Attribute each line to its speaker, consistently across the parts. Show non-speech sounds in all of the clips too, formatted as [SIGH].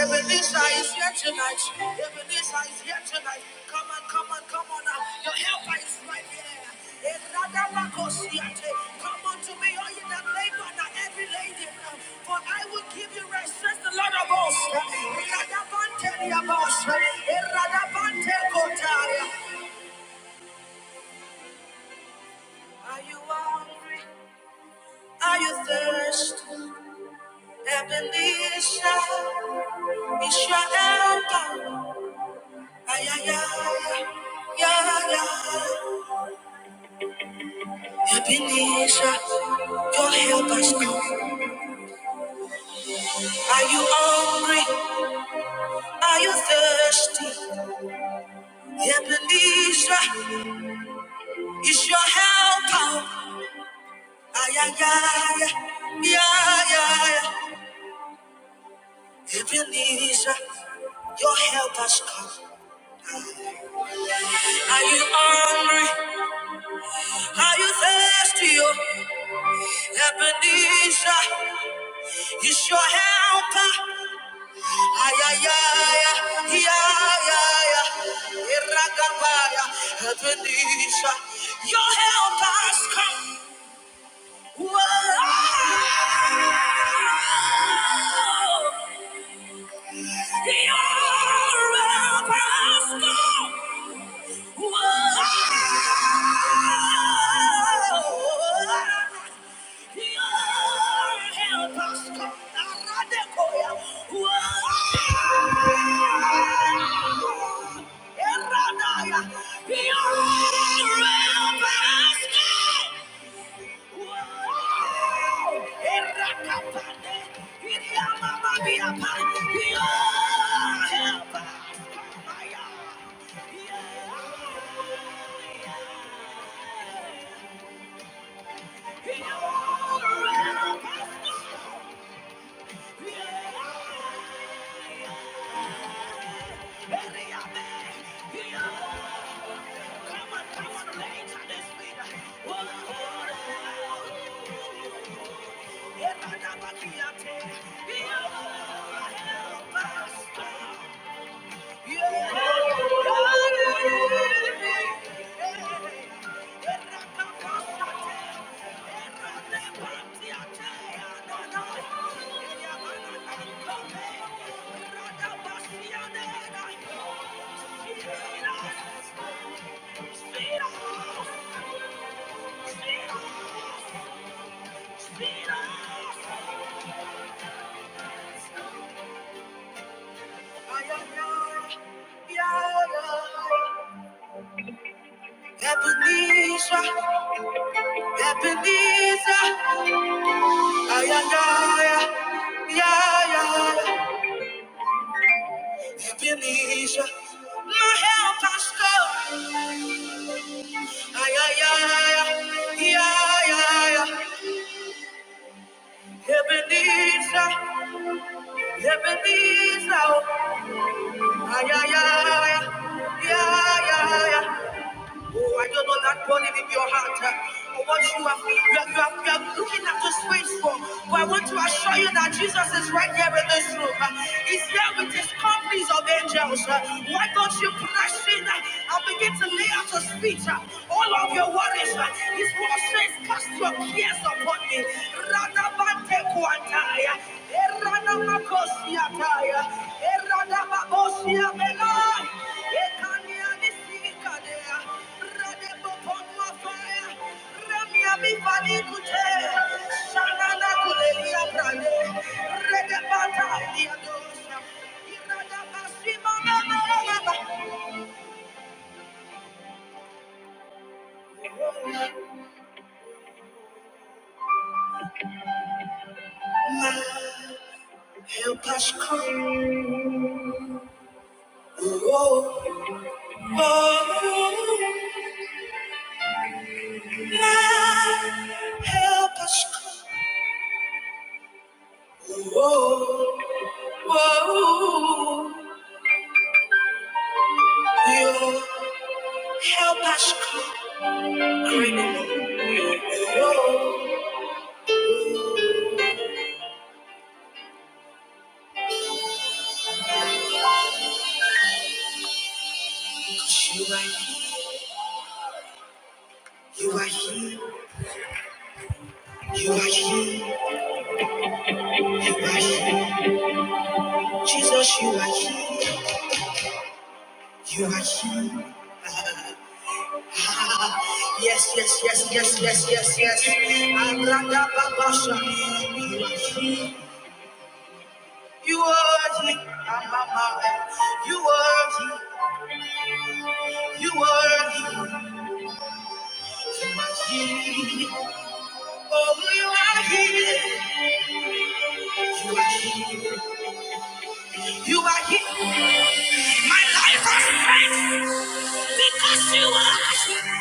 Speaker 1: Ebenezer is here tonight. Ebenezer is here tonight. Come on, come on, come on now. Your helper is right here. Eradabakosiate. Come unto me, all you that labor and every lady, for I will give you rest. Says the Lord of hosts. Eradabanteliabos. Eradabante- Are you hungry? Are you thirsty? Ebenezer, Israel, God. ay, ay, ay, yeah, yeah. Ebenezer, your help has come. Are you hungry? Are you thirsty? Ebenezer, Israel, God. ay, ay, ay, yeah, yeah, yeah. Ebenezer, your help has come. Are you hungry? How you thirsty, oh, Ebenezer, it's your helper. Ay, ay, ay, ay, ay, ay, ay, Irakapaya, Ebenezer, your help has come. Whoa, your help has come. Whoa. Yeah. Come on, come on, late on this week. Oh, oh, oh. If I never be out there, you help us. Yeah. Speed off! Speed off! Ebenezer, Ebenezer, ay, ay, ay, ay, ay, Ebenezer, my help has come. Ay, ay, ay, ay, ay, Ebenezer, Ebenezer, ay, ay, ay, ay, ay, ay. Oh, I don't know that burden in your heart. uh, What you are, you are, you are, you are looking at the space for. But I want to assure you that Jesus is right here in this room. uh, He's here with his companies of angels. uh, Why don't you press in uh, and begin to lay out your speech? uh, All of your worries. uh, His word says, Cast your cares upon me. Rather Pantaya, Eranamakosia, Eranamakosia, Melai, Ekania, Nisikadea, Radepoponua Fire, Ramia Mifani Kute, Shanana Kulelia Prade, Redepatalia Dosa, Iradabasima Melai. Help us come. Oh, oh, oh. Help us. Whoa, whoa. You help us. Great Lord. Whoa. 'Cause you are here. You are here. You are here. You are here. Jesus, you are here. You are here. Yes, yes, yes, yes, yes, yes, yes. I'm Rada Babasha. You are here. You are here. Ah, ah, ah. You are here. You are here. You are here. Oh, you are here. You are here. You are here. My life has changed because you are here.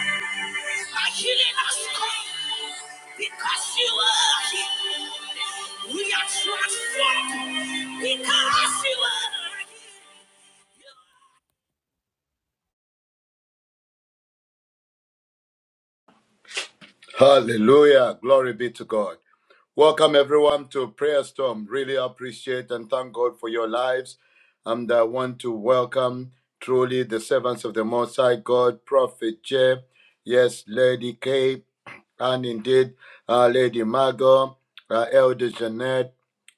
Speaker 1: My healing has come because you are here. We are
Speaker 2: Hallelujah. Glory be to God. Welcome everyone to Prayer Storm. Really appreciate and thank God for your lives. And I want to welcome truly the servants of the Most High God, Prophet Jeb, yes, Lady Kay, and indeed uh, Lady Margot, uh, Elder Jeanette,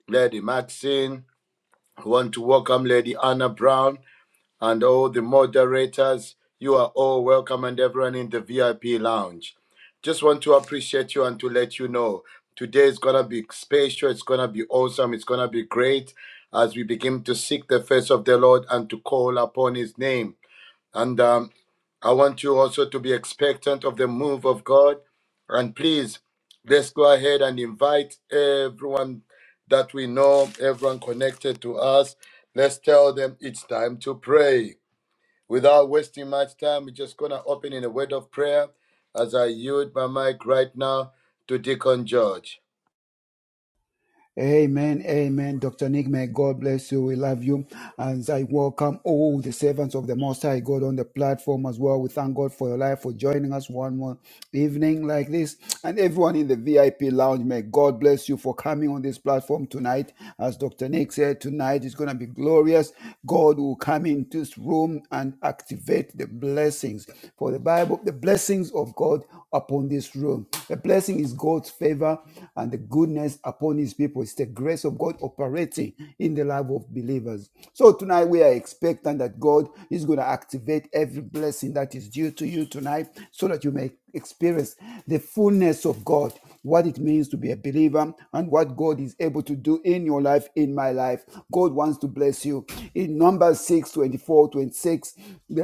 Speaker 2: Lady Maxine. I want to welcome Lady Anna Brown and all the moderators. You are all welcome and everyone in the VIP lounge. Just want to appreciate you and to let you know today is going to be special, it's going to be awesome, it's going to be great as we begin to seek the face of the Lord and to call upon his name. And um, I want you also to be expectant of the move of God. And please, let's go ahead and invite everyone that we know, everyone connected to us. Let's tell them it's time to pray. Without wasting much time, we're just going to open in a word of prayer as I yield my mic right now to Deacon George.
Speaker 3: Amen, amen. Dr. Nick, may God bless you. We love you. And I welcome all the servants of the Most High God on the platform as well. We thank God for your life, for joining us one more evening like this. And everyone in the VIP lounge, may God bless you for coming on this platform tonight. As Dr. Nick said, tonight is going to be glorious. God will come into this room and activate the blessings. For the Bible, the blessings of God upon this room. The blessing is God's favor favor and the goodness upon his people. It's the grace of God operating in the life of believers. So tonight we are expecting that God is going to activate every blessing that is due to you tonight so that you may experience the fullness of God, what it means to be a believer and what God is able to do in your life, in my life. God wants to bless you. In Numbers six twenty-four twenty-six. 24,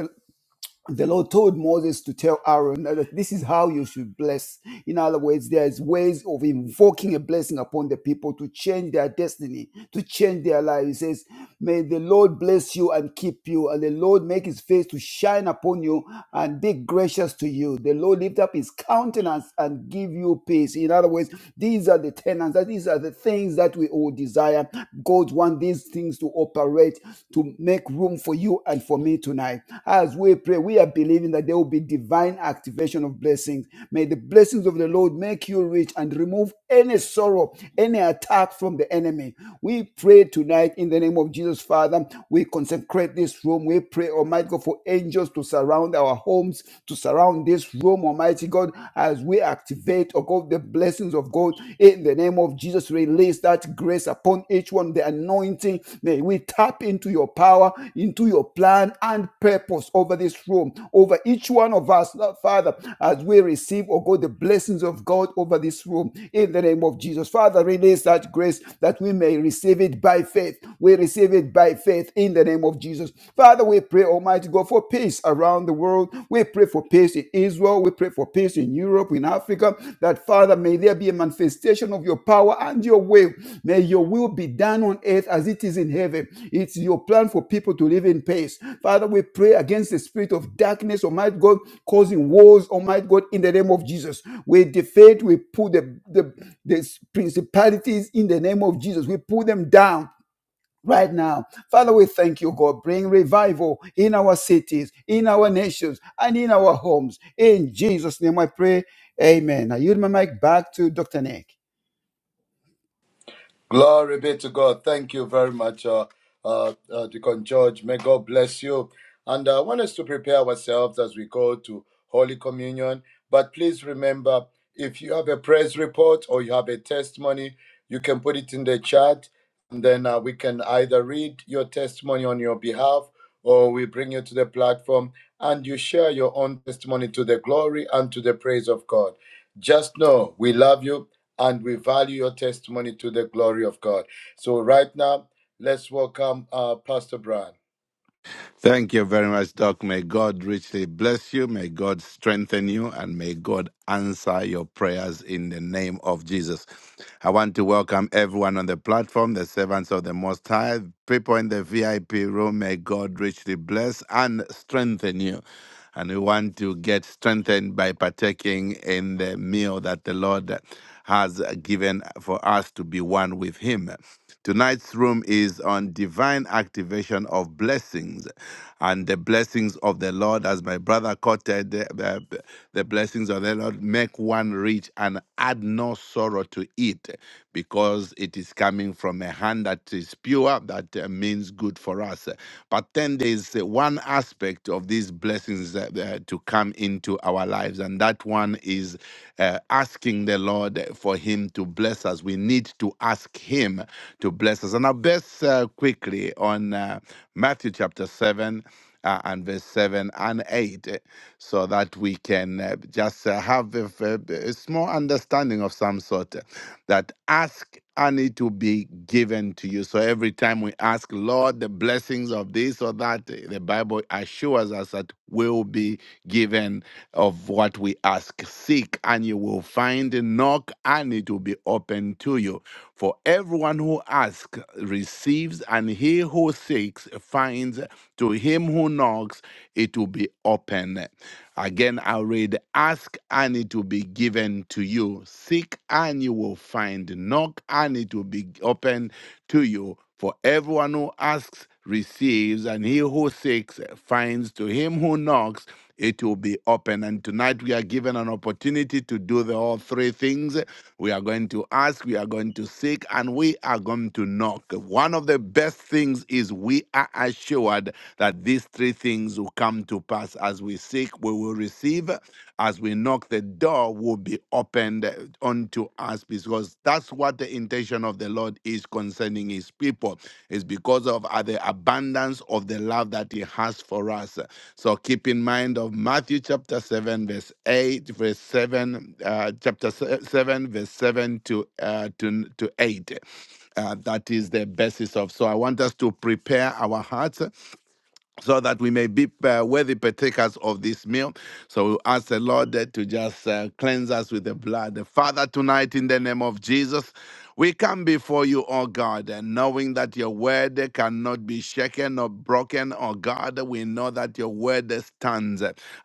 Speaker 3: the Lord told Moses to tell Aaron that this is how you should bless. In other words, there's ways of invoking a blessing upon the people to change their destiny, to change their life. He says, May the Lord bless you and keep you, and the Lord make his face to shine upon you and be gracious to you. The Lord lift up his countenance and give you peace. In other words, these are the tenants, that these are the things that we all desire. God wants command these things to operate to make room for you and for me tonight. As we pray, we are believing that there will be divine activation of blessings. May the blessings of the Lord make you rich and remove any sorrow, any attack from the enemy. We pray tonight in the name of Jesus, Father. We consecrate this room. We pray, Almighty God, for angels to surround our homes, to surround this room, Almighty God, as we activate, oh God, of the blessings of God in the name of Jesus. Release that grace upon each one, the anointing. May we tap into your power, into your plan and purpose over this room, over each one of us, Father, as we receive, oh God, the blessings of God over this room in the name of Jesus. Father, release that grace that we may receive it by faith. We receive it by faith in the name of Jesus. Father, we pray, Almighty God, for peace around the world. We pray for peace in Israel. We pray for peace in Europe, in Africa. That, Father, may there be a manifestation of your power and your will. May your will be done on earth as it is in heaven. It's your plan for people to live in peace. Father, we pray against the spirit of darkness, Almighty God, causing wars, Almighty God, in the name of Jesus. We defeat, we pull the, the, the principalities in the name of Jesus. We pull them down right now. Father, we thank you, God. Bring revival in our cities, in our nations, and in our homes. In Jesus' name I pray. Amen. I yield my mic back to Dr. Nick.
Speaker 2: Glory be to God. Thank you very much, uh, uh, uh, Deacon George. May God bless you. And uh, I want us to prepare ourselves as we go to Holy Communion. But please remember if you have a praise report or you have a testimony, you can put it in the chat. And then uh, we can either read your testimony on your behalf or we bring you to the platform and you share your own testimony to the glory and to the praise of God. Just know we love you and we value your testimony to the glory of God. So, right now, let's welcome uh, Pastor Brian.
Speaker 4: Thank you very much, Doc. May God richly bless you. May God strengthen you and may God answer your prayers in the name of Jesus. I want to welcome everyone on the platform, the servants of the Most High, people in the VIP room. May God richly bless and strengthen you and we want to get strengthened by partaking in the meal that the Lord has given for us to be one with Him. Tonight's room is on divine activation of blessings and the blessings of the Lord, as my brother quoted, uh, the, the the blessings of the Lord make one rich and add no sorrow to it because it is coming from a hand that is pure, that uh, means good for us. But then there's uh, one aspect of these blessings that, uh, to come into our lives, and that one is uh, asking the Lord for Him to bless us. We need to ask Him to bless us. And I'll best uh, quickly on uh, Matthew chapter 7 uh, and verse 7 and 8, eh, so that we can uh, just uh, have a a- a small understanding of some sort eh, that ask and it will be given to you. So every time we ask, Lord, the blessings of this or that, eh, the Bible assures us that will be given of what we ask. Seek and you will find, knock and it will be open to you. For everyone who asks receives, and he who seeks finds, to him who knocks, it will be open. Again, I read, Ask and it will be given to you. Seek and you will find. Knock and it will be open to you. For everyone who asks receives, and he who seeks finds. To him who knocks, it will be open. And tonight we are given an opportunity to do the all three things. We are going to ask, we are going to seek, and we are going to knock. One of the best things is we are assured that these three things will come to pass. As we seek, we will receive. As we knock, the door will be opened unto us because that's what the intention of the Lord is concerning his people. It's because of uh, the abundance of the love that he has for us. So keep in mind of Matthew chapter 7, verse 8, verse 7, uh, chapter se- 7, verse 7 to, uh, to, to 8. Uh, that is the basis of. So I want us to prepare our hearts so that we may be uh, worthy partakers of this meal. So we ask the Lord that to just uh, cleanse us with the blood. Father, tonight in the name of Jesus, we come before you, O God, and knowing that your word cannot be shaken or broken, O God, we know that your word this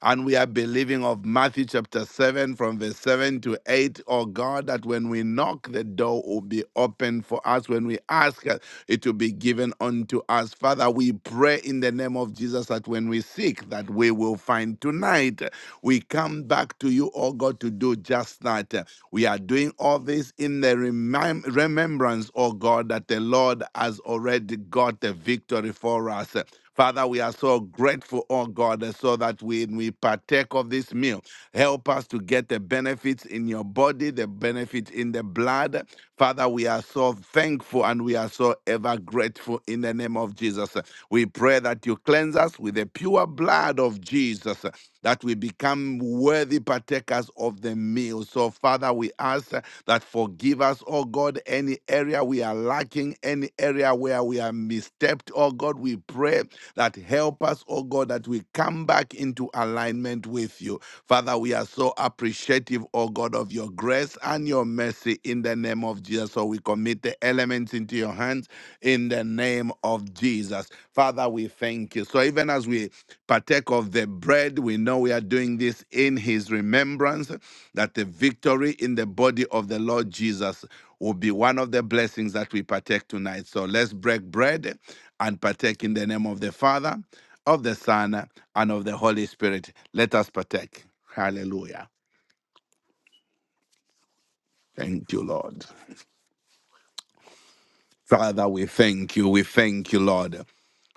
Speaker 4: And we are believing of Matthew chapter 7 from verse 7 to 8. Oh God, that when we knock, the door will be open for us. When we ask, uh, it will be given unto us. Father, we pray in the name of Jesus that when we seek, that we will find tonight. We come back to you, oh God, to do just that. We are doing all this in the remem- remembrance, oh God, that the Lord has already got the victory for us. Father, we are so grateful, oh God, so that when we partake of this meal, help us to get the benefits in your body, the benefits in the blood. Father, we are so thankful and we are are so ever grateful in the name of Jesus. We pray that you cleanse us with the pure blood of Jesus, that we become worthy partakers of the meal. So, Father, we ask that forgive us, oh God, any area we are lacking, any area where we are misstepped, oh God. We pray that help us, oh God, that we come back into alignment with you. Father, we are so appreciative, oh God, of your grace and your mercy in the name of Jesus. So we commit the elements into your hands in the name of Jesus. Father, we thank you. So even as we partake of the bread. We know we are doing this in his remembrance, that the victory in the body of the Lord Jesus will be one of the blessings that we partake tonight. So let's break bread and partake in the name of the Father, of the Son, and of the Holy Spirit. Let us partake. Hallelujah. Thank you, Lord. Father, we thank you. We thank you, Lord.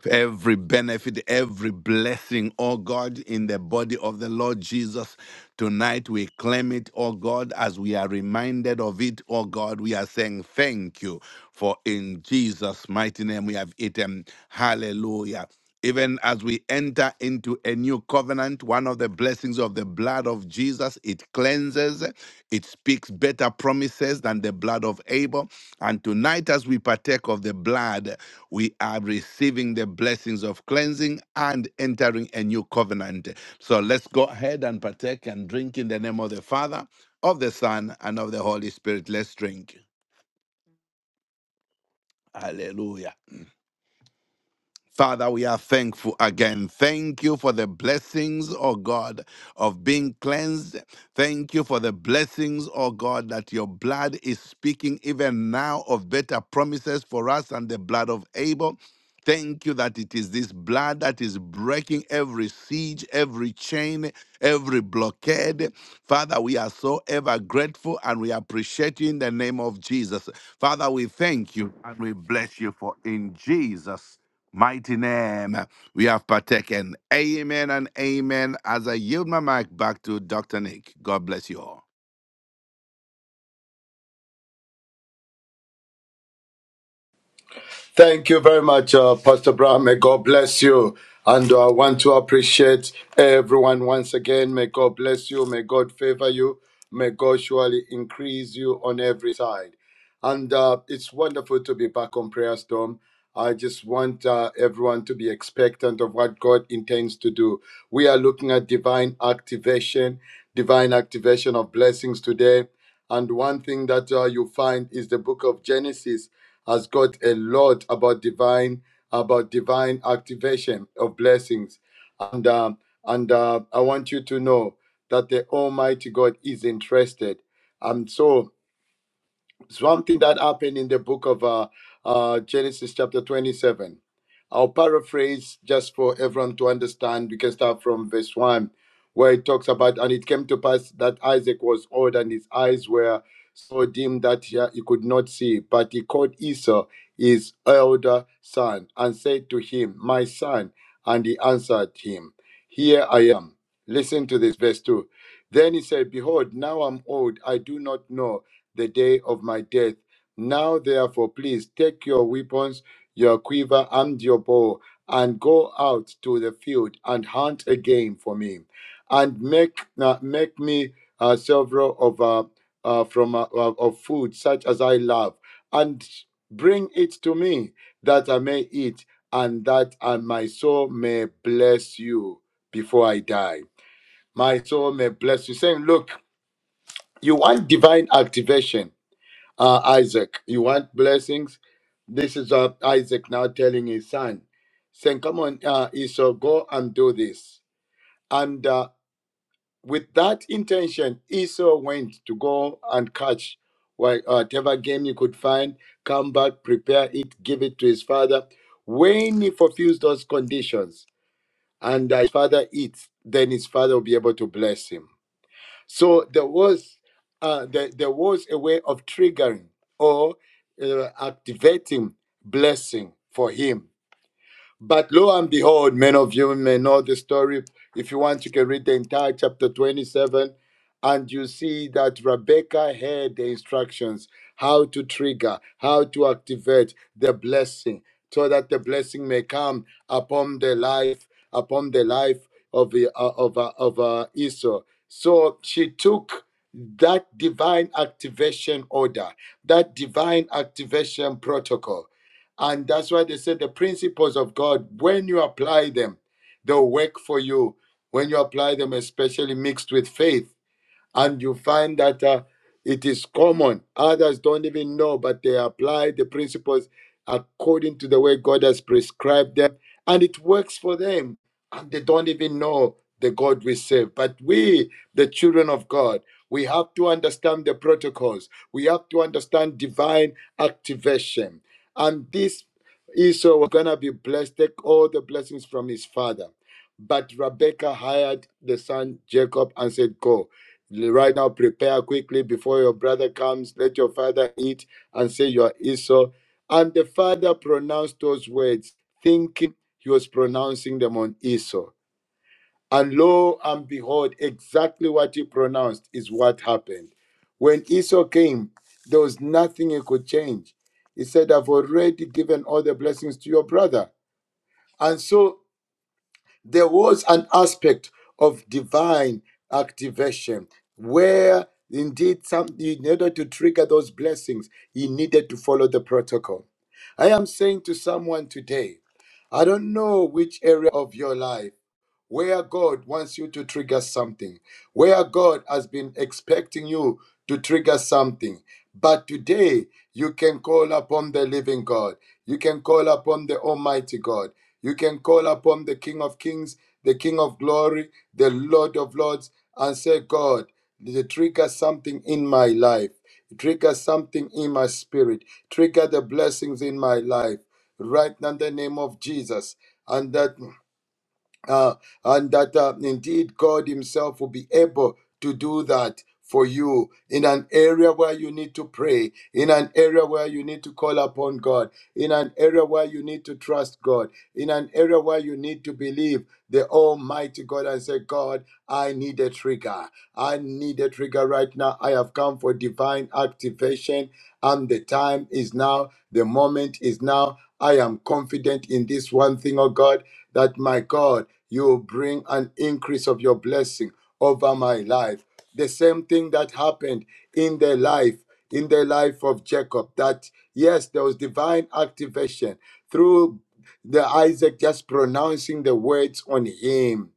Speaker 4: for Every benefit, every blessing, oh God, in the body of the Lord Jesus. Tonight we claim it, oh God, as we are reminded of it, oh God, we are saying thank you. For in Jesus' mighty name we have eaten. Hallelujah even as we enter into a new covenant, one of the blessings of the blood of Jesus, it cleanses, it speaks better promises than the blood of Abel. And tonight, as we partake of the blood, we are receiving the blessings of cleansing and entering a new covenant. So let's go ahead and partake and drink in the name of the Father, of the Son, and of the Holy Spirit. Let's drink. Hallelujah. Father, we are thankful again. Thank you for the blessings, oh God, of being cleansed. Thank you for the blessings, oh God, that your blood is speaking even now of better promises for us than the blood of Abel. Thank you that it is this blood that is breaking every siege, every chain, every blockade. Father, we are so ever grateful and we appreciate you in the name of Jesus. Father, we thank you and we bless you for in Jesus' mighty name we have partaken. Amen and amen. As I yield my mic back to Dr. Nick, God bless you all.
Speaker 2: Thank you very much, uh, Pastor Brown. May God bless you. And uh, I want to appreciate everyone once again. May God bless you. May God favor you. May God surely increase you on every side. And uh, it's wonderful to be back on Prayer Storm. I just want uh, everyone to be expectant of what God intends to do. We are looking at divine activation, divine activation of blessings today. And one thing that uh, you find is the book of Genesis has got a lot about divine about divine activation of blessings. And um, and uh, I want you to know that the Almighty God is interested. And so something that happened in the book of uh, uh, Genesis, chapter 27. I'll paraphrase just for everyone to understand. We can start from verse 1, where it talks about, and it came to pass that Isaac was old and his eyes were so dim that he he could not see. But he called Esau, his elder son, and said to him, My son. And he answered him, Here I am. Listen to this, verse 2. Then he said, Behold, now I'm old. I do not know the day of my death. Now, therefore, please take your weapons, your quiver, and your bow, and go out to the field and hunt again for me, and make uh, make me uh, several of uh, uh, from uh, of of food such as I love, and bring it to me that I may eat, and that and my soul may bless you before I die. My soul may bless you, saying, "Look, you want divine activation." Uh, Isaac, you want blessings? This is uh, Isaac now telling his son, saying, Come on, uh, Esau, go and do this. And uh, with that intention, Esau went to go and catch wha- whatever game he could find, come back, prepare it, give it to his father. When he fulfills those conditions and uh, his father eats, then his father will be able to bless him. So there was uh, there, there was a way of triggering or uh, activating blessing for him but lo and behold, many of you may know the story. If you want, you can read the entire chapter 27, and you see that Rebecca heard the instructions how to trigger, how to activate the blessing, so that the blessing may come upon the life, upon the life of the, uh, of uh, of uh, Esau. So she took that divine activation order, that divine activation protocol and that's why they said the principles of God, when you apply them, they'll work for you. When you apply them, especially mixed with faith and you find that uh, it is common. Others don't even know, but they apply the principles according to the way God has prescribed them, and it works for them, and they don't even know the God we serve. But we, the children of God, we have to understand the protocols. We have to understand divine activation. And this Esau was going to be blessed, take all the blessings from his father. But Rebekah hired the son Jacob and said, Go. Right now, prepare quickly before your brother comes. Let your father eat and say you are Esau. And the father pronounced those words, thinking he was pronouncing them on Esau. And lo and behold, exactly what he pronounced is what happened. When Esau came, there was nothing he could change. He said, I've already given all the blessings to your brother. And so there was an aspect of divine activation where indeed some in order to trigger those blessings he needed to follow the protocol i am saying to someone today i don't know which area of your life where God wants you to trigger something, where God has been expecting you to trigger something. But today, you can call upon the living God. You can call upon the Almighty God. You can call upon the King of Kings, the King of Glory, the Lord of Lords, and say, God, trigger something in my life. Trigger something in my spirit. Trigger the blessings in my life. Right now, in the name of Jesus. And that. uh, and that uh, indeed God Himself will be able to do that for you in an area where you need to pray, in an area where you need to call upon God, in an area where you need to trust God, in an area where you need to believe the Almighty God and say, God, I need a trigger. I need a trigger right now. I have come for divine activation, and the time is now, the moment is now. I am confident in this one thing, oh God, that my God, you will bring an increase of your blessing over my life. The same thing that happened in the life, in the life of Jacob, that yes, there was divine activation through the Isaac just pronouncing the words on him.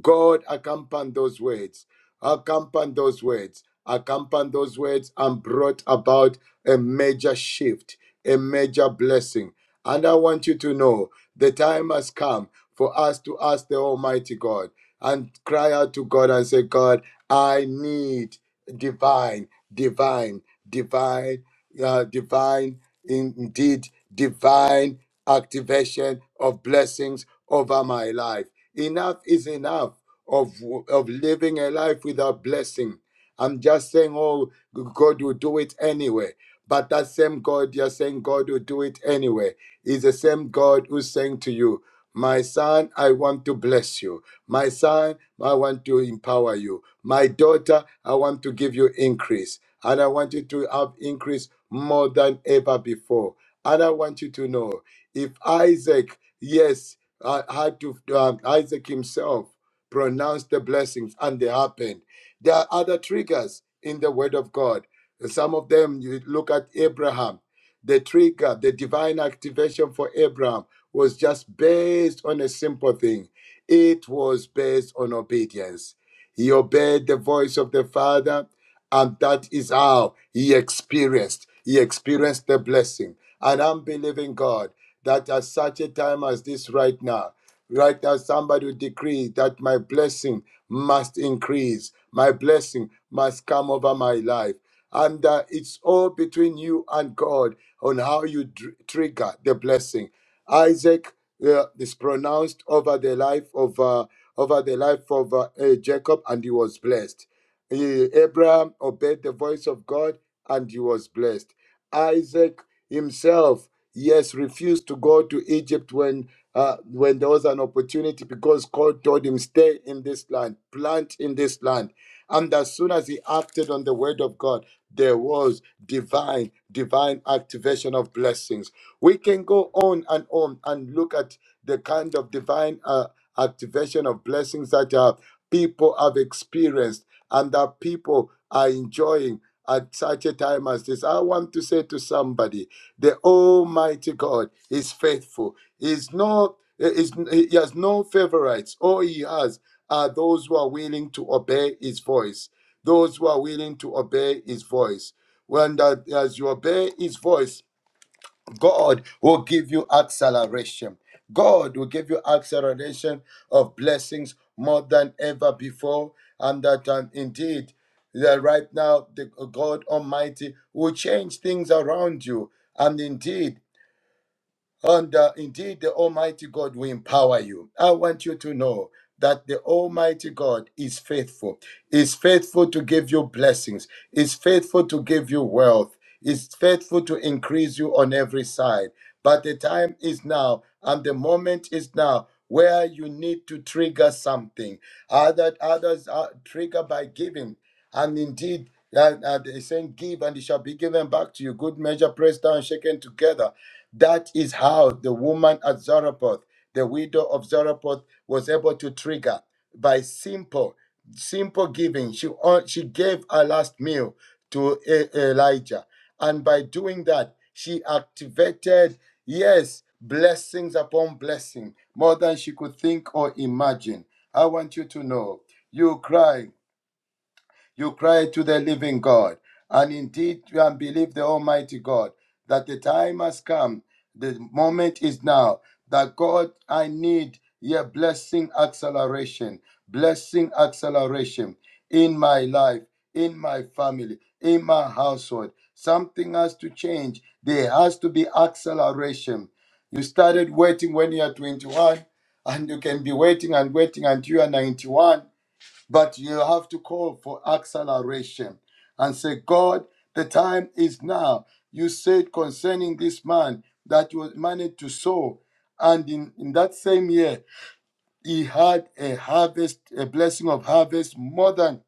Speaker 2: God accompanied those words accompanied those words, accompanied those words and brought about a major shift, a major blessing. And I want you to know the time has come for us to ask the Almighty God and cry out to God and say, God, I need divine, divine, divine, uh, divine, indeed, divine activation of blessings over my life. Enough is enough of of living a life without blessing. I'm just saying, oh, God will do it anyway. But that same God you're saying God will do it anyway is the same God who's saying to you, my son, I want to bless you. My son, I want to empower you. My daughter, I want to give you increase. And I want you to have increase more than ever before. And I want you to know if Isaac, yes, uh, had to, um, Isaac himself pronounce the blessings, and they happened. There are other triggers in the Word of God. And some of them, you look at Abraham, the trigger, the divine activation for Abraham was just based on a simple thing it was based on obedience. He obeyed the voice of the Father, and that is how he experienced. He experienced the blessing. And I'm believing God that at such a time as this right now, Right now, somebody will decree that my blessing must increase, my blessing must come over my life. And uh, it's all between you and God on how you dr- trigger the blessing. Isaac uh, is pronounced over the life of uh, over the life of uh, uh, Jacob, and he was blessed. Uh, Abraham obeyed the voice of God, and he was blessed. Isaac himself, yes, refused to go to Egypt when uh, when there was an opportunity because God told him, Stay in this land, plant in this land. And as soon as he acted on the word of God, there was divine, divine activation of blessings. We can go on and on and look at the kind of divine uh, activation of blessings that are people have experienced and that people are enjoying at such a time as this. I want to say to somebody, the Almighty God is faithful. He's no, is, he has no favorites. All he has are those who are willing to obey his voice. Those who are willing to obey his voice. When that, as you obey his voice, God will give you acceleration. God will give you acceleration of blessings more than ever before. And that um, indeed, that right now, the uh, God Almighty will change things around you. And indeed, and uh, indeed, the Almighty God will empower you. I want you to know that the Almighty God is faithful, is faithful to give you blessings, is faithful to give you wealth, is faithful to increase you on every side. But the time is now, and the moment is now. Where you need to trigger something, other others are triggered by giving, and indeed, uh, uh, they saying, "Give and it shall be given back to you." Good measure, pressed down, shaken together that is how the woman at Zarephath, the widow of Zarephath, was able to trigger by simple, simple giving. She on- she gave her last meal to E- Elijah, and by doing that, she activated yes blessings upon blessing more than she could think or imagine. I want you to know you cry. You cry to the living God, and indeed you have believed the Almighty God that the time has come, the moment is now. That God, I need your blessing acceleration, blessing acceleration in my life, in my family, in my household. Something has to change. There has to be acceleration. You started waiting when you are 21, and you can be waiting and waiting until you are 91 but you have to call for acceleration and say, God, the time is now. You said concerning this man that was managed to sow. And in, in that same year, he had a harvest, a blessing of harvest more than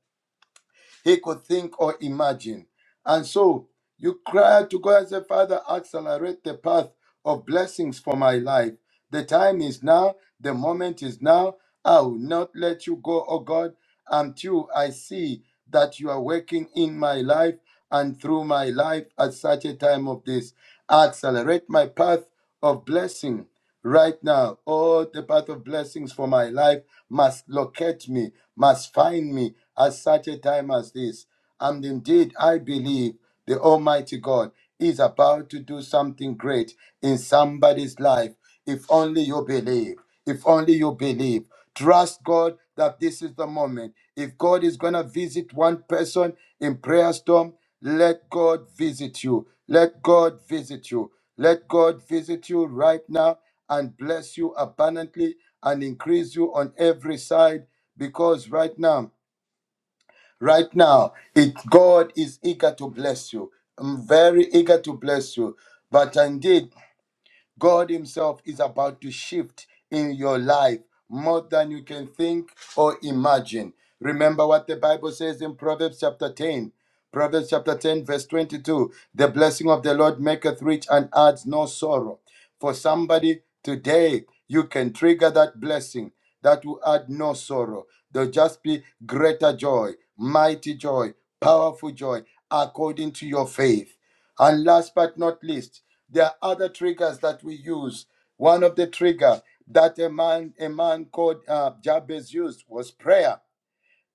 Speaker 2: he could think or imagine. And so you cry to God and say, Father, accelerate the path of blessings for my life. The time is now, the moment is now. I will not let you go, oh God, until I see that you are working in my life and through my life at such a time of this. Accelerate my path of blessing right now. All the path of blessings for my life must locate me, must find me at such a time as this. And indeed, I believe the Almighty God is about to do something great in somebody's life. If only you believe. If only you believe. Trust God that this is the moment. If God is going to visit one person in prayer storm, let God visit you. Let God visit you. Let God visit you right now and bless you abundantly and increase you on every side because right now right now it god is eager to bless you i'm very eager to bless you but indeed god himself is about to shift in your life more than you can think or imagine remember what the bible says in proverbs chapter 10 Proverbs chapter 10, verse 22 The blessing of the Lord maketh rich and adds no sorrow. For somebody today, you can trigger that blessing that will add no sorrow. There'll just be greater joy, mighty joy, powerful joy, according to your faith. And last but not least, there are other triggers that we use. One of the triggers that a man, a man called uh, Jabez used was prayer.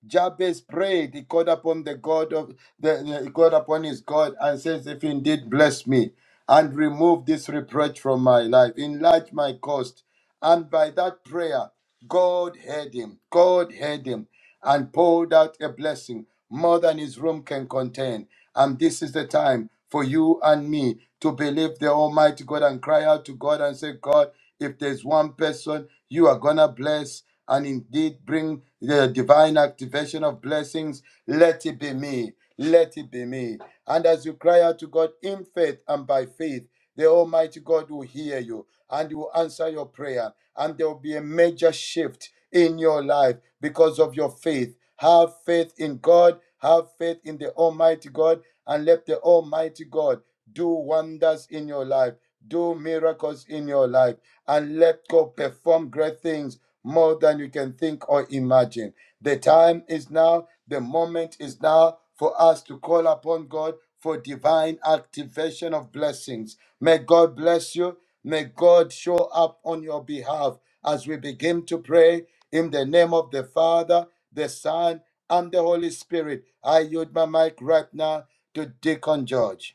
Speaker 2: Jabez prayed. He called upon the God of the, he called upon his God and says, If you indeed bless me and remove this reproach from my life, enlarge my cost. And by that prayer, God heard him. God heard him and poured out a blessing more than his room can contain. And this is the time for you and me to believe the Almighty God and cry out to God and say, God, if there's one person you are gonna bless and indeed bring the divine activation of blessings. Let it be me. Let it be me. And as you cry out to God in faith and by faith, the Almighty God will hear you and will answer your prayer. And there will be a major shift in your life because of your faith. Have faith in God, have faith in the Almighty God, and let the Almighty God do wonders in your life do miracles in your life, and let God perform great things more than you can think or imagine. The time is now, the moment is now for us to call upon God for divine activation of blessings. May God bless you. May God show up on your behalf as we begin to pray in the name of the Father, the Son, and the Holy Spirit. I yield my mic right now to Deacon George.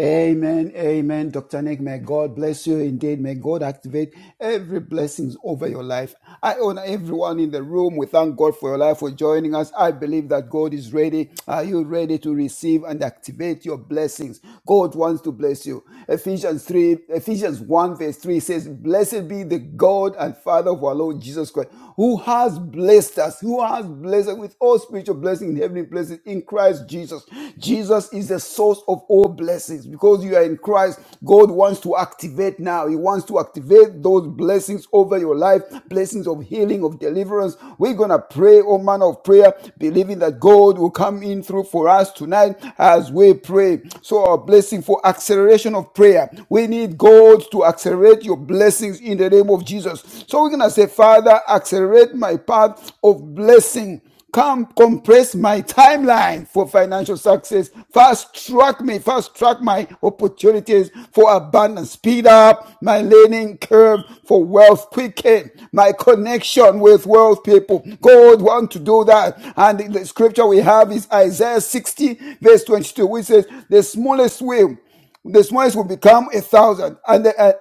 Speaker 3: Amen. Amen. Dr. Nick, may God bless you indeed. May God activate every blessings over your life. I honor everyone in the room. We thank God for your life for joining us. I believe that God is ready. Are you ready to receive and activate your blessings? God wants to bless you. Ephesians 3, Ephesians 1, verse 3 says, Blessed be the God and Father of our Lord Jesus Christ, who has blessed us, who has blessed us with all spiritual blessings in heavenly heavenly places in Christ Jesus. Jesus is the source of all blessings. Because you are in Christ, God wants to activate now. He wants to activate those blessings over your life, blessings of healing, of deliverance. We're going to pray, oh man of prayer, believing that God will come in through for us tonight as we pray. So, our blessing for acceleration of prayer. We need God to accelerate your blessings in the name of Jesus. So, we're going to say, Father, accelerate my path of blessing. Come compress my timeline for financial success. Fast track me, fast track my opportunities for abundance. Speed up my learning curve for wealth. Quicken my connection with wealth people. God wants to do that. And in the scripture we have is Isaiah 60 verse 22, which says, the smallest will the smallest will become a thousand, and the, uh,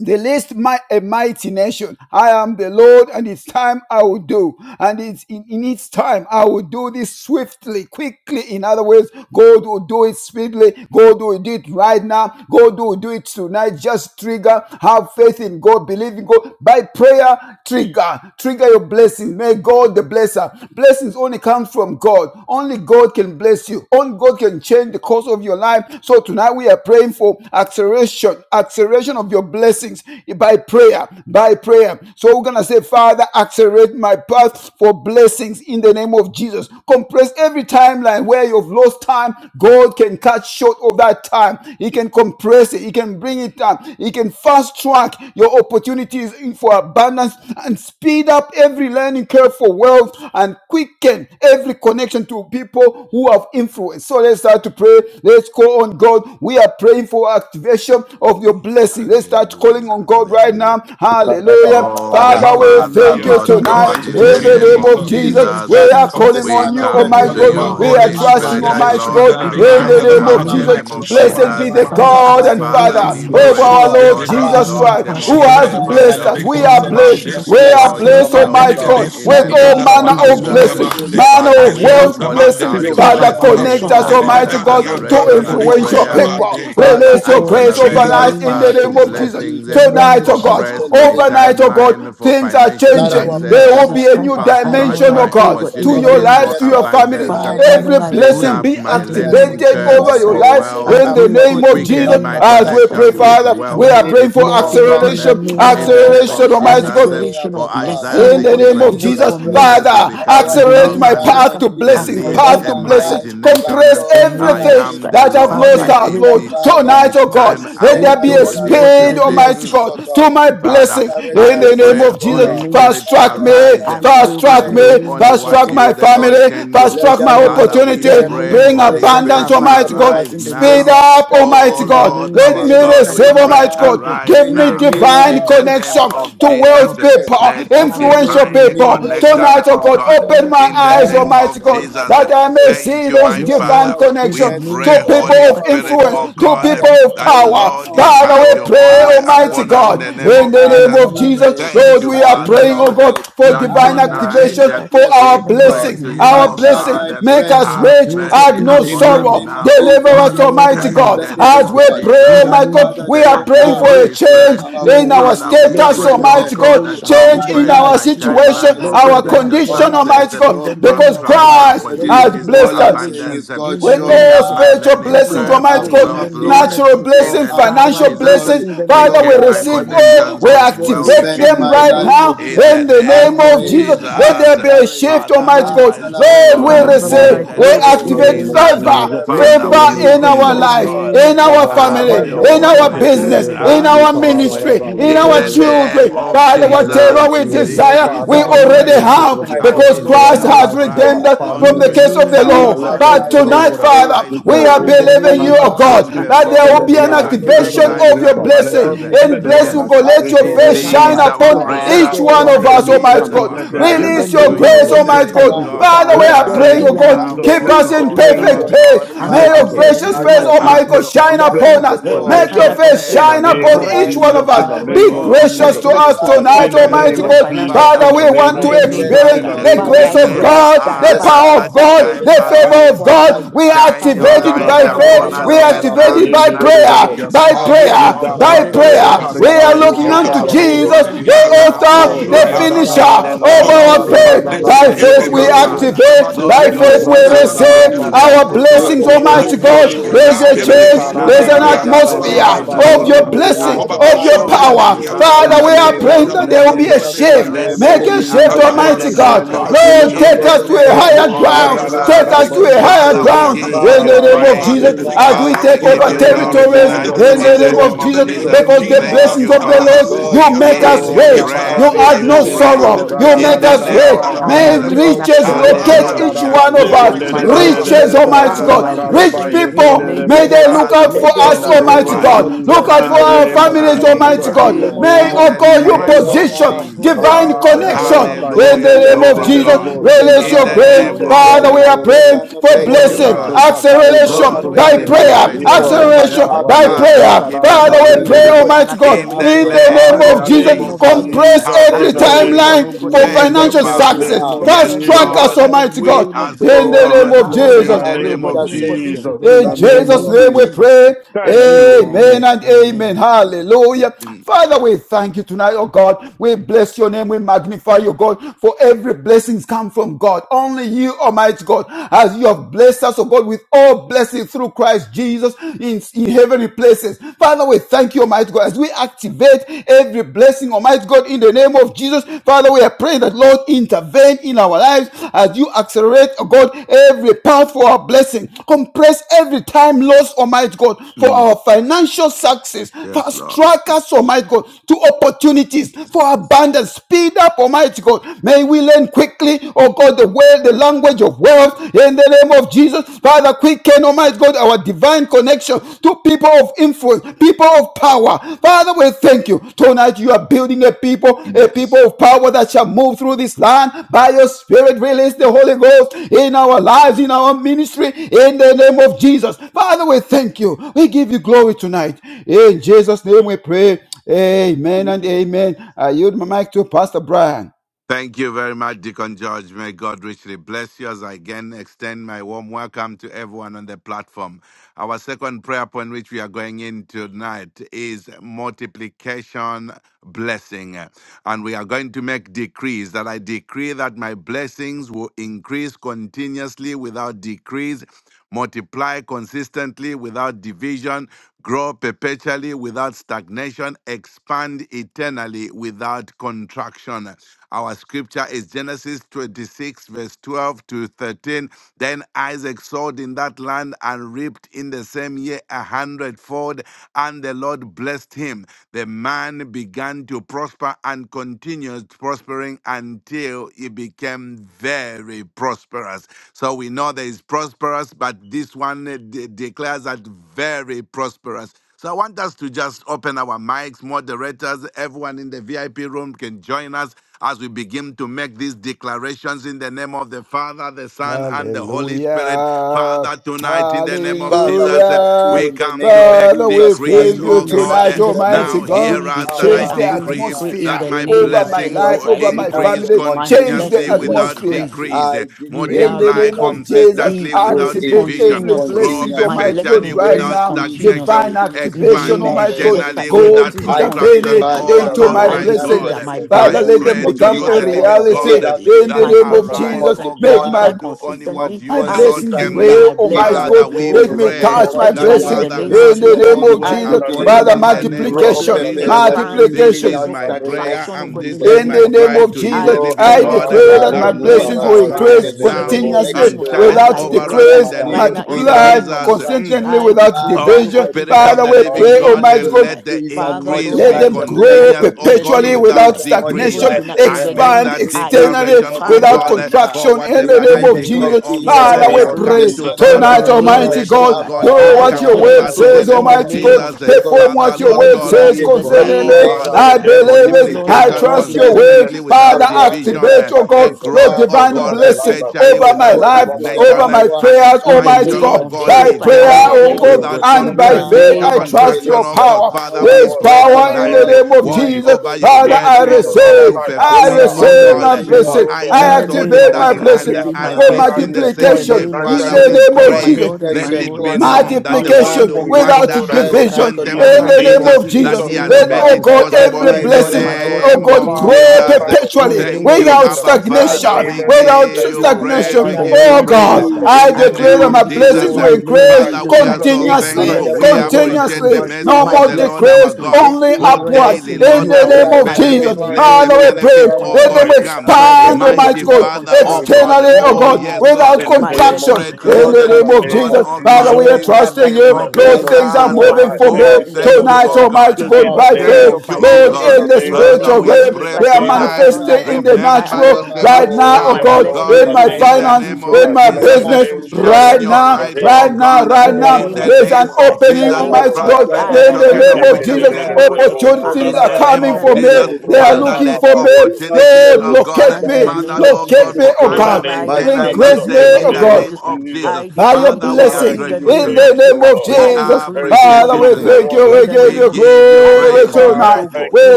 Speaker 3: they list my a mighty nation. I am the Lord, and it's time I will do. And it's in, in its time I will do this swiftly, quickly. In other words, God will do it speedily. God will do it right now. God will do it tonight. Just trigger, have faith in God, believe in God. By prayer, trigger, trigger your blessings. May God the blesser. Blessings only come from God. Only God can bless you. Only God can change the course of your life. So tonight we are praying for acceleration, acceleration of your blessings by prayer, by prayer. So we're gonna say, Father, accelerate my path for blessings in the name of Jesus. Compress every timeline where you've lost time. God can cut short of that time. He can compress it. He can bring it down. He can fast track your opportunities for abundance and speed up every learning curve for wealth and quicken every connection to people who have influence. So let's start to pray. Let's call on God. We are praying for activation of your blessing. Let's start
Speaker 4: Hallelujah.
Speaker 3: calling on God right
Speaker 4: Hallelujah.
Speaker 3: now. Hallelujah.
Speaker 4: Oh,
Speaker 2: Abba,
Speaker 3: Father, we
Speaker 4: Father,
Speaker 3: thank
Speaker 5: Hallelujah.
Speaker 3: you
Speaker 6: It's
Speaker 2: Father,
Speaker 4: Lord
Speaker 6: my
Speaker 2: we
Speaker 3: tonight
Speaker 6: best
Speaker 4: God,
Speaker 2: come
Speaker 5: Thank
Speaker 6: to
Speaker 2: to
Speaker 5: you,
Speaker 4: in
Speaker 3: in
Speaker 2: you
Speaker 4: the
Speaker 2: in
Speaker 6: bless
Speaker 3: the
Speaker 2: the
Speaker 6: you
Speaker 4: name
Speaker 3: name
Speaker 2: name
Speaker 4: of
Speaker 3: of
Speaker 6: in
Speaker 2: of
Speaker 6: the
Speaker 5: Jesus.
Speaker 3: Jesus.
Speaker 6: name
Speaker 2: Jesus
Speaker 6: of
Speaker 4: Jesus,
Speaker 3: We
Speaker 5: Thank
Speaker 4: eh,
Speaker 5: you,
Speaker 2: Christ,
Speaker 3: are
Speaker 2: the
Speaker 6: Jesus.
Speaker 3: calling
Speaker 5: Father.
Speaker 4: we
Speaker 3: on
Speaker 2: Son
Speaker 3: you,
Speaker 2: of the
Speaker 6: Father,
Speaker 4: come
Speaker 6: I
Speaker 3: Almighty
Speaker 4: to
Speaker 2: living
Speaker 3: God.
Speaker 6: pray
Speaker 4: you,
Speaker 6: in
Speaker 2: God.
Speaker 6: the
Speaker 3: We are
Speaker 5: Talamandebe
Speaker 4: Holy
Speaker 2: My
Speaker 6: name of
Speaker 5: so
Speaker 3: trusting,
Speaker 4: Spirit,
Speaker 2: Father,
Speaker 6: Jesus,
Speaker 2: I
Speaker 4: that
Speaker 5: debe
Speaker 3: Almighty
Speaker 5: su
Speaker 2: pray
Speaker 4: Lord,
Speaker 3: God,
Speaker 2: right
Speaker 6: even
Speaker 5: delebegi
Speaker 3: in
Speaker 2: now,
Speaker 3: the
Speaker 4: arise
Speaker 6: tonight
Speaker 5: andala
Speaker 6: in
Speaker 3: name
Speaker 6: the
Speaker 4: now
Speaker 2: not
Speaker 3: of
Speaker 4: in
Speaker 2: by
Speaker 4: the
Speaker 6: name of
Speaker 2: might,
Speaker 4: name
Speaker 3: Jesus.
Speaker 5: mahandelebeko
Speaker 2: not
Speaker 4: of
Speaker 6: Jesus.
Speaker 2: by
Speaker 3: Blessed be
Speaker 2: power,
Speaker 4: Jesus.
Speaker 3: the
Speaker 5: shamandelemande
Speaker 6: Father,
Speaker 2: but
Speaker 3: God
Speaker 2: by
Speaker 3: and
Speaker 5: soria.
Speaker 2: the
Speaker 4: Father,
Speaker 6: accelerate
Speaker 2: Holy
Speaker 3: Father
Speaker 6: my
Speaker 4: we
Speaker 3: of
Speaker 2: Spirit
Speaker 4: pray,
Speaker 2: of
Speaker 3: our
Speaker 5: Mason
Speaker 6: blessings,
Speaker 4: oh
Speaker 2: God.
Speaker 5: de
Speaker 3: Lord
Speaker 4: God, that
Speaker 5: deban
Speaker 3: Jesus
Speaker 2: Father,
Speaker 6: accelerate my
Speaker 4: Lord,
Speaker 2: I
Speaker 3: Christ,
Speaker 2: pray
Speaker 6: path to
Speaker 3: who
Speaker 2: for
Speaker 5: sufushia
Speaker 3: has
Speaker 4: demonstrate
Speaker 2: divine
Speaker 6: blessings
Speaker 3: blessed
Speaker 4: yourself
Speaker 3: us.
Speaker 6: in the
Speaker 3: We
Speaker 5: talabandelebeko
Speaker 3: are
Speaker 2: activation
Speaker 4: strong.
Speaker 6: name of
Speaker 4: um,
Speaker 5: sabande
Speaker 3: blessed.
Speaker 2: of
Speaker 6: Jesus.
Speaker 3: We
Speaker 5: sora.
Speaker 3: are
Speaker 4: Show
Speaker 2: blessings,
Speaker 6: Accelerate
Speaker 3: blessed,
Speaker 6: my
Speaker 4: yourself
Speaker 2: Almighty
Speaker 6: path
Speaker 3: Almighty
Speaker 6: to
Speaker 2: God.
Speaker 5: Andelebe
Speaker 4: strong
Speaker 3: God,
Speaker 4: in
Speaker 6: blessings,
Speaker 3: with
Speaker 4: the
Speaker 2: Now,
Speaker 6: oh
Speaker 5: suni
Speaker 6: God,
Speaker 4: name
Speaker 3: all
Speaker 5: andala
Speaker 4: of
Speaker 3: manner
Speaker 2: Father,
Speaker 6: in
Speaker 2: right
Speaker 6: the
Speaker 3: of
Speaker 2: now,
Speaker 6: name
Speaker 4: Jesus.
Speaker 5: bahasoria
Speaker 6: of
Speaker 2: you
Speaker 3: blessing,
Speaker 2: will
Speaker 6: Jesus.
Speaker 5: bande.
Speaker 2: locate
Speaker 3: manner
Speaker 4: Father,
Speaker 3: of
Speaker 2: me,
Speaker 4: we are
Speaker 5: Esho
Speaker 2: oh
Speaker 6: Accelerate
Speaker 3: wealth
Speaker 6: my
Speaker 2: God.
Speaker 4: calling
Speaker 3: blessing.
Speaker 4: out
Speaker 2: You
Speaker 5: damandelebeko
Speaker 6: quicken
Speaker 2: will
Speaker 6: my
Speaker 3: Father,
Speaker 2: locate
Speaker 4: blessing,
Speaker 3: connect
Speaker 6: connection,
Speaker 2: me,
Speaker 4: oh
Speaker 5: shabahason
Speaker 3: us,
Speaker 6: our
Speaker 2: oh
Speaker 4: God,
Speaker 2: God.
Speaker 6: Father, I'm
Speaker 3: Almighty
Speaker 5: delebandi
Speaker 3: God,
Speaker 2: You
Speaker 6: asking
Speaker 3: to
Speaker 2: will
Speaker 4: acceleration
Speaker 6: for
Speaker 4: and
Speaker 6: a
Speaker 2: locate
Speaker 5: andandelebeko
Speaker 6: quick
Speaker 3: influential
Speaker 2: me,
Speaker 4: prayer.
Speaker 6: name,
Speaker 3: people.
Speaker 2: Almighty
Speaker 5: shabande.
Speaker 6: for a
Speaker 4: Father,
Speaker 2: Father
Speaker 3: Release
Speaker 6: quick
Speaker 3: your
Speaker 5: Thank
Speaker 6: work
Speaker 5: you,
Speaker 3: grace over
Speaker 6: in
Speaker 4: accelerate
Speaker 6: the
Speaker 2: right
Speaker 4: my
Speaker 3: us
Speaker 5: Jesus.
Speaker 6: name
Speaker 3: in
Speaker 2: now
Speaker 6: of
Speaker 2: in
Speaker 3: the
Speaker 4: path
Speaker 2: the
Speaker 4: to
Speaker 3: name of
Speaker 6: Jesus
Speaker 3: Jesus of
Speaker 2: name
Speaker 6: Christ.
Speaker 2: of
Speaker 3: Jesus.
Speaker 4: blessings, eh,
Speaker 2: Jesus
Speaker 6: In the
Speaker 2: Christ,
Speaker 6: name
Speaker 3: Tonight,
Speaker 2: the
Speaker 6: of
Speaker 3: oh
Speaker 2: Son of
Speaker 6: Jesus,
Speaker 2: the
Speaker 3: God,
Speaker 4: compress my
Speaker 2: living God
Speaker 3: overnight, oh
Speaker 4: timeline
Speaker 3: God,
Speaker 4: for
Speaker 3: things are
Speaker 4: financial
Speaker 6: in
Speaker 2: that
Speaker 6: the
Speaker 2: our
Speaker 3: changing.
Speaker 6: name of
Speaker 4: success,
Speaker 3: There
Speaker 4: eh,
Speaker 3: will be
Speaker 6: Jesus
Speaker 2: Father,
Speaker 3: a
Speaker 6: Christ,
Speaker 3: new
Speaker 2: at
Speaker 4: fast
Speaker 6: I,
Speaker 2: such a
Speaker 4: track
Speaker 6: Lord,
Speaker 3: dimension,
Speaker 6: I
Speaker 3: oh
Speaker 2: time
Speaker 4: my
Speaker 2: as
Speaker 6: pray,
Speaker 3: God,
Speaker 2: this,
Speaker 6: God,
Speaker 2: oh
Speaker 6: in
Speaker 3: to
Speaker 6: the
Speaker 2: God,
Speaker 3: your
Speaker 6: name
Speaker 4: opportunities
Speaker 6: of
Speaker 4: for
Speaker 3: life, to
Speaker 6: Jesus
Speaker 2: let
Speaker 3: your
Speaker 6: Christ.
Speaker 2: there be
Speaker 3: family.
Speaker 4: abundance, eh,
Speaker 2: divine
Speaker 6: Father,
Speaker 3: Every
Speaker 6: Lord, I
Speaker 4: speed
Speaker 2: activation
Speaker 3: blessing
Speaker 6: pray,
Speaker 4: up
Speaker 3: be
Speaker 4: my
Speaker 6: in
Speaker 2: of
Speaker 6: the name
Speaker 4: learning
Speaker 6: of
Speaker 2: blessings
Speaker 3: activated
Speaker 2: in
Speaker 4: curve
Speaker 2: my
Speaker 3: over
Speaker 6: Jesus
Speaker 3: your
Speaker 4: for
Speaker 6: Christ.
Speaker 2: spirit,
Speaker 3: life
Speaker 2: soul,
Speaker 4: wealth,
Speaker 6: I
Speaker 3: in
Speaker 4: eh,
Speaker 2: and
Speaker 3: the
Speaker 6: pray, oh
Speaker 3: name
Speaker 6: God,
Speaker 2: body.
Speaker 3: of
Speaker 6: in the
Speaker 4: Quicken
Speaker 3: Jesus.
Speaker 2: That
Speaker 6: name
Speaker 4: my
Speaker 6: of
Speaker 3: As
Speaker 2: Father,
Speaker 6: Jesus
Speaker 3: we pray,
Speaker 6: Christ,
Speaker 4: connection
Speaker 6: my
Speaker 2: you
Speaker 6: Lord,
Speaker 4: with
Speaker 3: Father,
Speaker 6: that
Speaker 2: visit
Speaker 3: we
Speaker 6: my
Speaker 4: wealthy
Speaker 3: are
Speaker 6: God,
Speaker 2: me
Speaker 3: praying for
Speaker 4: people,
Speaker 6: let
Speaker 4: oh
Speaker 6: there
Speaker 2: more
Speaker 6: be
Speaker 2: than
Speaker 4: God,
Speaker 6: in
Speaker 4: eh,
Speaker 6: the
Speaker 2: ever
Speaker 3: acceleration,
Speaker 6: name
Speaker 4: in
Speaker 6: of
Speaker 4: the
Speaker 2: before.
Speaker 6: Jesus
Speaker 4: name
Speaker 6: Christ,
Speaker 4: of
Speaker 3: acceleration,
Speaker 2: I
Speaker 6: an
Speaker 3: Almighty
Speaker 4: Jesus.
Speaker 3: God
Speaker 4: eh.
Speaker 2: pray,
Speaker 6: acceleration
Speaker 4: For
Speaker 6: of
Speaker 2: Abba
Speaker 4: Isaiah
Speaker 2: Father,
Speaker 6: blessing,
Speaker 3: in
Speaker 6: oh
Speaker 3: the
Speaker 6: God,
Speaker 4: 60:22,
Speaker 3: name of
Speaker 6: even
Speaker 2: release your
Speaker 4: the
Speaker 3: Jesus,
Speaker 6: for me,
Speaker 4: smallest
Speaker 2: presence,
Speaker 4: will
Speaker 2: your
Speaker 3: Father,
Speaker 4: become
Speaker 2: power,
Speaker 6: in
Speaker 4: a
Speaker 6: the
Speaker 3: accelerate
Speaker 6: name
Speaker 3: my
Speaker 6: of
Speaker 2: your
Speaker 4: thousand, eh,
Speaker 6: Jesus
Speaker 3: path
Speaker 6: Christ,
Speaker 3: to
Speaker 2: anointing
Speaker 4: the
Speaker 3: blessing,
Speaker 4: least
Speaker 2: over
Speaker 3: path
Speaker 4: a
Speaker 6: accelerate
Speaker 3: to
Speaker 2: my
Speaker 6: my
Speaker 3: blessing.
Speaker 2: life.
Speaker 4: mighty
Speaker 6: path,
Speaker 2: That
Speaker 4: nation.
Speaker 3: Compress
Speaker 4: eh.
Speaker 6: the
Speaker 2: God, you
Speaker 4: I
Speaker 6: name of
Speaker 2: guide
Speaker 3: everything
Speaker 6: Jesus
Speaker 2: me
Speaker 4: am
Speaker 6: Christ.
Speaker 4: the
Speaker 3: that I've
Speaker 4: Lord.
Speaker 6: Father,
Speaker 4: eh,
Speaker 3: lost
Speaker 6: I
Speaker 2: continually.
Speaker 3: out,
Speaker 4: It,
Speaker 6: pray,
Speaker 2: That
Speaker 6: God,
Speaker 3: Lord.
Speaker 4: it's in
Speaker 2: Father,
Speaker 3: Tonight,
Speaker 4: its
Speaker 3: oh God,
Speaker 2: from
Speaker 4: time
Speaker 6: Jesus,
Speaker 4: I
Speaker 3: let
Speaker 2: today,
Speaker 4: will
Speaker 6: let
Speaker 3: there be
Speaker 6: there
Speaker 3: a
Speaker 4: do
Speaker 6: be, oh
Speaker 4: this
Speaker 6: God,
Speaker 2: accelerate
Speaker 6: in
Speaker 2: my
Speaker 3: spade,
Speaker 6: the
Speaker 4: swiftly.
Speaker 6: name of
Speaker 3: Almighty
Speaker 4: Mm.
Speaker 2: blessings,
Speaker 6: Jesus
Speaker 2: oh
Speaker 3: God,
Speaker 6: Christ
Speaker 3: to
Speaker 2: God.
Speaker 3: my
Speaker 4: Father,
Speaker 3: blessings.
Speaker 2: Accelerate
Speaker 6: my
Speaker 3: In
Speaker 4: I
Speaker 2: my
Speaker 3: the
Speaker 6: blessing
Speaker 3: name
Speaker 4: pray,
Speaker 2: blessings,
Speaker 3: of
Speaker 2: oh
Speaker 6: in the
Speaker 3: Jesus,
Speaker 4: Holy
Speaker 2: God.
Speaker 6: name of
Speaker 3: fast
Speaker 4: Spirit,
Speaker 3: track
Speaker 6: Jesus.
Speaker 2: Father,
Speaker 3: me,
Speaker 6: Christ.
Speaker 2: let
Speaker 4: arise
Speaker 2: there
Speaker 6: I
Speaker 2: be no
Speaker 6: pray
Speaker 3: fast
Speaker 6: God
Speaker 3: track
Speaker 4: and
Speaker 6: in
Speaker 2: delay
Speaker 6: the
Speaker 4: do
Speaker 3: me,
Speaker 6: name
Speaker 4: only
Speaker 6: of
Speaker 3: fast
Speaker 6: Jesus.
Speaker 4: what
Speaker 3: track
Speaker 2: concerning
Speaker 6: Christ.
Speaker 4: you,
Speaker 3: my
Speaker 2: my
Speaker 4: the Lord,
Speaker 3: family,
Speaker 2: blessing.
Speaker 4: can
Speaker 3: fast
Speaker 4: do.
Speaker 2: Let
Speaker 3: track
Speaker 6: Yes,
Speaker 2: there
Speaker 3: my
Speaker 2: be
Speaker 6: Lord,
Speaker 2: no
Speaker 4: Father, we
Speaker 6: in
Speaker 3: opportunity.
Speaker 6: the
Speaker 2: delay
Speaker 4: pray,
Speaker 6: name of
Speaker 3: Bring
Speaker 2: in the
Speaker 4: Holy
Speaker 6: Jesus
Speaker 2: name
Speaker 6: Christ,
Speaker 2: of
Speaker 3: abundance,
Speaker 4: Spirit,
Speaker 6: Father,
Speaker 3: Almighty
Speaker 6: I
Speaker 3: Almighty
Speaker 2: Jesus
Speaker 6: pray
Speaker 3: God.
Speaker 6: God
Speaker 2: Christ,
Speaker 4: arise
Speaker 6: in the
Speaker 2: the
Speaker 3: Speed
Speaker 6: name
Speaker 4: now.
Speaker 6: of
Speaker 2: Son of
Speaker 6: Jesus.
Speaker 3: up,
Speaker 6: Christ.
Speaker 2: the
Speaker 3: Almighty
Speaker 4: Oh
Speaker 2: living
Speaker 6: In the
Speaker 2: God.
Speaker 3: God.
Speaker 4: Lord,
Speaker 6: name of
Speaker 3: Let
Speaker 4: our
Speaker 3: me
Speaker 6: Jesus
Speaker 2: Visit
Speaker 4: God,
Speaker 6: Christ,
Speaker 4: we
Speaker 2: me
Speaker 3: receive,
Speaker 6: Father, I
Speaker 4: pray,
Speaker 3: Almighty
Speaker 2: now.
Speaker 6: pray
Speaker 3: God.
Speaker 6: God
Speaker 4: arise
Speaker 3: Give
Speaker 6: in
Speaker 3: me
Speaker 2: Visit
Speaker 6: the
Speaker 4: now.
Speaker 2: me
Speaker 6: name
Speaker 3: divine
Speaker 4: In
Speaker 6: of
Speaker 2: now.
Speaker 4: the
Speaker 6: Jesus,
Speaker 4: name
Speaker 3: connection
Speaker 2: Abba,
Speaker 4: of
Speaker 3: to
Speaker 2: Father, I
Speaker 4: Jesus,
Speaker 6: of
Speaker 3: wealth
Speaker 2: pray
Speaker 6: Jesus Christ.
Speaker 4: let
Speaker 3: people,
Speaker 2: that you
Speaker 6: Father, Lord,
Speaker 3: influential
Speaker 6: in
Speaker 2: visit
Speaker 6: the
Speaker 4: divine
Speaker 2: me
Speaker 6: name
Speaker 3: people.
Speaker 6: of
Speaker 2: right
Speaker 6: Jesus
Speaker 4: connection,
Speaker 2: now,
Speaker 6: Christ.
Speaker 3: Tonight, oh
Speaker 4: oh
Speaker 3: God,
Speaker 2: Almighty
Speaker 6: Father,
Speaker 4: God,
Speaker 3: open
Speaker 2: God.
Speaker 6: Lord,
Speaker 3: my
Speaker 6: in
Speaker 4: in
Speaker 6: the
Speaker 4: the
Speaker 3: eyes,
Speaker 2: Father,
Speaker 4: name
Speaker 6: name
Speaker 2: I
Speaker 6: of
Speaker 2: am
Speaker 3: Almighty
Speaker 4: of
Speaker 6: Jesus
Speaker 3: God,
Speaker 2: calling
Speaker 6: Christ.
Speaker 4: Jesus.
Speaker 3: that
Speaker 2: upon
Speaker 3: I
Speaker 2: you,
Speaker 3: may
Speaker 4: Thank
Speaker 3: see
Speaker 4: you,
Speaker 3: those
Speaker 4: my
Speaker 6: Yes,
Speaker 2: righteous
Speaker 3: divine
Speaker 6: Lord,
Speaker 4: Father.
Speaker 2: God,
Speaker 6: in
Speaker 4: We
Speaker 6: the
Speaker 3: connections
Speaker 6: name
Speaker 2: merciful
Speaker 4: pray,
Speaker 3: to
Speaker 6: of
Speaker 2: God,
Speaker 3: people
Speaker 6: Jesus
Speaker 4: Holy
Speaker 3: of
Speaker 2: powerful
Speaker 4: Spirit,
Speaker 3: influence,
Speaker 4: oh
Speaker 2: God.
Speaker 3: to
Speaker 4: God,
Speaker 2: I
Speaker 3: people
Speaker 2: am
Speaker 3: of
Speaker 6: Christ.
Speaker 4: that
Speaker 2: calling
Speaker 3: power.
Speaker 4: Lord, you
Speaker 2: upon
Speaker 3: Father, we
Speaker 4: have
Speaker 2: you.
Speaker 4: your
Speaker 3: pray,
Speaker 4: own way
Speaker 3: Almighty
Speaker 4: upon us in
Speaker 3: God,
Speaker 6: Yes,
Speaker 4: the
Speaker 2: Accelerate,
Speaker 4: name
Speaker 6: Lord,
Speaker 3: in
Speaker 4: of
Speaker 3: the
Speaker 6: in
Speaker 3: name
Speaker 6: the
Speaker 4: Jesus.
Speaker 3: of Jesus.
Speaker 6: name of
Speaker 3: Jesus.
Speaker 2: accelerate.
Speaker 4: Thank
Speaker 3: Lord,
Speaker 6: Jesus,
Speaker 4: you,
Speaker 3: we
Speaker 6: that
Speaker 3: are
Speaker 6: oh
Speaker 4: Father,
Speaker 3: praying,
Speaker 6: yes,
Speaker 3: oh
Speaker 4: Lord,
Speaker 6: Lord,
Speaker 3: God,
Speaker 4: that
Speaker 2: Accelerate.
Speaker 6: in
Speaker 3: for
Speaker 6: the
Speaker 3: divine
Speaker 6: name of
Speaker 2: Accelerate
Speaker 4: tonight
Speaker 3: activation
Speaker 6: Jesus,
Speaker 4: eh,
Speaker 2: my
Speaker 6: that
Speaker 3: for
Speaker 2: blessings,
Speaker 4: we
Speaker 3: our
Speaker 6: Father,
Speaker 2: oh
Speaker 6: Lord,
Speaker 4: pray
Speaker 2: God.
Speaker 6: in
Speaker 3: blessings.
Speaker 4: to
Speaker 6: the
Speaker 4: you,
Speaker 6: name
Speaker 3: Our
Speaker 2: My
Speaker 6: of
Speaker 4: oh
Speaker 6: Jesus,
Speaker 2: Father,
Speaker 3: blessing.
Speaker 4: God,
Speaker 2: I
Speaker 4: and
Speaker 3: Make
Speaker 2: pray
Speaker 6: Father,
Speaker 3: us
Speaker 6: I
Speaker 4: have
Speaker 3: rich,
Speaker 6: pray that
Speaker 4: mercy
Speaker 3: add
Speaker 6: in
Speaker 3: no
Speaker 6: the
Speaker 2: in
Speaker 4: upon
Speaker 6: name
Speaker 2: the
Speaker 6: of
Speaker 4: us
Speaker 3: sorrow.
Speaker 2: name
Speaker 4: now,
Speaker 2: of
Speaker 4: oh
Speaker 3: Deliver
Speaker 2: Jesus
Speaker 6: my
Speaker 3: us,
Speaker 4: God,
Speaker 2: Christ, the
Speaker 4: [CLEARS THROAT]
Speaker 6: Lord
Speaker 3: Almighty
Speaker 6: and
Speaker 2: Son
Speaker 6: my
Speaker 2: of
Speaker 4: in
Speaker 3: God.
Speaker 2: the
Speaker 4: the name
Speaker 2: living
Speaker 3: As we
Speaker 4: of
Speaker 6: Savior.
Speaker 2: God.
Speaker 3: pray,
Speaker 6: In
Speaker 3: oh
Speaker 4: Jesus.
Speaker 6: the
Speaker 2: That
Speaker 3: my
Speaker 6: name
Speaker 3: God,
Speaker 6: of
Speaker 2: Father,
Speaker 3: we are
Speaker 2: show
Speaker 4: Thank
Speaker 3: praying
Speaker 4: you,
Speaker 3: for
Speaker 2: up
Speaker 3: a
Speaker 4: Holy
Speaker 6: accelerate,
Speaker 2: in a
Speaker 3: change
Speaker 4: Spirit.
Speaker 3: in
Speaker 2: powerful way
Speaker 3: our
Speaker 6: accelerate.
Speaker 2: and
Speaker 4: Father,
Speaker 2: in a
Speaker 4: we
Speaker 6: Let
Speaker 3: status,
Speaker 6: there
Speaker 4: pray,
Speaker 2: mighty
Speaker 6: be an
Speaker 4: oh
Speaker 2: way
Speaker 3: Almighty
Speaker 4: God,
Speaker 3: God.
Speaker 4: that
Speaker 6: acceleration
Speaker 2: over
Speaker 6: in
Speaker 3: Change
Speaker 2: my
Speaker 6: the
Speaker 3: in
Speaker 6: name
Speaker 4: compress
Speaker 2: life,
Speaker 3: our
Speaker 6: of
Speaker 4: my
Speaker 6: Jesus.
Speaker 2: over
Speaker 3: situation,
Speaker 2: my
Speaker 4: timeline for
Speaker 6: Let there
Speaker 3: our
Speaker 6: be
Speaker 2: spirit,
Speaker 6: an
Speaker 4: financial
Speaker 3: condition,
Speaker 2: over
Speaker 6: acceleration
Speaker 2: my
Speaker 4: success
Speaker 3: Almighty
Speaker 4: and
Speaker 6: in the
Speaker 2: soul,
Speaker 3: God.
Speaker 6: name
Speaker 4: fast
Speaker 3: Because
Speaker 6: of
Speaker 2: over
Speaker 4: track
Speaker 6: Jesus.
Speaker 2: my
Speaker 4: my
Speaker 3: Christ
Speaker 6: Let
Speaker 2: body.
Speaker 6: there
Speaker 3: has
Speaker 6: be
Speaker 4: opportunities
Speaker 6: an
Speaker 4: for
Speaker 2: All
Speaker 3: blessed
Speaker 2: I'm
Speaker 3: us.
Speaker 2: saying
Speaker 6: acceleration
Speaker 4: abundance
Speaker 2: is,
Speaker 4: and
Speaker 6: in
Speaker 2: God,
Speaker 6: the
Speaker 3: With
Speaker 6: name
Speaker 2: show
Speaker 4: speed
Speaker 6: of
Speaker 3: all
Speaker 4: up
Speaker 6: Jesus.
Speaker 4: my
Speaker 2: up.
Speaker 3: spiritual
Speaker 4: learning
Speaker 6: Even as
Speaker 3: blessings,
Speaker 2: Show
Speaker 6: I
Speaker 4: curve
Speaker 3: Almighty
Speaker 4: for
Speaker 2: up,
Speaker 6: pray
Speaker 3: God,
Speaker 2: King
Speaker 6: in the
Speaker 2: of
Speaker 4: wealth, Lord.
Speaker 6: name
Speaker 2: Kings.
Speaker 6: of
Speaker 3: natural
Speaker 6: Jesus.
Speaker 4: In
Speaker 2: Show
Speaker 4: the
Speaker 3: blessings,
Speaker 2: up,
Speaker 4: name
Speaker 6: Father,
Speaker 2: King
Speaker 4: of
Speaker 6: I
Speaker 2: of
Speaker 3: financial
Speaker 6: pray
Speaker 4: Jesus,
Speaker 3: blessings,
Speaker 2: Glory.
Speaker 6: in the name
Speaker 3: Father,
Speaker 2: Show
Speaker 6: of
Speaker 3: we
Speaker 4: quicken
Speaker 6: let
Speaker 2: up,
Speaker 4: my
Speaker 6: there
Speaker 3: receive
Speaker 2: Lord of
Speaker 6: be
Speaker 3: all,
Speaker 4: connections
Speaker 3: we
Speaker 2: Lords,
Speaker 4: with wealthy
Speaker 3: activate
Speaker 6: acceleration
Speaker 2: concerning
Speaker 4: people,
Speaker 3: them
Speaker 6: in
Speaker 2: my
Speaker 4: oh
Speaker 6: the
Speaker 3: right
Speaker 4: God.
Speaker 2: life,
Speaker 6: name
Speaker 3: now
Speaker 6: of
Speaker 2: for
Speaker 4: In
Speaker 6: Jesus
Speaker 2: God.
Speaker 4: the
Speaker 3: in
Speaker 6: Christ.
Speaker 3: the
Speaker 2: I
Speaker 4: name
Speaker 6: In
Speaker 3: name
Speaker 6: the
Speaker 3: of
Speaker 4: of
Speaker 2: pray,
Speaker 6: name
Speaker 3: Jesus.
Speaker 6: of
Speaker 3: Let
Speaker 6: Jesus
Speaker 3: there
Speaker 4: Jesus,
Speaker 3: be a
Speaker 2: accelerate,
Speaker 3: shift,
Speaker 6: the
Speaker 4: Father,
Speaker 3: Almighty
Speaker 6: name of
Speaker 3: God.
Speaker 4: arise,
Speaker 6: Jesus.
Speaker 4: oh
Speaker 7: In the
Speaker 3: Lord,
Speaker 2: accelerate,
Speaker 4: God.
Speaker 7: name
Speaker 3: we
Speaker 7: of
Speaker 6: Father, Lord,
Speaker 3: receive,
Speaker 4: In
Speaker 6: I
Speaker 7: Jesus.
Speaker 4: the
Speaker 3: we
Speaker 6: pray, oh
Speaker 4: name
Speaker 6: God,
Speaker 7: In
Speaker 2: accelerate.
Speaker 4: of
Speaker 6: in
Speaker 7: the
Speaker 6: the
Speaker 3: activate
Speaker 7: name
Speaker 6: name
Speaker 7: of
Speaker 6: of
Speaker 4: Jesus,
Speaker 6: Jesus.
Speaker 3: favor,
Speaker 7: Jesus. In
Speaker 6: Let
Speaker 2: Accelerate
Speaker 7: the
Speaker 4: Father,
Speaker 6: there
Speaker 2: right
Speaker 3: favor
Speaker 7: name
Speaker 4: we
Speaker 6: be,
Speaker 7: of
Speaker 6: oh
Speaker 2: now,
Speaker 3: in
Speaker 4: pray,
Speaker 6: God, in
Speaker 3: our
Speaker 7: Jesus.
Speaker 6: the
Speaker 4: oh
Speaker 2: Almighty
Speaker 3: lives,
Speaker 4: God,
Speaker 6: name
Speaker 2: God.
Speaker 3: in
Speaker 6: of Jesus.
Speaker 3: our
Speaker 7: Rabba,
Speaker 6: My
Speaker 4: have
Speaker 7: rabba,
Speaker 3: family,
Speaker 4: your
Speaker 2: Accelerate my,
Speaker 3: in
Speaker 7: rabba,
Speaker 6: Lord
Speaker 7: rabba,
Speaker 4: own
Speaker 6: and
Speaker 3: our
Speaker 4: way,
Speaker 6: my
Speaker 7: rabba,
Speaker 4: [CLEARS THROAT]
Speaker 7: rabba,
Speaker 6: God,
Speaker 2: my
Speaker 6: in
Speaker 3: business,
Speaker 6: the
Speaker 7: rabba,
Speaker 2: path
Speaker 7: rabba,
Speaker 3: in
Speaker 4: have
Speaker 2: to
Speaker 6: name of
Speaker 3: our
Speaker 4: your
Speaker 6: Jesus.
Speaker 7: rabba,
Speaker 4: own
Speaker 7: rabba,
Speaker 2: blessings.
Speaker 4: way
Speaker 7: rabba. rabba,
Speaker 3: ministry,
Speaker 6: In the
Speaker 3: in
Speaker 4: in
Speaker 3: our
Speaker 4: the
Speaker 2: Compress
Speaker 7: rabba,
Speaker 6: name,
Speaker 2: the
Speaker 7: rabba,
Speaker 4: name
Speaker 3: children.
Speaker 2: timeline
Speaker 4: of
Speaker 3: Father,
Speaker 7: in the
Speaker 2: for
Speaker 7: name
Speaker 4: Jesus,
Speaker 3: whatever
Speaker 7: of
Speaker 3: we
Speaker 2: financial
Speaker 6: yes,
Speaker 7: Jesus,
Speaker 4: this
Speaker 6: Lord.
Speaker 3: desire,
Speaker 4: is
Speaker 7: Father,
Speaker 2: success.
Speaker 6: In
Speaker 3: we
Speaker 6: the
Speaker 7: I
Speaker 4: our
Speaker 7: pray
Speaker 6: name
Speaker 2: Fast
Speaker 3: already
Speaker 6: of
Speaker 4: prayer
Speaker 7: to
Speaker 2: track
Speaker 6: Jesus
Speaker 7: God
Speaker 3: have
Speaker 6: Christ,
Speaker 2: my
Speaker 7: your
Speaker 4: and
Speaker 6: Father,
Speaker 3: because
Speaker 7: blessings
Speaker 4: this
Speaker 6: Lord,
Speaker 4: is
Speaker 7: over
Speaker 6: in
Speaker 3: Christ
Speaker 6: the
Speaker 7: my
Speaker 6: name
Speaker 4: our
Speaker 3: has
Speaker 2: opportunities
Speaker 3: has
Speaker 6: of
Speaker 7: life,
Speaker 6: Jesus
Speaker 7: over
Speaker 2: for
Speaker 4: cry
Speaker 7: my
Speaker 3: redeemed
Speaker 6: Christ.
Speaker 3: us from
Speaker 6: In
Speaker 7: family.
Speaker 4: unto
Speaker 3: the
Speaker 6: the
Speaker 2: abundance.
Speaker 3: case
Speaker 4: you,
Speaker 3: of
Speaker 4: the
Speaker 6: name
Speaker 3: the
Speaker 6: of
Speaker 2: Speed
Speaker 4: living
Speaker 7: Father,
Speaker 6: Jesus
Speaker 3: law.
Speaker 7: let
Speaker 4: God,
Speaker 2: up
Speaker 6: Christ, oh
Speaker 7: there
Speaker 4: that
Speaker 2: my
Speaker 3: But
Speaker 7: be,
Speaker 6: God.
Speaker 7: oh
Speaker 4: Lord,
Speaker 3: tonight,
Speaker 2: learning
Speaker 7: God, an
Speaker 2: curve
Speaker 3: Father,
Speaker 4: arise
Speaker 7: activation
Speaker 3: we
Speaker 7: of,
Speaker 2: for
Speaker 3: are
Speaker 4: now.
Speaker 7: oh
Speaker 6: In the
Speaker 4: Mm
Speaker 2: wealth.
Speaker 7: God,
Speaker 3: believing you,
Speaker 6: name
Speaker 3: oh
Speaker 6: of
Speaker 7: financial
Speaker 2: Father,
Speaker 6: Jesus,
Speaker 3: God,
Speaker 4: and
Speaker 7: blessings.
Speaker 6: Father, we
Speaker 3: that there
Speaker 2: quicken
Speaker 4: perform
Speaker 7: Let
Speaker 6: pray,
Speaker 3: will
Speaker 7: there
Speaker 3: be
Speaker 6: Lord,
Speaker 7: be
Speaker 3: an
Speaker 7: an
Speaker 2: my
Speaker 6: because in the
Speaker 4: miraculous
Speaker 7: activation
Speaker 3: activation
Speaker 6: name
Speaker 7: of
Speaker 6: of
Speaker 2: connections
Speaker 4: signs
Speaker 3: of
Speaker 6: Jesus,
Speaker 3: your
Speaker 4: and
Speaker 6: Christ,
Speaker 7: spiritual
Speaker 2: with
Speaker 3: blessing.
Speaker 7: blessings.
Speaker 6: in
Speaker 4: wonders.
Speaker 6: the
Speaker 2: wealthy
Speaker 3: In
Speaker 7: Let
Speaker 6: name
Speaker 7: there
Speaker 6: of
Speaker 7: be
Speaker 2: people.
Speaker 7: an
Speaker 3: blessing,
Speaker 4: Yes,
Speaker 6: Jesus,
Speaker 3: God,
Speaker 2: I
Speaker 6: it's
Speaker 3: let your
Speaker 6: good.
Speaker 7: activation,
Speaker 4: this
Speaker 3: face
Speaker 2: pray
Speaker 7: oh
Speaker 6: Father,
Speaker 3: shine
Speaker 7: God,
Speaker 4: is
Speaker 6: I
Speaker 4: our
Speaker 6: pray,
Speaker 3: upon
Speaker 6: God,
Speaker 2: Isaiah
Speaker 6: let
Speaker 2: 60,
Speaker 4: prayer.
Speaker 7: Father,
Speaker 3: each
Speaker 6: there be
Speaker 7: of
Speaker 3: one
Speaker 6: an
Speaker 2: verse
Speaker 3: of
Speaker 4: This
Speaker 3: us,
Speaker 7: academic
Speaker 3: Almighty
Speaker 4: is
Speaker 2: 22.
Speaker 6: activation,
Speaker 7: blessings.
Speaker 3: God.
Speaker 4: our
Speaker 6: God.
Speaker 7: Let there
Speaker 2: Mighty
Speaker 7: be
Speaker 4: cry.
Speaker 6: In
Speaker 7: an
Speaker 6: the
Speaker 2: God,
Speaker 3: Release
Speaker 2: the
Speaker 3: your
Speaker 4: To
Speaker 6: name
Speaker 7: activation of
Speaker 6: of
Speaker 3: grace,
Speaker 4: you,
Speaker 7: your
Speaker 2: smallest
Speaker 4: the
Speaker 2: will
Speaker 6: Jesus
Speaker 3: Almighty
Speaker 6: Christ,
Speaker 7: blessings.
Speaker 4: living
Speaker 6: oh
Speaker 3: God.
Speaker 2: become
Speaker 6: God,
Speaker 4: God,
Speaker 3: Father,
Speaker 2: a
Speaker 3: we
Speaker 7: Father, in
Speaker 6: let
Speaker 3: are
Speaker 7: the
Speaker 6: there
Speaker 7: name
Speaker 6: be
Speaker 3: praying,
Speaker 4: arise
Speaker 2: thousand,
Speaker 7: of
Speaker 3: oh
Speaker 6: an
Speaker 2: and
Speaker 3: God,
Speaker 4: now,
Speaker 7: Jesus,
Speaker 2: the
Speaker 3: keep
Speaker 4: O
Speaker 6: activation,
Speaker 3: us
Speaker 7: blessings
Speaker 2: least,
Speaker 7: of
Speaker 6: God.
Speaker 3: in
Speaker 6: In
Speaker 4: Lord,
Speaker 6: the
Speaker 2: Almighty
Speaker 6: name
Speaker 4: our
Speaker 6: of
Speaker 3: perfect
Speaker 7: favor,
Speaker 2: God,
Speaker 6: Jesus, Christ,
Speaker 4: God
Speaker 2: a
Speaker 3: peace.
Speaker 4: and
Speaker 6: as you
Speaker 3: May
Speaker 4: our
Speaker 7: blessings
Speaker 3: your
Speaker 2: mighty,
Speaker 7: of the
Speaker 2: a
Speaker 3: gracious
Speaker 4: King.
Speaker 6: accelerate
Speaker 7: spirit
Speaker 6: my
Speaker 3: face,
Speaker 2: mighty
Speaker 7: of
Speaker 6: path
Speaker 3: Almighty
Speaker 4: Have
Speaker 2: nation.
Speaker 3: God,
Speaker 7: upliftment,
Speaker 4: your
Speaker 6: to
Speaker 3: shine
Speaker 4: own
Speaker 2: I
Speaker 4: way
Speaker 6: blessing
Speaker 2: am
Speaker 3: upon
Speaker 7: blessings
Speaker 2: the
Speaker 3: us.
Speaker 7: of
Speaker 4: upon
Speaker 6: every
Speaker 4: us
Speaker 2: Lord,
Speaker 3: Make
Speaker 4: in
Speaker 6: time
Speaker 3: your
Speaker 6: I
Speaker 4: the
Speaker 7: promotion.
Speaker 2: and
Speaker 3: face
Speaker 6: understand,
Speaker 2: um,
Speaker 7: In the
Speaker 3: shine
Speaker 4: name
Speaker 2: in
Speaker 7: name
Speaker 2: His
Speaker 3: upon
Speaker 4: of
Speaker 7: of
Speaker 6: compress
Speaker 3: each
Speaker 2: time
Speaker 6: it,
Speaker 3: one of
Speaker 4: Jesus.
Speaker 7: Jesus,
Speaker 3: us.
Speaker 7: in the
Speaker 2: I
Speaker 3: Be
Speaker 6: compress
Speaker 2: will
Speaker 7: name
Speaker 6: it,
Speaker 7: of
Speaker 2: do
Speaker 4: Oh,
Speaker 7: Jesus
Speaker 3: gracious to
Speaker 4: thank
Speaker 2: swiftly.
Speaker 6: compress
Speaker 4: you,
Speaker 3: us
Speaker 6: it, oh God,
Speaker 2: Father,
Speaker 6: so
Speaker 4: Holy
Speaker 2: I
Speaker 6: I
Speaker 7: in
Speaker 3: tonight,
Speaker 7: the
Speaker 6: can
Speaker 2: pray
Speaker 3: Almighty
Speaker 7: name
Speaker 6: enjoy
Speaker 4: Spirit.
Speaker 7: of
Speaker 3: God. God.
Speaker 6: financial
Speaker 7: Jesus,
Speaker 4: Father,
Speaker 7: in
Speaker 3: Father, we
Speaker 7: the
Speaker 4: we
Speaker 6: success.
Speaker 7: name
Speaker 3: want
Speaker 6: In
Speaker 3: to
Speaker 7: of
Speaker 4: pray
Speaker 6: the
Speaker 2: in the
Speaker 6: name of
Speaker 7: Jesus,
Speaker 6: Jesus
Speaker 3: experience
Speaker 7: in
Speaker 2: name
Speaker 6: Christ,
Speaker 4: tonight.
Speaker 7: the
Speaker 4: eh,
Speaker 2: of
Speaker 3: the
Speaker 7: name
Speaker 6: Father,
Speaker 7: of
Speaker 3: grace
Speaker 6: I
Speaker 2: Jesus
Speaker 3: of
Speaker 7: Jesus.
Speaker 6: pray
Speaker 4: Remember
Speaker 2: Christ,
Speaker 3: God,
Speaker 6: that I
Speaker 2: the
Speaker 3: the
Speaker 4: us
Speaker 6: fast
Speaker 4: at
Speaker 3: power
Speaker 2: Son
Speaker 6: track
Speaker 2: of
Speaker 3: of
Speaker 4: such a
Speaker 2: the
Speaker 3: God,
Speaker 4: time
Speaker 2: Living
Speaker 3: the
Speaker 4: as
Speaker 2: God,
Speaker 6: opportunities
Speaker 7: Ah,
Speaker 3: favor of
Speaker 4: this.
Speaker 6: for
Speaker 4: eh,
Speaker 2: right
Speaker 3: God. We
Speaker 6: abundance.
Speaker 2: now.
Speaker 4: Shine
Speaker 6: Father,
Speaker 4: your
Speaker 6: let
Speaker 3: activate it
Speaker 6: there
Speaker 4: light
Speaker 3: by
Speaker 6: be in the
Speaker 4: upon
Speaker 3: faith.
Speaker 6: name
Speaker 4: us
Speaker 6: of
Speaker 3: We
Speaker 6: Jesus
Speaker 4: even
Speaker 2: Marakaburikatara
Speaker 7: radarabarakatarabaraba
Speaker 3: activate
Speaker 4: now
Speaker 3: it
Speaker 6: Christ
Speaker 3: by
Speaker 2: Beriam
Speaker 4: tonight.
Speaker 2: Marakaburikatarabiryandorobaba.
Speaker 7: yendererebo.
Speaker 3: prayer,
Speaker 4: In
Speaker 5: Yes,
Speaker 6: an
Speaker 4: the
Speaker 3: by
Speaker 4: name
Speaker 2: Abba,
Speaker 5: Father.
Speaker 3: prayer,
Speaker 6: activation
Speaker 4: of
Speaker 2: Father,
Speaker 6: in
Speaker 3: by
Speaker 6: the name
Speaker 4: Jesus,
Speaker 5: Yatalabaso
Speaker 6: of
Speaker 3: prayer. We
Speaker 6: Jesus
Speaker 2: remember
Speaker 3: are
Speaker 2: me
Speaker 4: by
Speaker 6: Christ.
Speaker 5: basatalamani,
Speaker 3: looking
Speaker 6: Let there
Speaker 3: unto
Speaker 4: prayer,
Speaker 6: be
Speaker 2: now.
Speaker 6: an
Speaker 4: oh
Speaker 5: yatalabaso
Speaker 7: Idaradozotaribarokutarebusa.
Speaker 3: Jesus,
Speaker 4: God,
Speaker 6: activation
Speaker 2: Remember
Speaker 3: the
Speaker 4: we've
Speaker 6: now
Speaker 2: me
Speaker 4: come,
Speaker 6: in
Speaker 4: oh
Speaker 6: the
Speaker 2: now.
Speaker 3: author,
Speaker 7: Oh,
Speaker 5: dedidiyandalabahasho
Speaker 6: name
Speaker 3: the
Speaker 4: God,
Speaker 6: of Jesus
Speaker 3: finisher
Speaker 2: Abba,
Speaker 5: diyamanda.
Speaker 6: Christ.
Speaker 4: in the
Speaker 2: Father,
Speaker 3: of
Speaker 4: name
Speaker 6: Father, I
Speaker 5: Soto
Speaker 4: of
Speaker 3: our
Speaker 2: you
Speaker 6: pray right
Speaker 3: faith.
Speaker 4: Jesus.
Speaker 2: can
Speaker 6: now,
Speaker 5: rabande
Speaker 2: do
Speaker 6: even
Speaker 3: By
Speaker 6: for
Speaker 7: rarararararararararararaba
Speaker 2: this
Speaker 6: this, oh
Speaker 2: for
Speaker 3: faith
Speaker 5: sekete
Speaker 4: Thank
Speaker 6: God,
Speaker 3: we
Speaker 2: me,
Speaker 4: you,
Speaker 6: in
Speaker 2: oh
Speaker 6: the
Speaker 5: maso
Speaker 6: name
Speaker 7: yekenderebo.
Speaker 6: of
Speaker 2: God.
Speaker 4: Father.
Speaker 6: Jesus
Speaker 5: kusha
Speaker 6: Christ.
Speaker 3: activate,
Speaker 2: You
Speaker 5: mandele
Speaker 3: by
Speaker 6: Let
Speaker 4: Lord
Speaker 2: can
Speaker 6: there
Speaker 4: God,
Speaker 3: faith
Speaker 2: do
Speaker 6: be
Speaker 3: we
Speaker 4: we
Speaker 5: bekaso
Speaker 2: this for
Speaker 5: diyanana
Speaker 6: an
Speaker 2: me,
Speaker 4: activate
Speaker 5: mandele
Speaker 3: receive
Speaker 6: activation
Speaker 2: Jesus.
Speaker 4: tonight.
Speaker 3: our
Speaker 4: eh,
Speaker 6: now
Speaker 2: You
Speaker 5: besura.
Speaker 3: blessings,
Speaker 6: in
Speaker 2: can
Speaker 4: We
Speaker 6: the
Speaker 2: do
Speaker 7: Libradodarabarasotebose.
Speaker 3: Almighty
Speaker 6: name
Speaker 2: this
Speaker 6: of
Speaker 5: Moho
Speaker 2: for
Speaker 6: Jesus
Speaker 2: me,
Speaker 4: activate
Speaker 3: God.
Speaker 6: Christ.
Speaker 2: Holy
Speaker 3: There is
Speaker 4: tonight.
Speaker 6: I
Speaker 3: a
Speaker 4: eh,
Speaker 5: shiandandele
Speaker 6: call
Speaker 2: Spirit.
Speaker 3: change,
Speaker 4: We
Speaker 6: upon you,
Speaker 5: besin
Speaker 2: You
Speaker 3: there is
Speaker 2: can
Speaker 3: an
Speaker 2: do
Speaker 4: activate
Speaker 6: Jehovah,
Speaker 4: the
Speaker 2: this for me,
Speaker 6: even
Speaker 3: atmosphere
Speaker 4: blessings
Speaker 6: now
Speaker 5: dididiyandalabahaso
Speaker 6: in
Speaker 2: mighty
Speaker 7: Likarararararararaba
Speaker 6: the
Speaker 4: tonight.
Speaker 3: of
Speaker 4: eh,
Speaker 2: God.
Speaker 3: your
Speaker 6: name
Speaker 5: rabaha.
Speaker 6: of
Speaker 4: We
Speaker 6: Jesus Christ.
Speaker 3: blessing,
Speaker 7: yekenderebo.
Speaker 2: Father,
Speaker 5: Obaba
Speaker 3: of
Speaker 4: activate,
Speaker 6: Let
Speaker 3: your
Speaker 2: I
Speaker 3: your
Speaker 6: there
Speaker 4: oh
Speaker 6: be
Speaker 5: shandele
Speaker 6: an
Speaker 4: God,
Speaker 2: believe
Speaker 3: power.
Speaker 2: you, O
Speaker 4: divine
Speaker 6: activation
Speaker 7: In
Speaker 2: God.
Speaker 3: Father,
Speaker 6: in
Speaker 7: the
Speaker 3: we
Speaker 6: the, in
Speaker 3: are
Speaker 5: bekiyatalabahaso
Speaker 7: name
Speaker 6: the
Speaker 4: activation
Speaker 2: I
Speaker 7: of
Speaker 3: praying
Speaker 4: of
Speaker 6: name
Speaker 3: that there
Speaker 2: believe
Speaker 3: will
Speaker 2: you,
Speaker 3: be a
Speaker 4: blessings
Speaker 2: King
Speaker 5: diyandalabahandele
Speaker 7: Jesus,
Speaker 2: of
Speaker 7: in the
Speaker 2: Kings.
Speaker 3: shift.
Speaker 2: I
Speaker 4: let
Speaker 7: name
Speaker 4: them
Speaker 3: Make
Speaker 7: of
Speaker 5: bekiyanso.
Speaker 2: believe
Speaker 3: a
Speaker 4: be
Speaker 2: you, King
Speaker 3: shift,
Speaker 2: of
Speaker 7: Jesus, in
Speaker 5: Ataman
Speaker 3: Almighty
Speaker 7: the
Speaker 4: activated,
Speaker 2: Glory.
Speaker 4: oh
Speaker 3: God.
Speaker 7: name
Speaker 6: Father,
Speaker 7: of
Speaker 2: I
Speaker 6: I
Speaker 4: God,
Speaker 5: sutaman
Speaker 6: pray,
Speaker 2: believe
Speaker 3: Lord,
Speaker 6: God,
Speaker 2: you,
Speaker 4: in
Speaker 7: Jesus.
Speaker 6: in
Speaker 3: take
Speaker 6: the
Speaker 5: shaya.
Speaker 2: Lord
Speaker 4: the
Speaker 3: us
Speaker 2: of
Speaker 3: to
Speaker 6: name
Speaker 3: a
Speaker 6: of
Speaker 2: Lords.
Speaker 4: name
Speaker 5: Moho
Speaker 6: Jesus.
Speaker 3: higher
Speaker 7: Oh,
Speaker 4: of
Speaker 2: I
Speaker 7: yeah,
Speaker 6: Name
Speaker 3: ground.
Speaker 6: for
Speaker 7: da, da,
Speaker 2: believe
Speaker 6: this,
Speaker 7: da,
Speaker 2: you,
Speaker 3: Take
Speaker 4: Jesus.
Speaker 5: shiatalabandele
Speaker 6: God,
Speaker 7: da,
Speaker 3: us
Speaker 6: in
Speaker 3: to
Speaker 6: the
Speaker 7: but
Speaker 3: a
Speaker 2: Ancient
Speaker 5: bekusha
Speaker 7: so
Speaker 2: of
Speaker 6: name of
Speaker 3: higher
Speaker 7: tell
Speaker 4: Father,
Speaker 7: it,
Speaker 2: Days.
Speaker 5: talamani,
Speaker 4: we
Speaker 6: Jesus
Speaker 7: boy,
Speaker 3: ground
Speaker 6: Christ.
Speaker 7: Rick,
Speaker 4: give
Speaker 3: in
Speaker 7: Ra
Speaker 4: you
Speaker 2: Father,
Speaker 3: the
Speaker 5: yatalamando
Speaker 7: ra
Speaker 6: Father,
Speaker 3: name
Speaker 7: da,
Speaker 6: Lord,
Speaker 3: of
Speaker 2: visit
Speaker 7: ba,
Speaker 6: let
Speaker 4: praise.
Speaker 3: Jesus
Speaker 6: there
Speaker 7: Rick,
Speaker 2: me
Speaker 5: shebandele
Speaker 7: yeah.
Speaker 6: be right
Speaker 3: as we
Speaker 2: now.
Speaker 6: now,
Speaker 4: Father,
Speaker 5: bekeso
Speaker 4: we
Speaker 3: take
Speaker 7: in
Speaker 6: in
Speaker 4: give
Speaker 7: the
Speaker 3: over
Speaker 6: the
Speaker 4: you
Speaker 2: Visit
Speaker 7: name
Speaker 5: diyandaya.
Speaker 6: name
Speaker 4: glory
Speaker 2: me
Speaker 6: of
Speaker 7: of
Speaker 3: territories
Speaker 6: Jesus
Speaker 2: now,
Speaker 6: Christ,
Speaker 4: tonight
Speaker 7: Jesus,
Speaker 6: an
Speaker 2: Holy
Speaker 3: in
Speaker 7: in
Speaker 3: the
Speaker 7: the
Speaker 4: in the
Speaker 3: name
Speaker 7: name
Speaker 2: Spirit.
Speaker 3: of
Speaker 4: name
Speaker 7: of
Speaker 6: activation,
Speaker 5: In
Speaker 4: of
Speaker 5: the
Speaker 3: Jesus
Speaker 5: name
Speaker 6: in
Speaker 7: Jesus.
Speaker 6: the
Speaker 5: of
Speaker 4: Jesus.
Speaker 2: Visit
Speaker 3: because
Speaker 2: me
Speaker 6: name
Speaker 3: the
Speaker 6: of
Speaker 4: Thank
Speaker 2: now,
Speaker 6: Jesus
Speaker 3: blessings
Speaker 4: you,
Speaker 5: Jesus,
Speaker 3: of the
Speaker 6: Christ, as I
Speaker 2: Almighty
Speaker 4: Father.
Speaker 6: pray,
Speaker 3: Lord,
Speaker 2: God.
Speaker 4: We
Speaker 3: you
Speaker 6: oh
Speaker 3: make
Speaker 6: God,
Speaker 5: Sabaha-sori-ama.
Speaker 6: in
Speaker 3: us
Speaker 4: give
Speaker 6: the
Speaker 2: Visit
Speaker 7: Oh,
Speaker 4: you
Speaker 6: name of
Speaker 7: yeah,
Speaker 2: me
Speaker 3: rich.
Speaker 6: Jesus
Speaker 7: ba,
Speaker 6: Christ,
Speaker 7: da,
Speaker 4: praise.
Speaker 2: now,
Speaker 3: You
Speaker 4: We
Speaker 7: bo,
Speaker 3: add
Speaker 4: give
Speaker 2: faithful
Speaker 4: you
Speaker 7: Rick,
Speaker 3: no
Speaker 5: Yetalamandiako,
Speaker 7: in
Speaker 6: activate
Speaker 2: God.
Speaker 7: it,
Speaker 6: it, oh
Speaker 4: praise
Speaker 3: sorrow.
Speaker 6: God,
Speaker 7: bro,
Speaker 6: in
Speaker 7: da,
Speaker 6: the
Speaker 3: You
Speaker 7: da,
Speaker 2: Visit
Speaker 7: da,
Speaker 4: in
Speaker 3: make
Speaker 6: name of
Speaker 4: the
Speaker 2: me
Speaker 7: da,
Speaker 3: us
Speaker 7: da,
Speaker 6: Jesus
Speaker 4: name
Speaker 7: da,
Speaker 3: rich.
Speaker 6: Christ,
Speaker 2: now.
Speaker 7: da,
Speaker 4: of
Speaker 7: da,
Speaker 6: and
Speaker 7: da.
Speaker 6: you
Speaker 3: May
Speaker 2: My
Speaker 4: Jesus.
Speaker 6: bring an
Speaker 2: God, you're
Speaker 3: riches
Speaker 2: not a
Speaker 7: Oh,
Speaker 2: man
Speaker 6: acceleration
Speaker 3: locate
Speaker 7: ra,
Speaker 5: ramandelebeso-kuri-andalamandelebehoshiamaya.
Speaker 2: that
Speaker 7: da,
Speaker 3: each
Speaker 2: you
Speaker 7: da,
Speaker 4: Hallelujah.
Speaker 2: should
Speaker 7: ba,
Speaker 3: one of
Speaker 2: lie,
Speaker 7: Rick, in
Speaker 5: glory
Speaker 6: of
Speaker 4: Thank
Speaker 7: it,
Speaker 3: us.
Speaker 5: to
Speaker 4: you,
Speaker 6: my
Speaker 7: de, de,
Speaker 2: nor
Speaker 7: de,
Speaker 2: the
Speaker 5: God.
Speaker 4: Lord.
Speaker 6: blessing,
Speaker 7: de,
Speaker 2: Son
Speaker 3: Riches,
Speaker 7: de,
Speaker 2: of
Speaker 6: the
Speaker 7: bo,
Speaker 2: Man
Speaker 3: Almighty
Speaker 6: path
Speaker 2: that
Speaker 7: ru,
Speaker 6: to
Speaker 2: you
Speaker 7: da,
Speaker 4: Father,
Speaker 6: my
Speaker 2: should
Speaker 7: da,
Speaker 3: God.
Speaker 4: we
Speaker 7: da, ba,
Speaker 3: Rich
Speaker 6: blessing
Speaker 2: repent.
Speaker 7: Rick,
Speaker 6: in
Speaker 4: praise
Speaker 6: the
Speaker 7: in
Speaker 3: people,
Speaker 7: it,
Speaker 4: you.
Speaker 2: Have
Speaker 6: name of
Speaker 2: you
Speaker 3: may
Speaker 7: bo.
Speaker 6: Jesus
Speaker 3: they
Speaker 2: not
Speaker 3: look
Speaker 6: Christ.
Speaker 2: said
Speaker 4: Father,
Speaker 2: it,
Speaker 3: out
Speaker 2: O
Speaker 4: we
Speaker 6: Let
Speaker 3: for
Speaker 6: there
Speaker 2: God?
Speaker 7: In
Speaker 3: us,
Speaker 6: be,
Speaker 7: the
Speaker 6: oh God, in
Speaker 3: Almighty
Speaker 7: name
Speaker 6: the
Speaker 2: Shall
Speaker 7: of
Speaker 4: glorify
Speaker 2: you
Speaker 6: name
Speaker 4: you.
Speaker 2: not
Speaker 6: of
Speaker 3: God. Look
Speaker 2: make
Speaker 6: an
Speaker 7: Jesus,
Speaker 2: it
Speaker 3: out
Speaker 7: in
Speaker 3: for
Speaker 7: the
Speaker 4: Father,
Speaker 2: good?
Speaker 3: our
Speaker 4: we
Speaker 6: activation,
Speaker 7: name
Speaker 6: oh
Speaker 7: of
Speaker 6: God,
Speaker 3: families,
Speaker 2: Father,
Speaker 6: in
Speaker 3: Almighty
Speaker 7: Jesus,
Speaker 6: the
Speaker 4: magnify
Speaker 3: God.
Speaker 7: in
Speaker 4: you
Speaker 7: the
Speaker 6: name
Speaker 2: appear
Speaker 6: of
Speaker 3: May,
Speaker 7: name
Speaker 4: in
Speaker 7: of
Speaker 6: Jesus
Speaker 2: now
Speaker 3: oh
Speaker 4: the
Speaker 6: Christ,
Speaker 3: God, you
Speaker 7: Jesus.
Speaker 6: my
Speaker 4: name
Speaker 2: appear
Speaker 4: of
Speaker 6: Lord and
Speaker 3: position
Speaker 6: my
Speaker 2: now,
Speaker 6: God,
Speaker 4: Jesus.
Speaker 3: divine
Speaker 2: ancient
Speaker 6: even
Speaker 7: Ah,
Speaker 2: of
Speaker 6: in the
Speaker 7: yeah, da,
Speaker 3: connection
Speaker 7: da,
Speaker 2: days,
Speaker 6: name of
Speaker 7: ba, Rick,
Speaker 3: in
Speaker 6: Jesus
Speaker 3: the
Speaker 4: Hallelujah,
Speaker 7: in it,
Speaker 2: appear
Speaker 3: name
Speaker 6: Christ,
Speaker 7: de,
Speaker 3: of
Speaker 7: de,
Speaker 4: Jehovah
Speaker 6: in
Speaker 2: now,
Speaker 6: the
Speaker 7: de,
Speaker 3: Jesus.
Speaker 4: God.
Speaker 6: name
Speaker 7: bo,
Speaker 2: in
Speaker 6: of
Speaker 2: the
Speaker 7: zunda,
Speaker 3: Release
Speaker 6: Jesus
Speaker 4: In
Speaker 7: da,
Speaker 2: name
Speaker 3: your
Speaker 6: Christ,
Speaker 7: da,
Speaker 4: the
Speaker 2: of
Speaker 6: my
Speaker 7: da,
Speaker 3: grace.
Speaker 7: ba,
Speaker 4: name
Speaker 6: Lord
Speaker 2: Jesus
Speaker 6: and
Speaker 7: Rick,
Speaker 6: my
Speaker 7: in
Speaker 4: of
Speaker 2: Christ,
Speaker 3: Father,
Speaker 7: it, de,
Speaker 6: God,
Speaker 3: we
Speaker 6: I
Speaker 3: are
Speaker 4: Jesus.
Speaker 2: the
Speaker 7: bo.
Speaker 6: pray
Speaker 3: praying
Speaker 2: Son of the
Speaker 3: for
Speaker 6: in the
Speaker 4: Thank you,
Speaker 2: living
Speaker 6: name
Speaker 3: blessing,
Speaker 7: Ora
Speaker 6: of
Speaker 2: God.
Speaker 4: Father.
Speaker 6: Jesus
Speaker 7: dosa
Speaker 6: Christ.
Speaker 2: I
Speaker 7: tali bros
Speaker 6: Father,
Speaker 2: call
Speaker 4: Lord,
Speaker 3: acceleration
Speaker 7: to
Speaker 4: we
Speaker 6: Lord, I
Speaker 2: upon
Speaker 3: by
Speaker 7: tali
Speaker 4: give
Speaker 2: you,
Speaker 6: pray,
Speaker 4: you
Speaker 6: oh
Speaker 7: mande
Speaker 6: God,
Speaker 3: prayer,
Speaker 6: in
Speaker 4: praise
Speaker 2: Almighty
Speaker 6: the
Speaker 7: ika
Speaker 2: God.
Speaker 6: name
Speaker 4: tonight.
Speaker 6: of
Speaker 7: zataya
Speaker 6: Jesus
Speaker 3: acceleration
Speaker 6: Christ.
Speaker 3: by
Speaker 7: rabando
Speaker 2: Appear
Speaker 4: Father, we
Speaker 3: prayer.
Speaker 7: rusa
Speaker 2: now,
Speaker 4: give you
Speaker 7: raba
Speaker 3: Father,
Speaker 6: Let
Speaker 3: we
Speaker 4: glory
Speaker 6: there be,
Speaker 2: appear
Speaker 3: pray,
Speaker 6: oh
Speaker 4: tonight.
Speaker 6: God,
Speaker 7: debo.
Speaker 6: an
Speaker 2: now,
Speaker 3: Almighty God,
Speaker 4: In the
Speaker 3: in
Speaker 6: acceleration
Speaker 2: appear
Speaker 3: the
Speaker 4: name
Speaker 7: Ah,
Speaker 2: now,
Speaker 6: in the
Speaker 7: in
Speaker 3: name of
Speaker 7: the
Speaker 4: of
Speaker 3: Jesus,
Speaker 7: name
Speaker 2: Almighty
Speaker 6: name
Speaker 7: of
Speaker 6: of
Speaker 4: Jesus.
Speaker 2: Father.
Speaker 6: Jesus Christ.
Speaker 3: compress
Speaker 7: Jesus,
Speaker 2: Show
Speaker 3: every
Speaker 7: in the name
Speaker 2: yourself
Speaker 4: Hallelujah.
Speaker 6: Acceleration,
Speaker 3: timeline
Speaker 7: of
Speaker 6: oh God,
Speaker 2: strong
Speaker 3: for
Speaker 6: in the
Speaker 4: Thank you,
Speaker 2: on
Speaker 7: Jesus,
Speaker 6: name
Speaker 3: financial
Speaker 6: of
Speaker 7: in
Speaker 2: my
Speaker 7: the
Speaker 6: Jesus
Speaker 4: Father.
Speaker 3: success.
Speaker 6: Christ.
Speaker 7: name
Speaker 2: behalf.
Speaker 6: Let
Speaker 7: of
Speaker 6: there
Speaker 3: Fast
Speaker 4: Yes,
Speaker 2: My
Speaker 6: be, oh
Speaker 3: track
Speaker 7: Jesus.
Speaker 6: God,
Speaker 3: us,
Speaker 4: Lord,
Speaker 6: in
Speaker 2: Father,
Speaker 6: the
Speaker 3: Almighty
Speaker 2: this
Speaker 4: we
Speaker 2: is
Speaker 3: God,
Speaker 6: name
Speaker 2: my
Speaker 6: of
Speaker 4: ask, oh
Speaker 6: Jesus
Speaker 3: in
Speaker 2: prayer.
Speaker 7: Oh
Speaker 3: the
Speaker 6: Christ.
Speaker 3: name
Speaker 7: yes,
Speaker 4: God,
Speaker 3: of
Speaker 6: Father,
Speaker 2: This
Speaker 7: Lord,
Speaker 2: is
Speaker 6: Lord,
Speaker 7: in
Speaker 6: I
Speaker 4: in
Speaker 3: Jesus.
Speaker 7: the
Speaker 2: my
Speaker 4: the
Speaker 6: pray, oh
Speaker 4: name
Speaker 7: name
Speaker 6: God,
Speaker 7: of
Speaker 4: of
Speaker 6: even for
Speaker 4: Jesus.
Speaker 6: this,
Speaker 2: intercession.
Speaker 6: oh
Speaker 7: Jesus,
Speaker 6: God,
Speaker 7: in
Speaker 3: In
Speaker 7: the
Speaker 2: That
Speaker 6: in the
Speaker 2: my
Speaker 7: name
Speaker 3: Jesus'
Speaker 7: of
Speaker 6: name
Speaker 2: God.
Speaker 6: of
Speaker 3: name we
Speaker 7: Jesus.
Speaker 6: Jesus.
Speaker 3: pray.
Speaker 7: Thank you, Lord,
Speaker 3: Amen
Speaker 6: Amen.
Speaker 2: Amen.
Speaker 3: and
Speaker 6: Amen.
Speaker 3: amen. Hallelujah.
Speaker 4: Mm,
Speaker 3: Father, we thank you tonight, oh God. We bless your name. We magnify you, God, for every blessings come from God. Only you, Almighty God, as you have blessed us, oh God, with all blessings through Christ Jesus in, in heavenly places. Father, we thank you, Almighty God, as we activate every blessing, Almighty God, in the name of Jesus. Jesus. Father, we are praying that Lord intervene in our lives as you accelerate, oh God, every path for our blessing. Compress every time lost, Almighty God, for
Speaker 4: mm.
Speaker 3: our financial success.
Speaker 4: Yes,
Speaker 3: Fast
Speaker 4: Lord.
Speaker 3: track us, Almighty God, to opportunities for abundance. Speed up, Almighty God. May we learn quickly, oh God, the way, the language of wealth in the name of Jesus. Father, quicken, Almighty God, our divine connection to people of influence, people of power. Father, we thank you. Tonight you are building a people, a people
Speaker 4: Yes.
Speaker 3: of power that shall move through this land by your spirit. Release the Holy Ghost in our lives, in our ministry, in the name of Jesus. Father, we thank you. We give you glory tonight. In Jesus' name we pray. Amen and amen. I yield my mic to Pastor Brian.
Speaker 4: Thank you very much, Deacon George. May God richly bless you as I again extend my warm welcome to everyone on the platform. Our second prayer point, which we are going in tonight, is multiplication blessing. And we are going to make decrees that I decree that my blessings will increase continuously without decrease, multiply consistently without division, grow perpetually without stagnation, expand eternally without contraction. Our scripture is Genesis 26, verse 12 to 13. Then Isaac sowed in that land and reaped in the same year a hundredfold, and the Lord blessed him. The man began to prosper and continued prospering until he became very prosperous. So we know there is prosperous, but this one eh, de- declares that very prosperous. So I want us to just open our mics, moderators, everyone in the VIP room can join us as we begin to make these declarations in the name of the Father, the Son, and the Holy Spirit.
Speaker 3: Hallelujah.
Speaker 4: Father, tonight in the name of
Speaker 2: Father, we
Speaker 4: Jesus, eh,
Speaker 2: come to you
Speaker 3: Hallelujah.
Speaker 4: we
Speaker 2: in the
Speaker 4: come
Speaker 2: name
Speaker 4: to
Speaker 2: of
Speaker 4: make
Speaker 3: Father, we
Speaker 2: Jesus
Speaker 6: the
Speaker 2: Christ,
Speaker 4: decrees,
Speaker 3: thank you
Speaker 4: oh
Speaker 6: name
Speaker 2: the
Speaker 6: of
Speaker 4: God.
Speaker 2: Son
Speaker 4: eh,
Speaker 3: tonight,
Speaker 2: of
Speaker 6: Jesus
Speaker 2: the
Speaker 3: Almighty
Speaker 4: Now
Speaker 2: living
Speaker 6: Christ,
Speaker 2: God.
Speaker 3: God.
Speaker 4: hear
Speaker 6: we
Speaker 4: us
Speaker 2: Our
Speaker 4: that
Speaker 6: declare
Speaker 4: I
Speaker 3: Change the
Speaker 6: and
Speaker 2: Father,
Speaker 6: we
Speaker 2: right
Speaker 4: decree
Speaker 6: decree
Speaker 2: now,
Speaker 6: in
Speaker 4: that
Speaker 3: atmosphere
Speaker 6: the
Speaker 4: my
Speaker 2: we, the
Speaker 6: name
Speaker 3: over
Speaker 6: of
Speaker 3: my
Speaker 2: mighty
Speaker 4: blessings
Speaker 6: Jesus
Speaker 2: God,
Speaker 3: life,
Speaker 4: will
Speaker 3: over
Speaker 6: Christ,
Speaker 2: we
Speaker 6: oh
Speaker 3: my
Speaker 6: God,
Speaker 2: come
Speaker 4: increase
Speaker 2: for
Speaker 3: family.
Speaker 6: my
Speaker 3: Change the
Speaker 4: continuously
Speaker 2: multiplication
Speaker 6: blessing
Speaker 4: without
Speaker 2: blessing.
Speaker 3: atmosphere.
Speaker 4: decrease,
Speaker 6: increases
Speaker 4: eh,
Speaker 2: I
Speaker 3: In
Speaker 2: decree
Speaker 6: without
Speaker 3: the
Speaker 4: multiply
Speaker 3: name
Speaker 2: that
Speaker 3: of
Speaker 6: decrease.
Speaker 2: my
Speaker 3: Jesus,
Speaker 6: It
Speaker 4: consistently
Speaker 2: blessings will
Speaker 4: without
Speaker 6: increases
Speaker 3: activate
Speaker 2: increase
Speaker 4: division,
Speaker 3: every
Speaker 6: continuously.
Speaker 4: grow
Speaker 3: blessing,
Speaker 6: My
Speaker 2: continuously,
Speaker 3: Almighty
Speaker 6: blessing
Speaker 3: God,
Speaker 4: perpetually
Speaker 2: will
Speaker 3: right
Speaker 6: increases
Speaker 4: without
Speaker 3: now.
Speaker 2: increase
Speaker 4: stagnation,
Speaker 3: Divine
Speaker 6: continuously. In
Speaker 2: continuously
Speaker 6: the
Speaker 3: activation,
Speaker 4: expand
Speaker 6: name
Speaker 7: in
Speaker 6: of
Speaker 2: without
Speaker 7: the
Speaker 3: Almighty
Speaker 7: name
Speaker 3: God.
Speaker 7: of
Speaker 6: Jesus Christ,
Speaker 4: eternally
Speaker 6: it
Speaker 2: decreasing.
Speaker 7: Jesus.
Speaker 3: God
Speaker 4: without
Speaker 6: increases
Speaker 2: I pray,
Speaker 4: contraction.
Speaker 3: intervening
Speaker 6: continuously.
Speaker 7: In
Speaker 4: Oh
Speaker 2: Father,
Speaker 7: the
Speaker 3: into
Speaker 4: Lord,
Speaker 6: Father,
Speaker 7: name
Speaker 3: my
Speaker 7: of
Speaker 2: let
Speaker 6: I
Speaker 4: my
Speaker 2: my
Speaker 6: decree
Speaker 3: blessing.
Speaker 7: Jesus,
Speaker 6: that
Speaker 4: God,
Speaker 7: in
Speaker 6: my
Speaker 7: the
Speaker 2: blessings
Speaker 3: Father,
Speaker 7: name
Speaker 4: I
Speaker 7: of
Speaker 3: let
Speaker 2: increase
Speaker 6: blessing
Speaker 3: them
Speaker 4: pray to
Speaker 7: Jesus,
Speaker 3: become
Speaker 7: Ra,
Speaker 4: you,
Speaker 3: a
Speaker 6: multiply
Speaker 4: the
Speaker 7: ra, ra,
Speaker 2: continuously
Speaker 7: ra,
Speaker 4: living
Speaker 7: ra,
Speaker 4: God,
Speaker 3: reality
Speaker 7: ra, ra, ra,
Speaker 2: without
Speaker 6: consistently.
Speaker 3: in the
Speaker 4: that
Speaker 6: My
Speaker 3: name
Speaker 2: decreasing.
Speaker 3: of
Speaker 6: blessing
Speaker 4: arise,
Speaker 3: Jesus.
Speaker 4: oh
Speaker 6: consent,
Speaker 3: Make
Speaker 4: God,
Speaker 6: multiply
Speaker 3: my
Speaker 2: Multiply
Speaker 4: and do
Speaker 2: con-
Speaker 4: only what
Speaker 2: mo-
Speaker 6: consistently.
Speaker 3: my
Speaker 4: you, the
Speaker 6: I
Speaker 4: Lord,
Speaker 3: blessings
Speaker 6: decree
Speaker 4: can
Speaker 2: consistently
Speaker 6: that
Speaker 4: do.
Speaker 3: real,
Speaker 6: my
Speaker 7: Oh
Speaker 3: Almighty
Speaker 6: blessing
Speaker 2: without
Speaker 7: yes,
Speaker 3: God.
Speaker 4: Father, we
Speaker 7: Lord,
Speaker 3: Let
Speaker 7: in
Speaker 6: grows
Speaker 7: the
Speaker 3: me
Speaker 2: division.
Speaker 7: name
Speaker 4: pray
Speaker 3: touch
Speaker 7: of
Speaker 3: my
Speaker 4: that
Speaker 7: Jesus,
Speaker 6: perpetually in
Speaker 2: Multiply
Speaker 3: blessings
Speaker 6: the
Speaker 4: Father
Speaker 6: name of
Speaker 3: in
Speaker 4: have
Speaker 3: the
Speaker 6: Jesus
Speaker 4: your
Speaker 6: Christ.
Speaker 2: consistently
Speaker 3: name
Speaker 4: own
Speaker 3: of
Speaker 4: way
Speaker 2: without
Speaker 6: I
Speaker 7: In
Speaker 3: Jesus.
Speaker 7: the
Speaker 4: upon
Speaker 6: decree
Speaker 7: name
Speaker 4: us
Speaker 2: division.
Speaker 3: Father,
Speaker 6: that
Speaker 7: of
Speaker 4: in the
Speaker 6: my
Speaker 4: name
Speaker 6: my
Speaker 7: Jesus,
Speaker 2: Grow
Speaker 4: of
Speaker 7: in
Speaker 3: multiplication,
Speaker 7: the
Speaker 6: blessing
Speaker 7: name
Speaker 4: Jesus.
Speaker 7: of
Speaker 2: perpetually
Speaker 6: expands.
Speaker 4: This
Speaker 6: There
Speaker 7: Jesus,
Speaker 3: multiplication.
Speaker 6: is
Speaker 4: is
Speaker 6: no
Speaker 2: without
Speaker 7: in
Speaker 4: my
Speaker 7: the name of
Speaker 4: prayer
Speaker 6: contraction, oh
Speaker 2: stagnation.
Speaker 4: and
Speaker 6: God,
Speaker 4: this
Speaker 6: in
Speaker 7: Jesus.
Speaker 6: the
Speaker 4: is
Speaker 3: In
Speaker 2: Let
Speaker 6: name
Speaker 4: my
Speaker 2: my
Speaker 3: the
Speaker 6: of Jesus
Speaker 3: name
Speaker 4: cry
Speaker 6: Christ.
Speaker 3: of
Speaker 4: to
Speaker 2: blessings
Speaker 4: you,
Speaker 6: I
Speaker 3: Jesus,
Speaker 4: the
Speaker 2: grow
Speaker 4: living
Speaker 2: and
Speaker 3: I
Speaker 6: declare this
Speaker 4: God,
Speaker 7: Ah,
Speaker 3: declare
Speaker 6: tonight
Speaker 7: we
Speaker 2: multiply
Speaker 3: that
Speaker 6: in
Speaker 4: that
Speaker 7: both
Speaker 3: my
Speaker 6: the
Speaker 7: do
Speaker 4: Lord
Speaker 6: name
Speaker 3: blessings
Speaker 6: of
Speaker 2: without
Speaker 3: will
Speaker 6: Jesus
Speaker 7: Sarabaweke,
Speaker 3: increase
Speaker 7: in
Speaker 4: arise
Speaker 6: Christ.
Speaker 7: the
Speaker 2: stagnation.
Speaker 4: now
Speaker 7: name
Speaker 6: Even in
Speaker 7: of
Speaker 6: the
Speaker 3: continuously
Speaker 6: name
Speaker 4: and
Speaker 6: of Jesus,
Speaker 7: Jesus,
Speaker 2: Expand
Speaker 4: charge
Speaker 6: as I
Speaker 3: without
Speaker 7: Baruch
Speaker 4: over us
Speaker 6: pray
Speaker 4: in
Speaker 3: decrease,
Speaker 4: the
Speaker 2: externally
Speaker 6: right
Speaker 4: name
Speaker 6: now
Speaker 7: Sarabaweke.
Speaker 6: in
Speaker 4: of
Speaker 6: the
Speaker 2: without
Speaker 3: multiply
Speaker 6: name of
Speaker 4: Jesus.
Speaker 6: Jesus Christ,
Speaker 4: Mm.
Speaker 2: contraction.
Speaker 3: consistently
Speaker 6: I
Speaker 3: without
Speaker 6: decree
Speaker 4: Oh,
Speaker 6: this,
Speaker 2: Father,
Speaker 6: oh
Speaker 3: division.
Speaker 2: I
Speaker 6: God, even
Speaker 4: Spirit of
Speaker 2: pray
Speaker 3: Father,
Speaker 4: the
Speaker 6: tonight
Speaker 3: we
Speaker 6: in the
Speaker 7: God,
Speaker 4: living
Speaker 3: pray,
Speaker 2: it's
Speaker 6: name
Speaker 4: God,
Speaker 2: time
Speaker 6: of
Speaker 4: eh,
Speaker 3: Almighty
Speaker 2: to
Speaker 6: Jesus
Speaker 3: God,
Speaker 4: let
Speaker 6: Christ.
Speaker 4: the
Speaker 2: increase and
Speaker 6: Father,
Speaker 4: increase
Speaker 6: Lord,
Speaker 3: let
Speaker 6: I
Speaker 4: be
Speaker 2: multiply
Speaker 3: them
Speaker 2: the
Speaker 6: decree this, oh
Speaker 3: grow
Speaker 4: continuous,
Speaker 6: God,
Speaker 2: blessings,
Speaker 6: in
Speaker 4: oh
Speaker 6: the
Speaker 4: God,
Speaker 6: name
Speaker 3: perpetually
Speaker 6: of Jesus
Speaker 4: without
Speaker 2: increase
Speaker 3: without
Speaker 6: Christ.
Speaker 2: and
Speaker 6: Even
Speaker 4: decrease.
Speaker 3: stagnation,
Speaker 2: multiply
Speaker 4: Eh,
Speaker 6: tonight
Speaker 2: the
Speaker 6: in
Speaker 4: I
Speaker 6: the
Speaker 2: wealth,
Speaker 4: make
Speaker 6: name of
Speaker 3: expand
Speaker 4: that
Speaker 6: Jesus, I
Speaker 2: increase
Speaker 6: it
Speaker 2: and
Speaker 3: externally
Speaker 4: declaration, oh
Speaker 6: expands, oh
Speaker 3: without
Speaker 2: multiply
Speaker 4: God,
Speaker 6: God.
Speaker 4: eh,
Speaker 2: now.
Speaker 4: for
Speaker 3: contraction in the
Speaker 4: whatever
Speaker 2: In
Speaker 3: name
Speaker 4: I
Speaker 6: He
Speaker 2: the
Speaker 3: of
Speaker 6: does
Speaker 2: name
Speaker 6: not
Speaker 4: decree,
Speaker 2: of
Speaker 3: Jesus.
Speaker 4: oh
Speaker 7: in
Speaker 6: experience.
Speaker 2: Jesus
Speaker 4: God,
Speaker 7: the
Speaker 4: eh,
Speaker 6: Lord,
Speaker 3: Father, we
Speaker 7: name
Speaker 2: Christ,
Speaker 4: shall
Speaker 7: of
Speaker 6: decree,
Speaker 2: the
Speaker 4: come
Speaker 3: pray
Speaker 4: to
Speaker 7: Jesus,
Speaker 2: Son of
Speaker 4: pass.
Speaker 7: Father,
Speaker 6: decrees
Speaker 2: the
Speaker 4: Eh,
Speaker 6: in
Speaker 3: tonight,
Speaker 6: the
Speaker 7: I
Speaker 2: living
Speaker 4: So
Speaker 7: pray,
Speaker 6: name of
Speaker 2: God.
Speaker 3: Almighty
Speaker 7: oh
Speaker 4: let,
Speaker 6: Jesus
Speaker 7: God,
Speaker 3: God,
Speaker 4: oh
Speaker 6: Christ.
Speaker 4: God,
Speaker 3: do
Speaker 2: Abba,
Speaker 7: Father,
Speaker 4: it
Speaker 6: I
Speaker 3: what
Speaker 7: over
Speaker 2: Father,
Speaker 4: come
Speaker 3: your
Speaker 4: to
Speaker 2: I
Speaker 7: our
Speaker 6: declare
Speaker 2: am
Speaker 3: word
Speaker 4: pass
Speaker 6: this,
Speaker 7: lives,
Speaker 6: oh
Speaker 4: in the
Speaker 3: says,
Speaker 7: oh
Speaker 6: God,
Speaker 2: calling
Speaker 4: name
Speaker 6: in
Speaker 7: God.
Speaker 6: the
Speaker 4: of
Speaker 3: Almighty
Speaker 2: upon you
Speaker 6: name
Speaker 3: God,
Speaker 6: of
Speaker 4: Jesus. Eh,
Speaker 6: Jesus
Speaker 2: because,
Speaker 3: perform
Speaker 6: Christ.
Speaker 2: my
Speaker 4: Father,
Speaker 3: what your
Speaker 4: Lord
Speaker 2: God,
Speaker 6: Even
Speaker 3: word
Speaker 2: you
Speaker 4: God,
Speaker 2: are
Speaker 6: tonight,
Speaker 3: says
Speaker 4: we
Speaker 6: in the
Speaker 2: able,
Speaker 4: pray,
Speaker 7: Ah,
Speaker 3: concerning
Speaker 4: oh
Speaker 6: name
Speaker 3: me.
Speaker 6: of
Speaker 4: God,
Speaker 2: able
Speaker 7: Father,
Speaker 4: eh,
Speaker 6: Jesus
Speaker 3: I
Speaker 7: let
Speaker 2: to
Speaker 6: Christ.
Speaker 7: there
Speaker 4: a
Speaker 2: do
Speaker 7: be
Speaker 3: believe
Speaker 6: Oh
Speaker 3: it.
Speaker 7: increase,
Speaker 6: Lord,
Speaker 7: oh
Speaker 2: exceeding
Speaker 3: I
Speaker 6: my
Speaker 2: and
Speaker 7: God.
Speaker 4: multiplication
Speaker 7: I
Speaker 6: God,
Speaker 3: trust
Speaker 6: in
Speaker 7: pray
Speaker 6: the
Speaker 3: your
Speaker 7: for
Speaker 6: name of
Speaker 2: abundantly
Speaker 4: consistently
Speaker 3: word.
Speaker 6: Jesus Christ.
Speaker 7: blessings,
Speaker 4: without
Speaker 6: Ah,
Speaker 3: Father,
Speaker 7: oh God.
Speaker 2: above all
Speaker 4: division,
Speaker 2: that
Speaker 3: activate
Speaker 4: eh,
Speaker 3: your
Speaker 7: I
Speaker 2: I
Speaker 3: God,
Speaker 4: a
Speaker 7: pray
Speaker 2: ask,
Speaker 7: for
Speaker 3: your
Speaker 4: growth,
Speaker 2: above
Speaker 4: oh
Speaker 7: blessings
Speaker 2: all
Speaker 3: divine
Speaker 2: that
Speaker 7: over
Speaker 4: God,
Speaker 7: my
Speaker 2: I
Speaker 7: life.
Speaker 3: blessings
Speaker 2: think,
Speaker 7: I pray
Speaker 4: perpetually
Speaker 7: for
Speaker 3: over my
Speaker 4: without
Speaker 7: blessings
Speaker 3: life,
Speaker 2: according
Speaker 7: over
Speaker 2: to
Speaker 7: my
Speaker 2: the
Speaker 3: over
Speaker 4: stagnation uh,
Speaker 3: my
Speaker 7: family.
Speaker 2: power
Speaker 4: and
Speaker 3: prayers,
Speaker 7: I
Speaker 6: In
Speaker 2: that
Speaker 7: pray
Speaker 6: the
Speaker 7: for
Speaker 3: Almighty
Speaker 4: expansion,
Speaker 2: is
Speaker 3: God.
Speaker 4: oh
Speaker 6: name of
Speaker 2: at
Speaker 7: blessings,
Speaker 4: God,
Speaker 3: By
Speaker 6: Jesus
Speaker 2: work.
Speaker 7: oh
Speaker 6: Christ,
Speaker 3: prayer,
Speaker 7: God,
Speaker 6: I
Speaker 7: in the
Speaker 4: eternally,
Speaker 3: oh
Speaker 6: declare
Speaker 2: Father,
Speaker 7: name
Speaker 6: this,
Speaker 3: God,
Speaker 6: oh
Speaker 7: of
Speaker 6: God.
Speaker 4: without
Speaker 2: release your
Speaker 3: and
Speaker 7: Jesus.
Speaker 6: In
Speaker 3: by
Speaker 6: the
Speaker 3: faith,
Speaker 4: contradiction,
Speaker 2: power,
Speaker 6: name
Speaker 3: I
Speaker 7: I
Speaker 6: of
Speaker 7: pray
Speaker 6: Jesus
Speaker 3: trust
Speaker 7: for
Speaker 3: your
Speaker 4: contraction,
Speaker 2: release
Speaker 4: oh
Speaker 2: your
Speaker 4: God.
Speaker 3: power.
Speaker 7: blessings,
Speaker 4: Father,
Speaker 7: dear
Speaker 2: power.
Speaker 4: we
Speaker 3: Yes,
Speaker 7: God,
Speaker 4: pray
Speaker 7: ah, in
Speaker 2: The
Speaker 7: the
Speaker 3: power in the
Speaker 4: tonight.
Speaker 7: name
Speaker 2: God
Speaker 4: uh,
Speaker 7: of
Speaker 3: name of
Speaker 2: right
Speaker 4: Watch
Speaker 2: now
Speaker 3: Jesus.
Speaker 2: in
Speaker 7: Jesus.
Speaker 4: over
Speaker 2: the
Speaker 4: your
Speaker 2: name
Speaker 3: Father,
Speaker 2: of
Speaker 4: word,
Speaker 3: I
Speaker 7: Increase
Speaker 4: oh
Speaker 7: on
Speaker 2: Jesus
Speaker 4: God,
Speaker 7: all
Speaker 3: receive,
Speaker 4: to
Speaker 2: Christ,
Speaker 7: sides, ah,
Speaker 2: the
Speaker 3: I
Speaker 4: perform
Speaker 6: In
Speaker 7: Father,
Speaker 4: it,
Speaker 6: the
Speaker 2: Son
Speaker 7: I
Speaker 4: oh
Speaker 2: of
Speaker 6: name
Speaker 7: will
Speaker 2: the
Speaker 3: receive
Speaker 6: of
Speaker 4: God,
Speaker 3: my
Speaker 4: uh,
Speaker 2: living
Speaker 6: Jesus.
Speaker 7: increase,
Speaker 4: for
Speaker 3: blessing.
Speaker 2: God.
Speaker 7: oh God.
Speaker 6: In
Speaker 4: Isaac
Speaker 3: I
Speaker 6: the
Speaker 2: Father,
Speaker 4: sowed
Speaker 6: name
Speaker 2: the
Speaker 7: I
Speaker 4: in
Speaker 6: of
Speaker 3: activate
Speaker 7: will
Speaker 3: my
Speaker 4: that
Speaker 6: Jesus,
Speaker 2: time has
Speaker 6: I
Speaker 4: land
Speaker 3: blessing
Speaker 4: uh,
Speaker 7: increase
Speaker 2: come
Speaker 6: take my
Speaker 4: and
Speaker 3: for
Speaker 2: now
Speaker 4: reaped in
Speaker 6: blessing.
Speaker 7: materially,
Speaker 4: the
Speaker 2: for
Speaker 6: In
Speaker 4: same
Speaker 7: increase
Speaker 6: the
Speaker 3: multiplication
Speaker 4: year.
Speaker 6: name of
Speaker 3: in
Speaker 4: Father,
Speaker 7: financially,
Speaker 2: multiplication,
Speaker 4: we
Speaker 6: Jesus
Speaker 3: the name
Speaker 6: Christ,
Speaker 3: of
Speaker 6: my
Speaker 4: pray,
Speaker 3: Jesus
Speaker 7: increase
Speaker 6: Lord and my
Speaker 4: let
Speaker 2: multiplication
Speaker 4: it
Speaker 6: God,
Speaker 4: be
Speaker 7: spiritually.
Speaker 2: blessings.
Speaker 6: I
Speaker 4: known
Speaker 7: I
Speaker 4: that the
Speaker 6: pray
Speaker 7: will
Speaker 6: for-
Speaker 4: world
Speaker 6: in
Speaker 3: multiplication
Speaker 6: the
Speaker 2: Father,
Speaker 4: will
Speaker 7: increase,
Speaker 2: I
Speaker 6: name
Speaker 7: oh
Speaker 3: without
Speaker 6: of
Speaker 2: need
Speaker 4: wonder
Speaker 7: God, and
Speaker 4: and
Speaker 6: Jesus
Speaker 2: blessed
Speaker 7: not
Speaker 4: will
Speaker 6: Christ.
Speaker 2: night
Speaker 3: division
Speaker 4: point
Speaker 2: God,
Speaker 7: decrease
Speaker 4: them to
Speaker 6: Father,
Speaker 7: in
Speaker 3: in
Speaker 7: the
Speaker 6: I
Speaker 3: the
Speaker 7: name
Speaker 6: pray
Speaker 2: multiplication
Speaker 7: of
Speaker 4: Jesus,
Speaker 3: name
Speaker 6: for
Speaker 3: of
Speaker 2: of
Speaker 6: you in the
Speaker 4: that
Speaker 3: Jesus.
Speaker 7: Jesus.
Speaker 4: he
Speaker 2: blessings,
Speaker 6: name
Speaker 4: has
Speaker 2: oh
Speaker 3: Let,
Speaker 6: of
Speaker 7: I
Speaker 4: made
Speaker 2: God.
Speaker 3: oh
Speaker 7: am
Speaker 6: Jesus
Speaker 4: it
Speaker 3: God,
Speaker 7: head
Speaker 6: Christ.
Speaker 7: and
Speaker 2: That
Speaker 4: possible
Speaker 3: every
Speaker 7: not the
Speaker 2: my
Speaker 6: Oh
Speaker 4: in the
Speaker 2: Lord
Speaker 6: Lord,
Speaker 7: tail,
Speaker 3: blessing,
Speaker 2: and
Speaker 7: oh
Speaker 6: my
Speaker 2: my
Speaker 6: God,
Speaker 7: God.
Speaker 3: oh
Speaker 2: God,
Speaker 4: name
Speaker 6: in the
Speaker 3: God,
Speaker 4: of
Speaker 6: name of
Speaker 2: they,
Speaker 7: Father,
Speaker 3: grow
Speaker 7: I
Speaker 6: Jesus
Speaker 2: they
Speaker 6: Christ.
Speaker 7: stand
Speaker 4: Jesus.
Speaker 2: have to
Speaker 6: In
Speaker 7: upon
Speaker 6: the
Speaker 3: perpetually
Speaker 7: your
Speaker 6: name
Speaker 4: Thank
Speaker 6: of
Speaker 4: you,
Speaker 2: increase
Speaker 3: without
Speaker 7: promises
Speaker 6: Jesus
Speaker 7: that I
Speaker 4: Abba
Speaker 6: Christ,
Speaker 7: yes
Speaker 2: right
Speaker 6: Father,
Speaker 7: and
Speaker 3: stagnation,
Speaker 4: Father.
Speaker 6: I
Speaker 4: We
Speaker 6: pray
Speaker 7: amen,
Speaker 2: now.
Speaker 6: you.
Speaker 3: without
Speaker 4: give
Speaker 7: that
Speaker 2: If
Speaker 4: you
Speaker 7: you
Speaker 2: I-
Speaker 7: will
Speaker 2: Right
Speaker 4: praise.
Speaker 3: stagnation.
Speaker 7: supply
Speaker 6: In
Speaker 4: We
Speaker 6: the
Speaker 2: now,
Speaker 4: give
Speaker 7: all
Speaker 4: you
Speaker 3: Oh
Speaker 7: my
Speaker 6: name of
Speaker 7: needs
Speaker 4: praise
Speaker 3: God,
Speaker 6: Jesus Christ,
Speaker 2: increase,
Speaker 7: according
Speaker 3: I
Speaker 4: in
Speaker 7: to
Speaker 4: the
Speaker 6: I
Speaker 7: your
Speaker 3: declare
Speaker 4: name
Speaker 3: that
Speaker 2: increase
Speaker 4: of
Speaker 6: decree
Speaker 3: my
Speaker 7: riches
Speaker 6: this, oh
Speaker 7: in
Speaker 6: God,
Speaker 4: Jesus.
Speaker 3: blessings
Speaker 6: in
Speaker 3: will
Speaker 6: the
Speaker 2: without
Speaker 7: glory
Speaker 6: name
Speaker 7: through
Speaker 6: of
Speaker 3: increase
Speaker 7: Christ
Speaker 4: Father,
Speaker 6: Jesus
Speaker 4: we
Speaker 2: decreasing.
Speaker 4: are
Speaker 6: Christ,
Speaker 7: Jesus.
Speaker 4: so
Speaker 6: my
Speaker 7: And
Speaker 2: Increase
Speaker 3: continuously,
Speaker 7: I
Speaker 4: thankful.
Speaker 2: the
Speaker 6: blessing,
Speaker 7: thank
Speaker 4: We
Speaker 6: oh
Speaker 7: you, Lord,
Speaker 6: God,
Speaker 2: blessings,
Speaker 7: that even
Speaker 4: appreciate the
Speaker 3: continuously,
Speaker 7: right
Speaker 6: increases.
Speaker 4: mercy
Speaker 2: increase
Speaker 3: no
Speaker 7: now,
Speaker 6: My
Speaker 2: the
Speaker 4: of
Speaker 3: more
Speaker 4: the Lord
Speaker 6: blessing
Speaker 2: blessings.
Speaker 4: our
Speaker 3: decrease,
Speaker 4: God,
Speaker 6: increases.
Speaker 3: only
Speaker 2: Increase
Speaker 6: My
Speaker 4: who
Speaker 2: the
Speaker 6: royal
Speaker 3: upward
Speaker 4: daily
Speaker 6: blessing
Speaker 2: blessings
Speaker 3: in
Speaker 7: you
Speaker 4: load
Speaker 3: the
Speaker 7: are,
Speaker 4: us
Speaker 6: increases.
Speaker 7: oh
Speaker 3: name
Speaker 2: right
Speaker 4: with
Speaker 7: God,
Speaker 3: of
Speaker 6: My
Speaker 2: now in the
Speaker 3: Jesus.
Speaker 6: blessing
Speaker 4: benefits.
Speaker 2: name
Speaker 7: multiplying,
Speaker 4: Let
Speaker 2: of
Speaker 4: the
Speaker 7: oh
Speaker 3: Father,
Speaker 6: increases
Speaker 3: we
Speaker 7: God,
Speaker 2: Jesus
Speaker 6: consist
Speaker 4: benefits,
Speaker 2: Christ,
Speaker 3: pray,
Speaker 4: oh
Speaker 3: let
Speaker 7: all my
Speaker 3: them
Speaker 4: God,
Speaker 2: the
Speaker 6: continuously.
Speaker 7: needs
Speaker 4: come.
Speaker 7: in
Speaker 2: Son
Speaker 7: the
Speaker 6: My
Speaker 2: of the
Speaker 7: name
Speaker 3: expand,
Speaker 7: of
Speaker 6: blessing
Speaker 2: living
Speaker 3: Almighty
Speaker 4: Mighty
Speaker 6: increases
Speaker 3: God,
Speaker 7: Jesus,
Speaker 2: God.
Speaker 7: in
Speaker 4: Father,
Speaker 7: the
Speaker 4: oh
Speaker 7: name of
Speaker 6: continuously.
Speaker 2: Abba,
Speaker 4: God.
Speaker 3: externally,
Speaker 6: In
Speaker 7: Jesus.
Speaker 3: oh
Speaker 6: the
Speaker 4: Oh,
Speaker 2: Father,
Speaker 3: God,
Speaker 6: name of
Speaker 4: yes,
Speaker 2: I
Speaker 6: Jesus Christ,
Speaker 4: Lord.
Speaker 3: without
Speaker 7: In the
Speaker 2: pray
Speaker 6: my
Speaker 4: We
Speaker 7: name of
Speaker 3: contraction
Speaker 6: blessing
Speaker 2: that
Speaker 4: pray to
Speaker 3: in
Speaker 4: you,
Speaker 7: Jesus,
Speaker 6: increases
Speaker 3: the
Speaker 4: the
Speaker 7: in
Speaker 2: Jehovah,
Speaker 3: name
Speaker 7: the
Speaker 3: name
Speaker 4: living
Speaker 2: my
Speaker 3: of
Speaker 7: name
Speaker 4: God,
Speaker 7: of
Speaker 3: Jesus.
Speaker 2: God,
Speaker 6: continuously.
Speaker 4: oh
Speaker 6: In the
Speaker 4: God,
Speaker 3: Father,
Speaker 7: Jesus,
Speaker 3: we are
Speaker 6: name
Speaker 2: show
Speaker 4: in
Speaker 6: of
Speaker 4: the
Speaker 6: Jesus
Speaker 2: up
Speaker 3: trusting
Speaker 6: Christ,
Speaker 2: in
Speaker 4: name
Speaker 3: you.
Speaker 7: in
Speaker 2: a
Speaker 6: my
Speaker 7: the
Speaker 4: of
Speaker 3: Lord,
Speaker 7: name
Speaker 6: blessing
Speaker 7: of
Speaker 3: things
Speaker 2: wonderful
Speaker 3: are
Speaker 2: way,
Speaker 7: Jesus,
Speaker 4: Jesus.
Speaker 3: moving
Speaker 7: I
Speaker 6: multiplies,
Speaker 3: for
Speaker 6: oh
Speaker 7: thank
Speaker 3: me
Speaker 6: God,
Speaker 4: Oh,
Speaker 7: you
Speaker 6: in the
Speaker 7: so
Speaker 2: glorious
Speaker 4: thank
Speaker 6: name
Speaker 7: much,
Speaker 4: you,
Speaker 6: of
Speaker 3: tonight,
Speaker 6: Jesus
Speaker 2: way,
Speaker 4: oh
Speaker 7: Lord.
Speaker 6: Christ.
Speaker 3: Almighty
Speaker 6: There
Speaker 4: God.
Speaker 6: is a
Speaker 7: In
Speaker 3: God,
Speaker 7: the
Speaker 3: by
Speaker 2: powerful
Speaker 7: name
Speaker 2: way,
Speaker 6: multiplication of
Speaker 7: of
Speaker 4: Thank
Speaker 3: faith.
Speaker 4: you,
Speaker 6: my
Speaker 4: oh
Speaker 7: Jesus,
Speaker 3: Lord,
Speaker 7: in
Speaker 6: blessing
Speaker 4: God.
Speaker 7: the
Speaker 3: in the
Speaker 2: immediately,
Speaker 7: name
Speaker 6: in
Speaker 2: O
Speaker 6: the
Speaker 7: of
Speaker 4: Father,
Speaker 3: spiritual
Speaker 6: name of
Speaker 2: God.
Speaker 4: we
Speaker 7: Jesus,
Speaker 3: realm,
Speaker 6: Jesus
Speaker 7: in
Speaker 4: pray
Speaker 7: the
Speaker 3: they
Speaker 6: Christ.
Speaker 3: are
Speaker 7: name of
Speaker 6: Father,
Speaker 4: tonight.
Speaker 6: Lord,
Speaker 3: manifesting
Speaker 6: I
Speaker 7: Jesus.
Speaker 3: in
Speaker 2: Father,
Speaker 3: the
Speaker 6: prophesy and
Speaker 4: Remember
Speaker 6: I
Speaker 2: hear
Speaker 4: your
Speaker 3: natural
Speaker 2: my
Speaker 3: right
Speaker 6: decree
Speaker 4: servants
Speaker 3: now,
Speaker 6: that
Speaker 7: Oh,
Speaker 3: oh
Speaker 4: now,
Speaker 2: prayer,
Speaker 6: my
Speaker 7: yes,
Speaker 4: oh
Speaker 3: God,
Speaker 7: Lord,
Speaker 6: blessing
Speaker 7: in
Speaker 4: God,
Speaker 3: in
Speaker 2: hear
Speaker 7: the
Speaker 3: my
Speaker 2: my
Speaker 6: grows
Speaker 7: name
Speaker 4: in the
Speaker 7: of
Speaker 3: finance,
Speaker 6: it
Speaker 2: cry,
Speaker 4: name
Speaker 7: Jesus,
Speaker 3: in
Speaker 7: I
Speaker 4: of
Speaker 6: grows
Speaker 3: my
Speaker 6: from
Speaker 7: bless
Speaker 2: hear
Speaker 4: Jesus.
Speaker 7: your
Speaker 2: my
Speaker 3: business,
Speaker 6: generation
Speaker 7: name,
Speaker 6: to
Speaker 7: oh
Speaker 4: Shine
Speaker 6: generation
Speaker 7: God.
Speaker 3: right
Speaker 4: your
Speaker 3: now,
Speaker 2: intercession, O
Speaker 4: light,
Speaker 7: There is
Speaker 4: oh
Speaker 2: God.
Speaker 3: right
Speaker 6: perpetually, God.
Speaker 3: now,
Speaker 4: God,
Speaker 7: indeed
Speaker 6: In
Speaker 7: no
Speaker 3: right
Speaker 6: the
Speaker 2: Father,
Speaker 3: now.
Speaker 4: in
Speaker 7: one
Speaker 6: name
Speaker 4: the
Speaker 6: of
Speaker 2: thank
Speaker 7: like
Speaker 3: There's
Speaker 7: you.
Speaker 3: an
Speaker 4: name
Speaker 6: Jesus
Speaker 2: you
Speaker 4: of
Speaker 6: Christ, in the
Speaker 3: opening,
Speaker 2: that
Speaker 4: Jesus.
Speaker 6: name
Speaker 2: my
Speaker 6: of
Speaker 7: Oh,
Speaker 6: Jesus,
Speaker 3: Almighty
Speaker 2: God,
Speaker 3: God,
Speaker 6: Christ,
Speaker 2: you are
Speaker 4: Frustrate
Speaker 6: I
Speaker 2: not
Speaker 4: the
Speaker 2: a
Speaker 3: in the
Speaker 4: token
Speaker 2: man
Speaker 7: radararaba,
Speaker 6: decree that
Speaker 2: that
Speaker 4: of
Speaker 3: name
Speaker 6: my
Speaker 2: you
Speaker 3: of
Speaker 2: should
Speaker 3: Jesus.
Speaker 4: wickedness
Speaker 6: blessing, oh
Speaker 2: lie,
Speaker 6: God,
Speaker 7: yekenderererebo,
Speaker 2: nor the
Speaker 3: Opportunities
Speaker 4: in
Speaker 6: expands.
Speaker 3: are
Speaker 4: the
Speaker 2: son of
Speaker 4: name
Speaker 6: It
Speaker 7: zundarararaba,
Speaker 3: coming
Speaker 4: of
Speaker 2: man
Speaker 3: for me.
Speaker 2: that you
Speaker 4: Jesus,
Speaker 6: extends
Speaker 2: should
Speaker 6: in
Speaker 3: They
Speaker 6: the
Speaker 7: yekorobro,
Speaker 3: are
Speaker 6: name
Speaker 2: repent.
Speaker 4: Father,
Speaker 6: of
Speaker 3: looking
Speaker 6: Jesus. Christ
Speaker 4: let
Speaker 3: for
Speaker 7: zataraba,
Speaker 3: me.
Speaker 2: Have you
Speaker 7: yeko.
Speaker 2: not
Speaker 4: opportunities,
Speaker 3: Lord,
Speaker 2: said
Speaker 4: oh
Speaker 2: it?
Speaker 4: God,
Speaker 3: locate
Speaker 6: expands in
Speaker 2: Shall
Speaker 3: me,
Speaker 6: the
Speaker 2: you
Speaker 4: Father,
Speaker 6: name of
Speaker 2: not
Speaker 4: Lord
Speaker 3: locate
Speaker 2: make
Speaker 4: God,
Speaker 6: Jesus
Speaker 3: me,
Speaker 2: it
Speaker 4: for
Speaker 6: Christ.
Speaker 3: oh
Speaker 4: us
Speaker 7: in
Speaker 2: good?
Speaker 7: the
Speaker 4: to
Speaker 3: God.
Speaker 6: Father, I
Speaker 7: name
Speaker 2: My
Speaker 7: of
Speaker 4: maintain and
Speaker 6: declare
Speaker 2: Father, I
Speaker 3: Increase
Speaker 6: this
Speaker 7: Jesus,
Speaker 6: in
Speaker 3: me,
Speaker 4: sustain
Speaker 6: the
Speaker 7: in the
Speaker 2: pray.
Speaker 4: in
Speaker 3: oh
Speaker 6: name
Speaker 4: the
Speaker 6: of
Speaker 7: name
Speaker 3: God
Speaker 7: of
Speaker 4: name
Speaker 6: Jesus Christ.
Speaker 4: of
Speaker 7: Jesus.
Speaker 4: Jesus.
Speaker 6: I
Speaker 3: by your
Speaker 6: declare
Speaker 4: Father,
Speaker 6: this, oh
Speaker 4: we
Speaker 7: Father,
Speaker 4: are
Speaker 6: God,
Speaker 7: I
Speaker 3: blessing
Speaker 6: in
Speaker 7: give
Speaker 6: the
Speaker 4: grateful
Speaker 7: you
Speaker 3: in
Speaker 6: name
Speaker 3: the
Speaker 6: of
Speaker 7: praise,
Speaker 4: tonight.
Speaker 6: Jesus
Speaker 3: name
Speaker 7: oh
Speaker 6: Christ.
Speaker 3: of
Speaker 7: God.
Speaker 4: We
Speaker 6: I
Speaker 3: Jesus.
Speaker 6: declare
Speaker 7: There is
Speaker 6: this, oh
Speaker 4: appreciate
Speaker 6: God,
Speaker 3: Father,
Speaker 4: you
Speaker 7: indeed
Speaker 3: we
Speaker 6: right
Speaker 7: no
Speaker 2: Thank
Speaker 3: thank
Speaker 4: tonight.
Speaker 6: now,
Speaker 2: you,
Speaker 7: one
Speaker 3: you.
Speaker 6: in
Speaker 3: We
Speaker 7: like
Speaker 2: Jesus.
Speaker 6: the
Speaker 3: give
Speaker 7: you.
Speaker 4: We
Speaker 6: name
Speaker 3: you
Speaker 6: of Jesus
Speaker 4: give
Speaker 6: Christ.
Speaker 4: you
Speaker 7: Thank
Speaker 6: I
Speaker 7: you,
Speaker 3: glory
Speaker 4: praise
Speaker 6: declare this,
Speaker 7: Father.
Speaker 3: tonight.
Speaker 6: oh
Speaker 4: tonight.
Speaker 7: Thank
Speaker 6: God,
Speaker 3: We
Speaker 7: you,
Speaker 6: in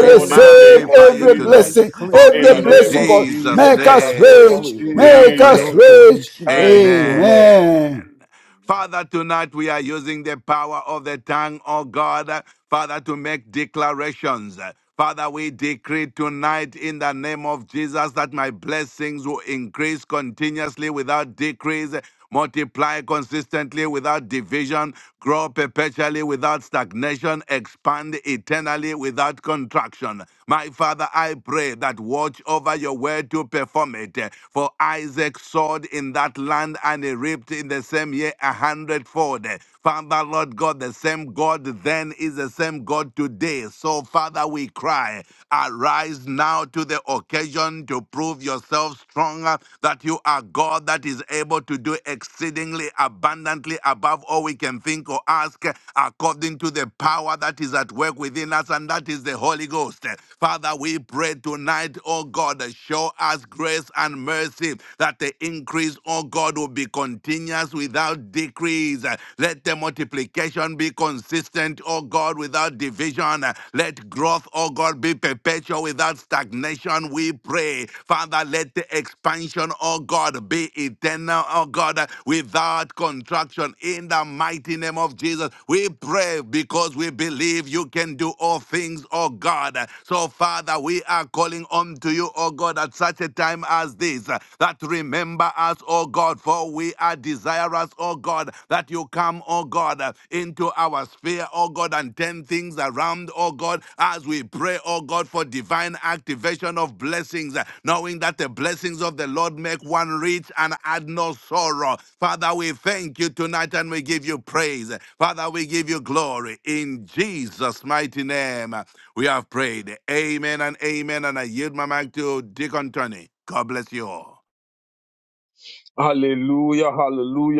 Speaker 6: the
Speaker 7: Lord, in
Speaker 6: name of
Speaker 7: the
Speaker 6: Jesus
Speaker 7: name
Speaker 6: Christ.
Speaker 7: of
Speaker 4: magnify you
Speaker 3: every
Speaker 6: Yes, Lord,
Speaker 7: Jesus.
Speaker 6: I
Speaker 4: tonight.
Speaker 3: blessing,
Speaker 6: declare
Speaker 4: For
Speaker 7: In
Speaker 3: every
Speaker 7: the
Speaker 6: it
Speaker 4: in
Speaker 6: is
Speaker 7: name
Speaker 6: in the
Speaker 3: blessing,
Speaker 7: of
Speaker 6: name of
Speaker 3: God.
Speaker 4: Jesus'
Speaker 6: Jesus
Speaker 7: Jesus.
Speaker 3: Make
Speaker 7: In
Speaker 6: Christ.
Speaker 7: the
Speaker 3: us
Speaker 6: I
Speaker 7: name of
Speaker 4: name
Speaker 3: rich.
Speaker 6: pray.
Speaker 4: we are
Speaker 3: Make
Speaker 6: Yes,
Speaker 3: us
Speaker 7: Jesus.
Speaker 6: Lord
Speaker 4: prayed.
Speaker 6: God, in
Speaker 3: rich.
Speaker 6: Jesus' name.
Speaker 7: Thank you,
Speaker 6: Amen.
Speaker 7: Lord.
Speaker 4: Amen.
Speaker 3: Amen.
Speaker 4: Father, tonight we are using the power of the tongue, oh God, Father, to make declarations. Father, we decree tonight in the name of Jesus that my blessings will increase continuously without decrease multiply consistently without division, grow perpetually without stagnation, expand eternally without contraction. My Father, I pray that watch over your word to perform it. For Isaac sowed in that land and he reaped in the same year a hundredfold. Father, Lord God, the same God then is the same God today. So, Father, we cry, arise now to the occasion to prove yourself stronger, that you are God that is able to do exceedingly abundantly above all we can think or ask, according to the power that is at work within us, and that is the Holy Ghost. Father, we pray tonight, oh God, show us grace and mercy that the increase, oh God, will be continuous without decrease. Uh, Let the multiplication be consistent, oh God, without division. Uh, Let growth, oh God, be perpetual without stagnation. We pray, Father, let the expansion, oh God, be eternal, oh God, uh, without contraction. In the mighty name of Jesus, we pray because we believe you can do all things, oh God. So, Father, we are calling on to you, oh oh God, at such a time as this, uh, that remember us, oh God, for we are desirous, oh God, that you come, oh God, uh, into our sphere, oh God, and turn things around, oh God, as we pray, oh God, for divine activation of blessings, uh, knowing that the blessings of the Lord make one rich and add no sorrow. Father, we thank you tonight and we give you praise. Father, we give you glory in Jesus' mighty name. We have prayed. Amen and amen. And I yield my mic to Deacon Tony. God bless you all.
Speaker 7: Amen. Hallelujah.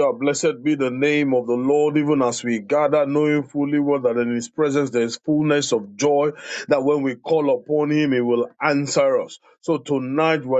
Speaker 7: hallelujah. Blessed be the name of the Lord, even as we gather, knowing fully well that in His presence there is fullness of joy, that when we call upon Him, He will answer us. So tonight we're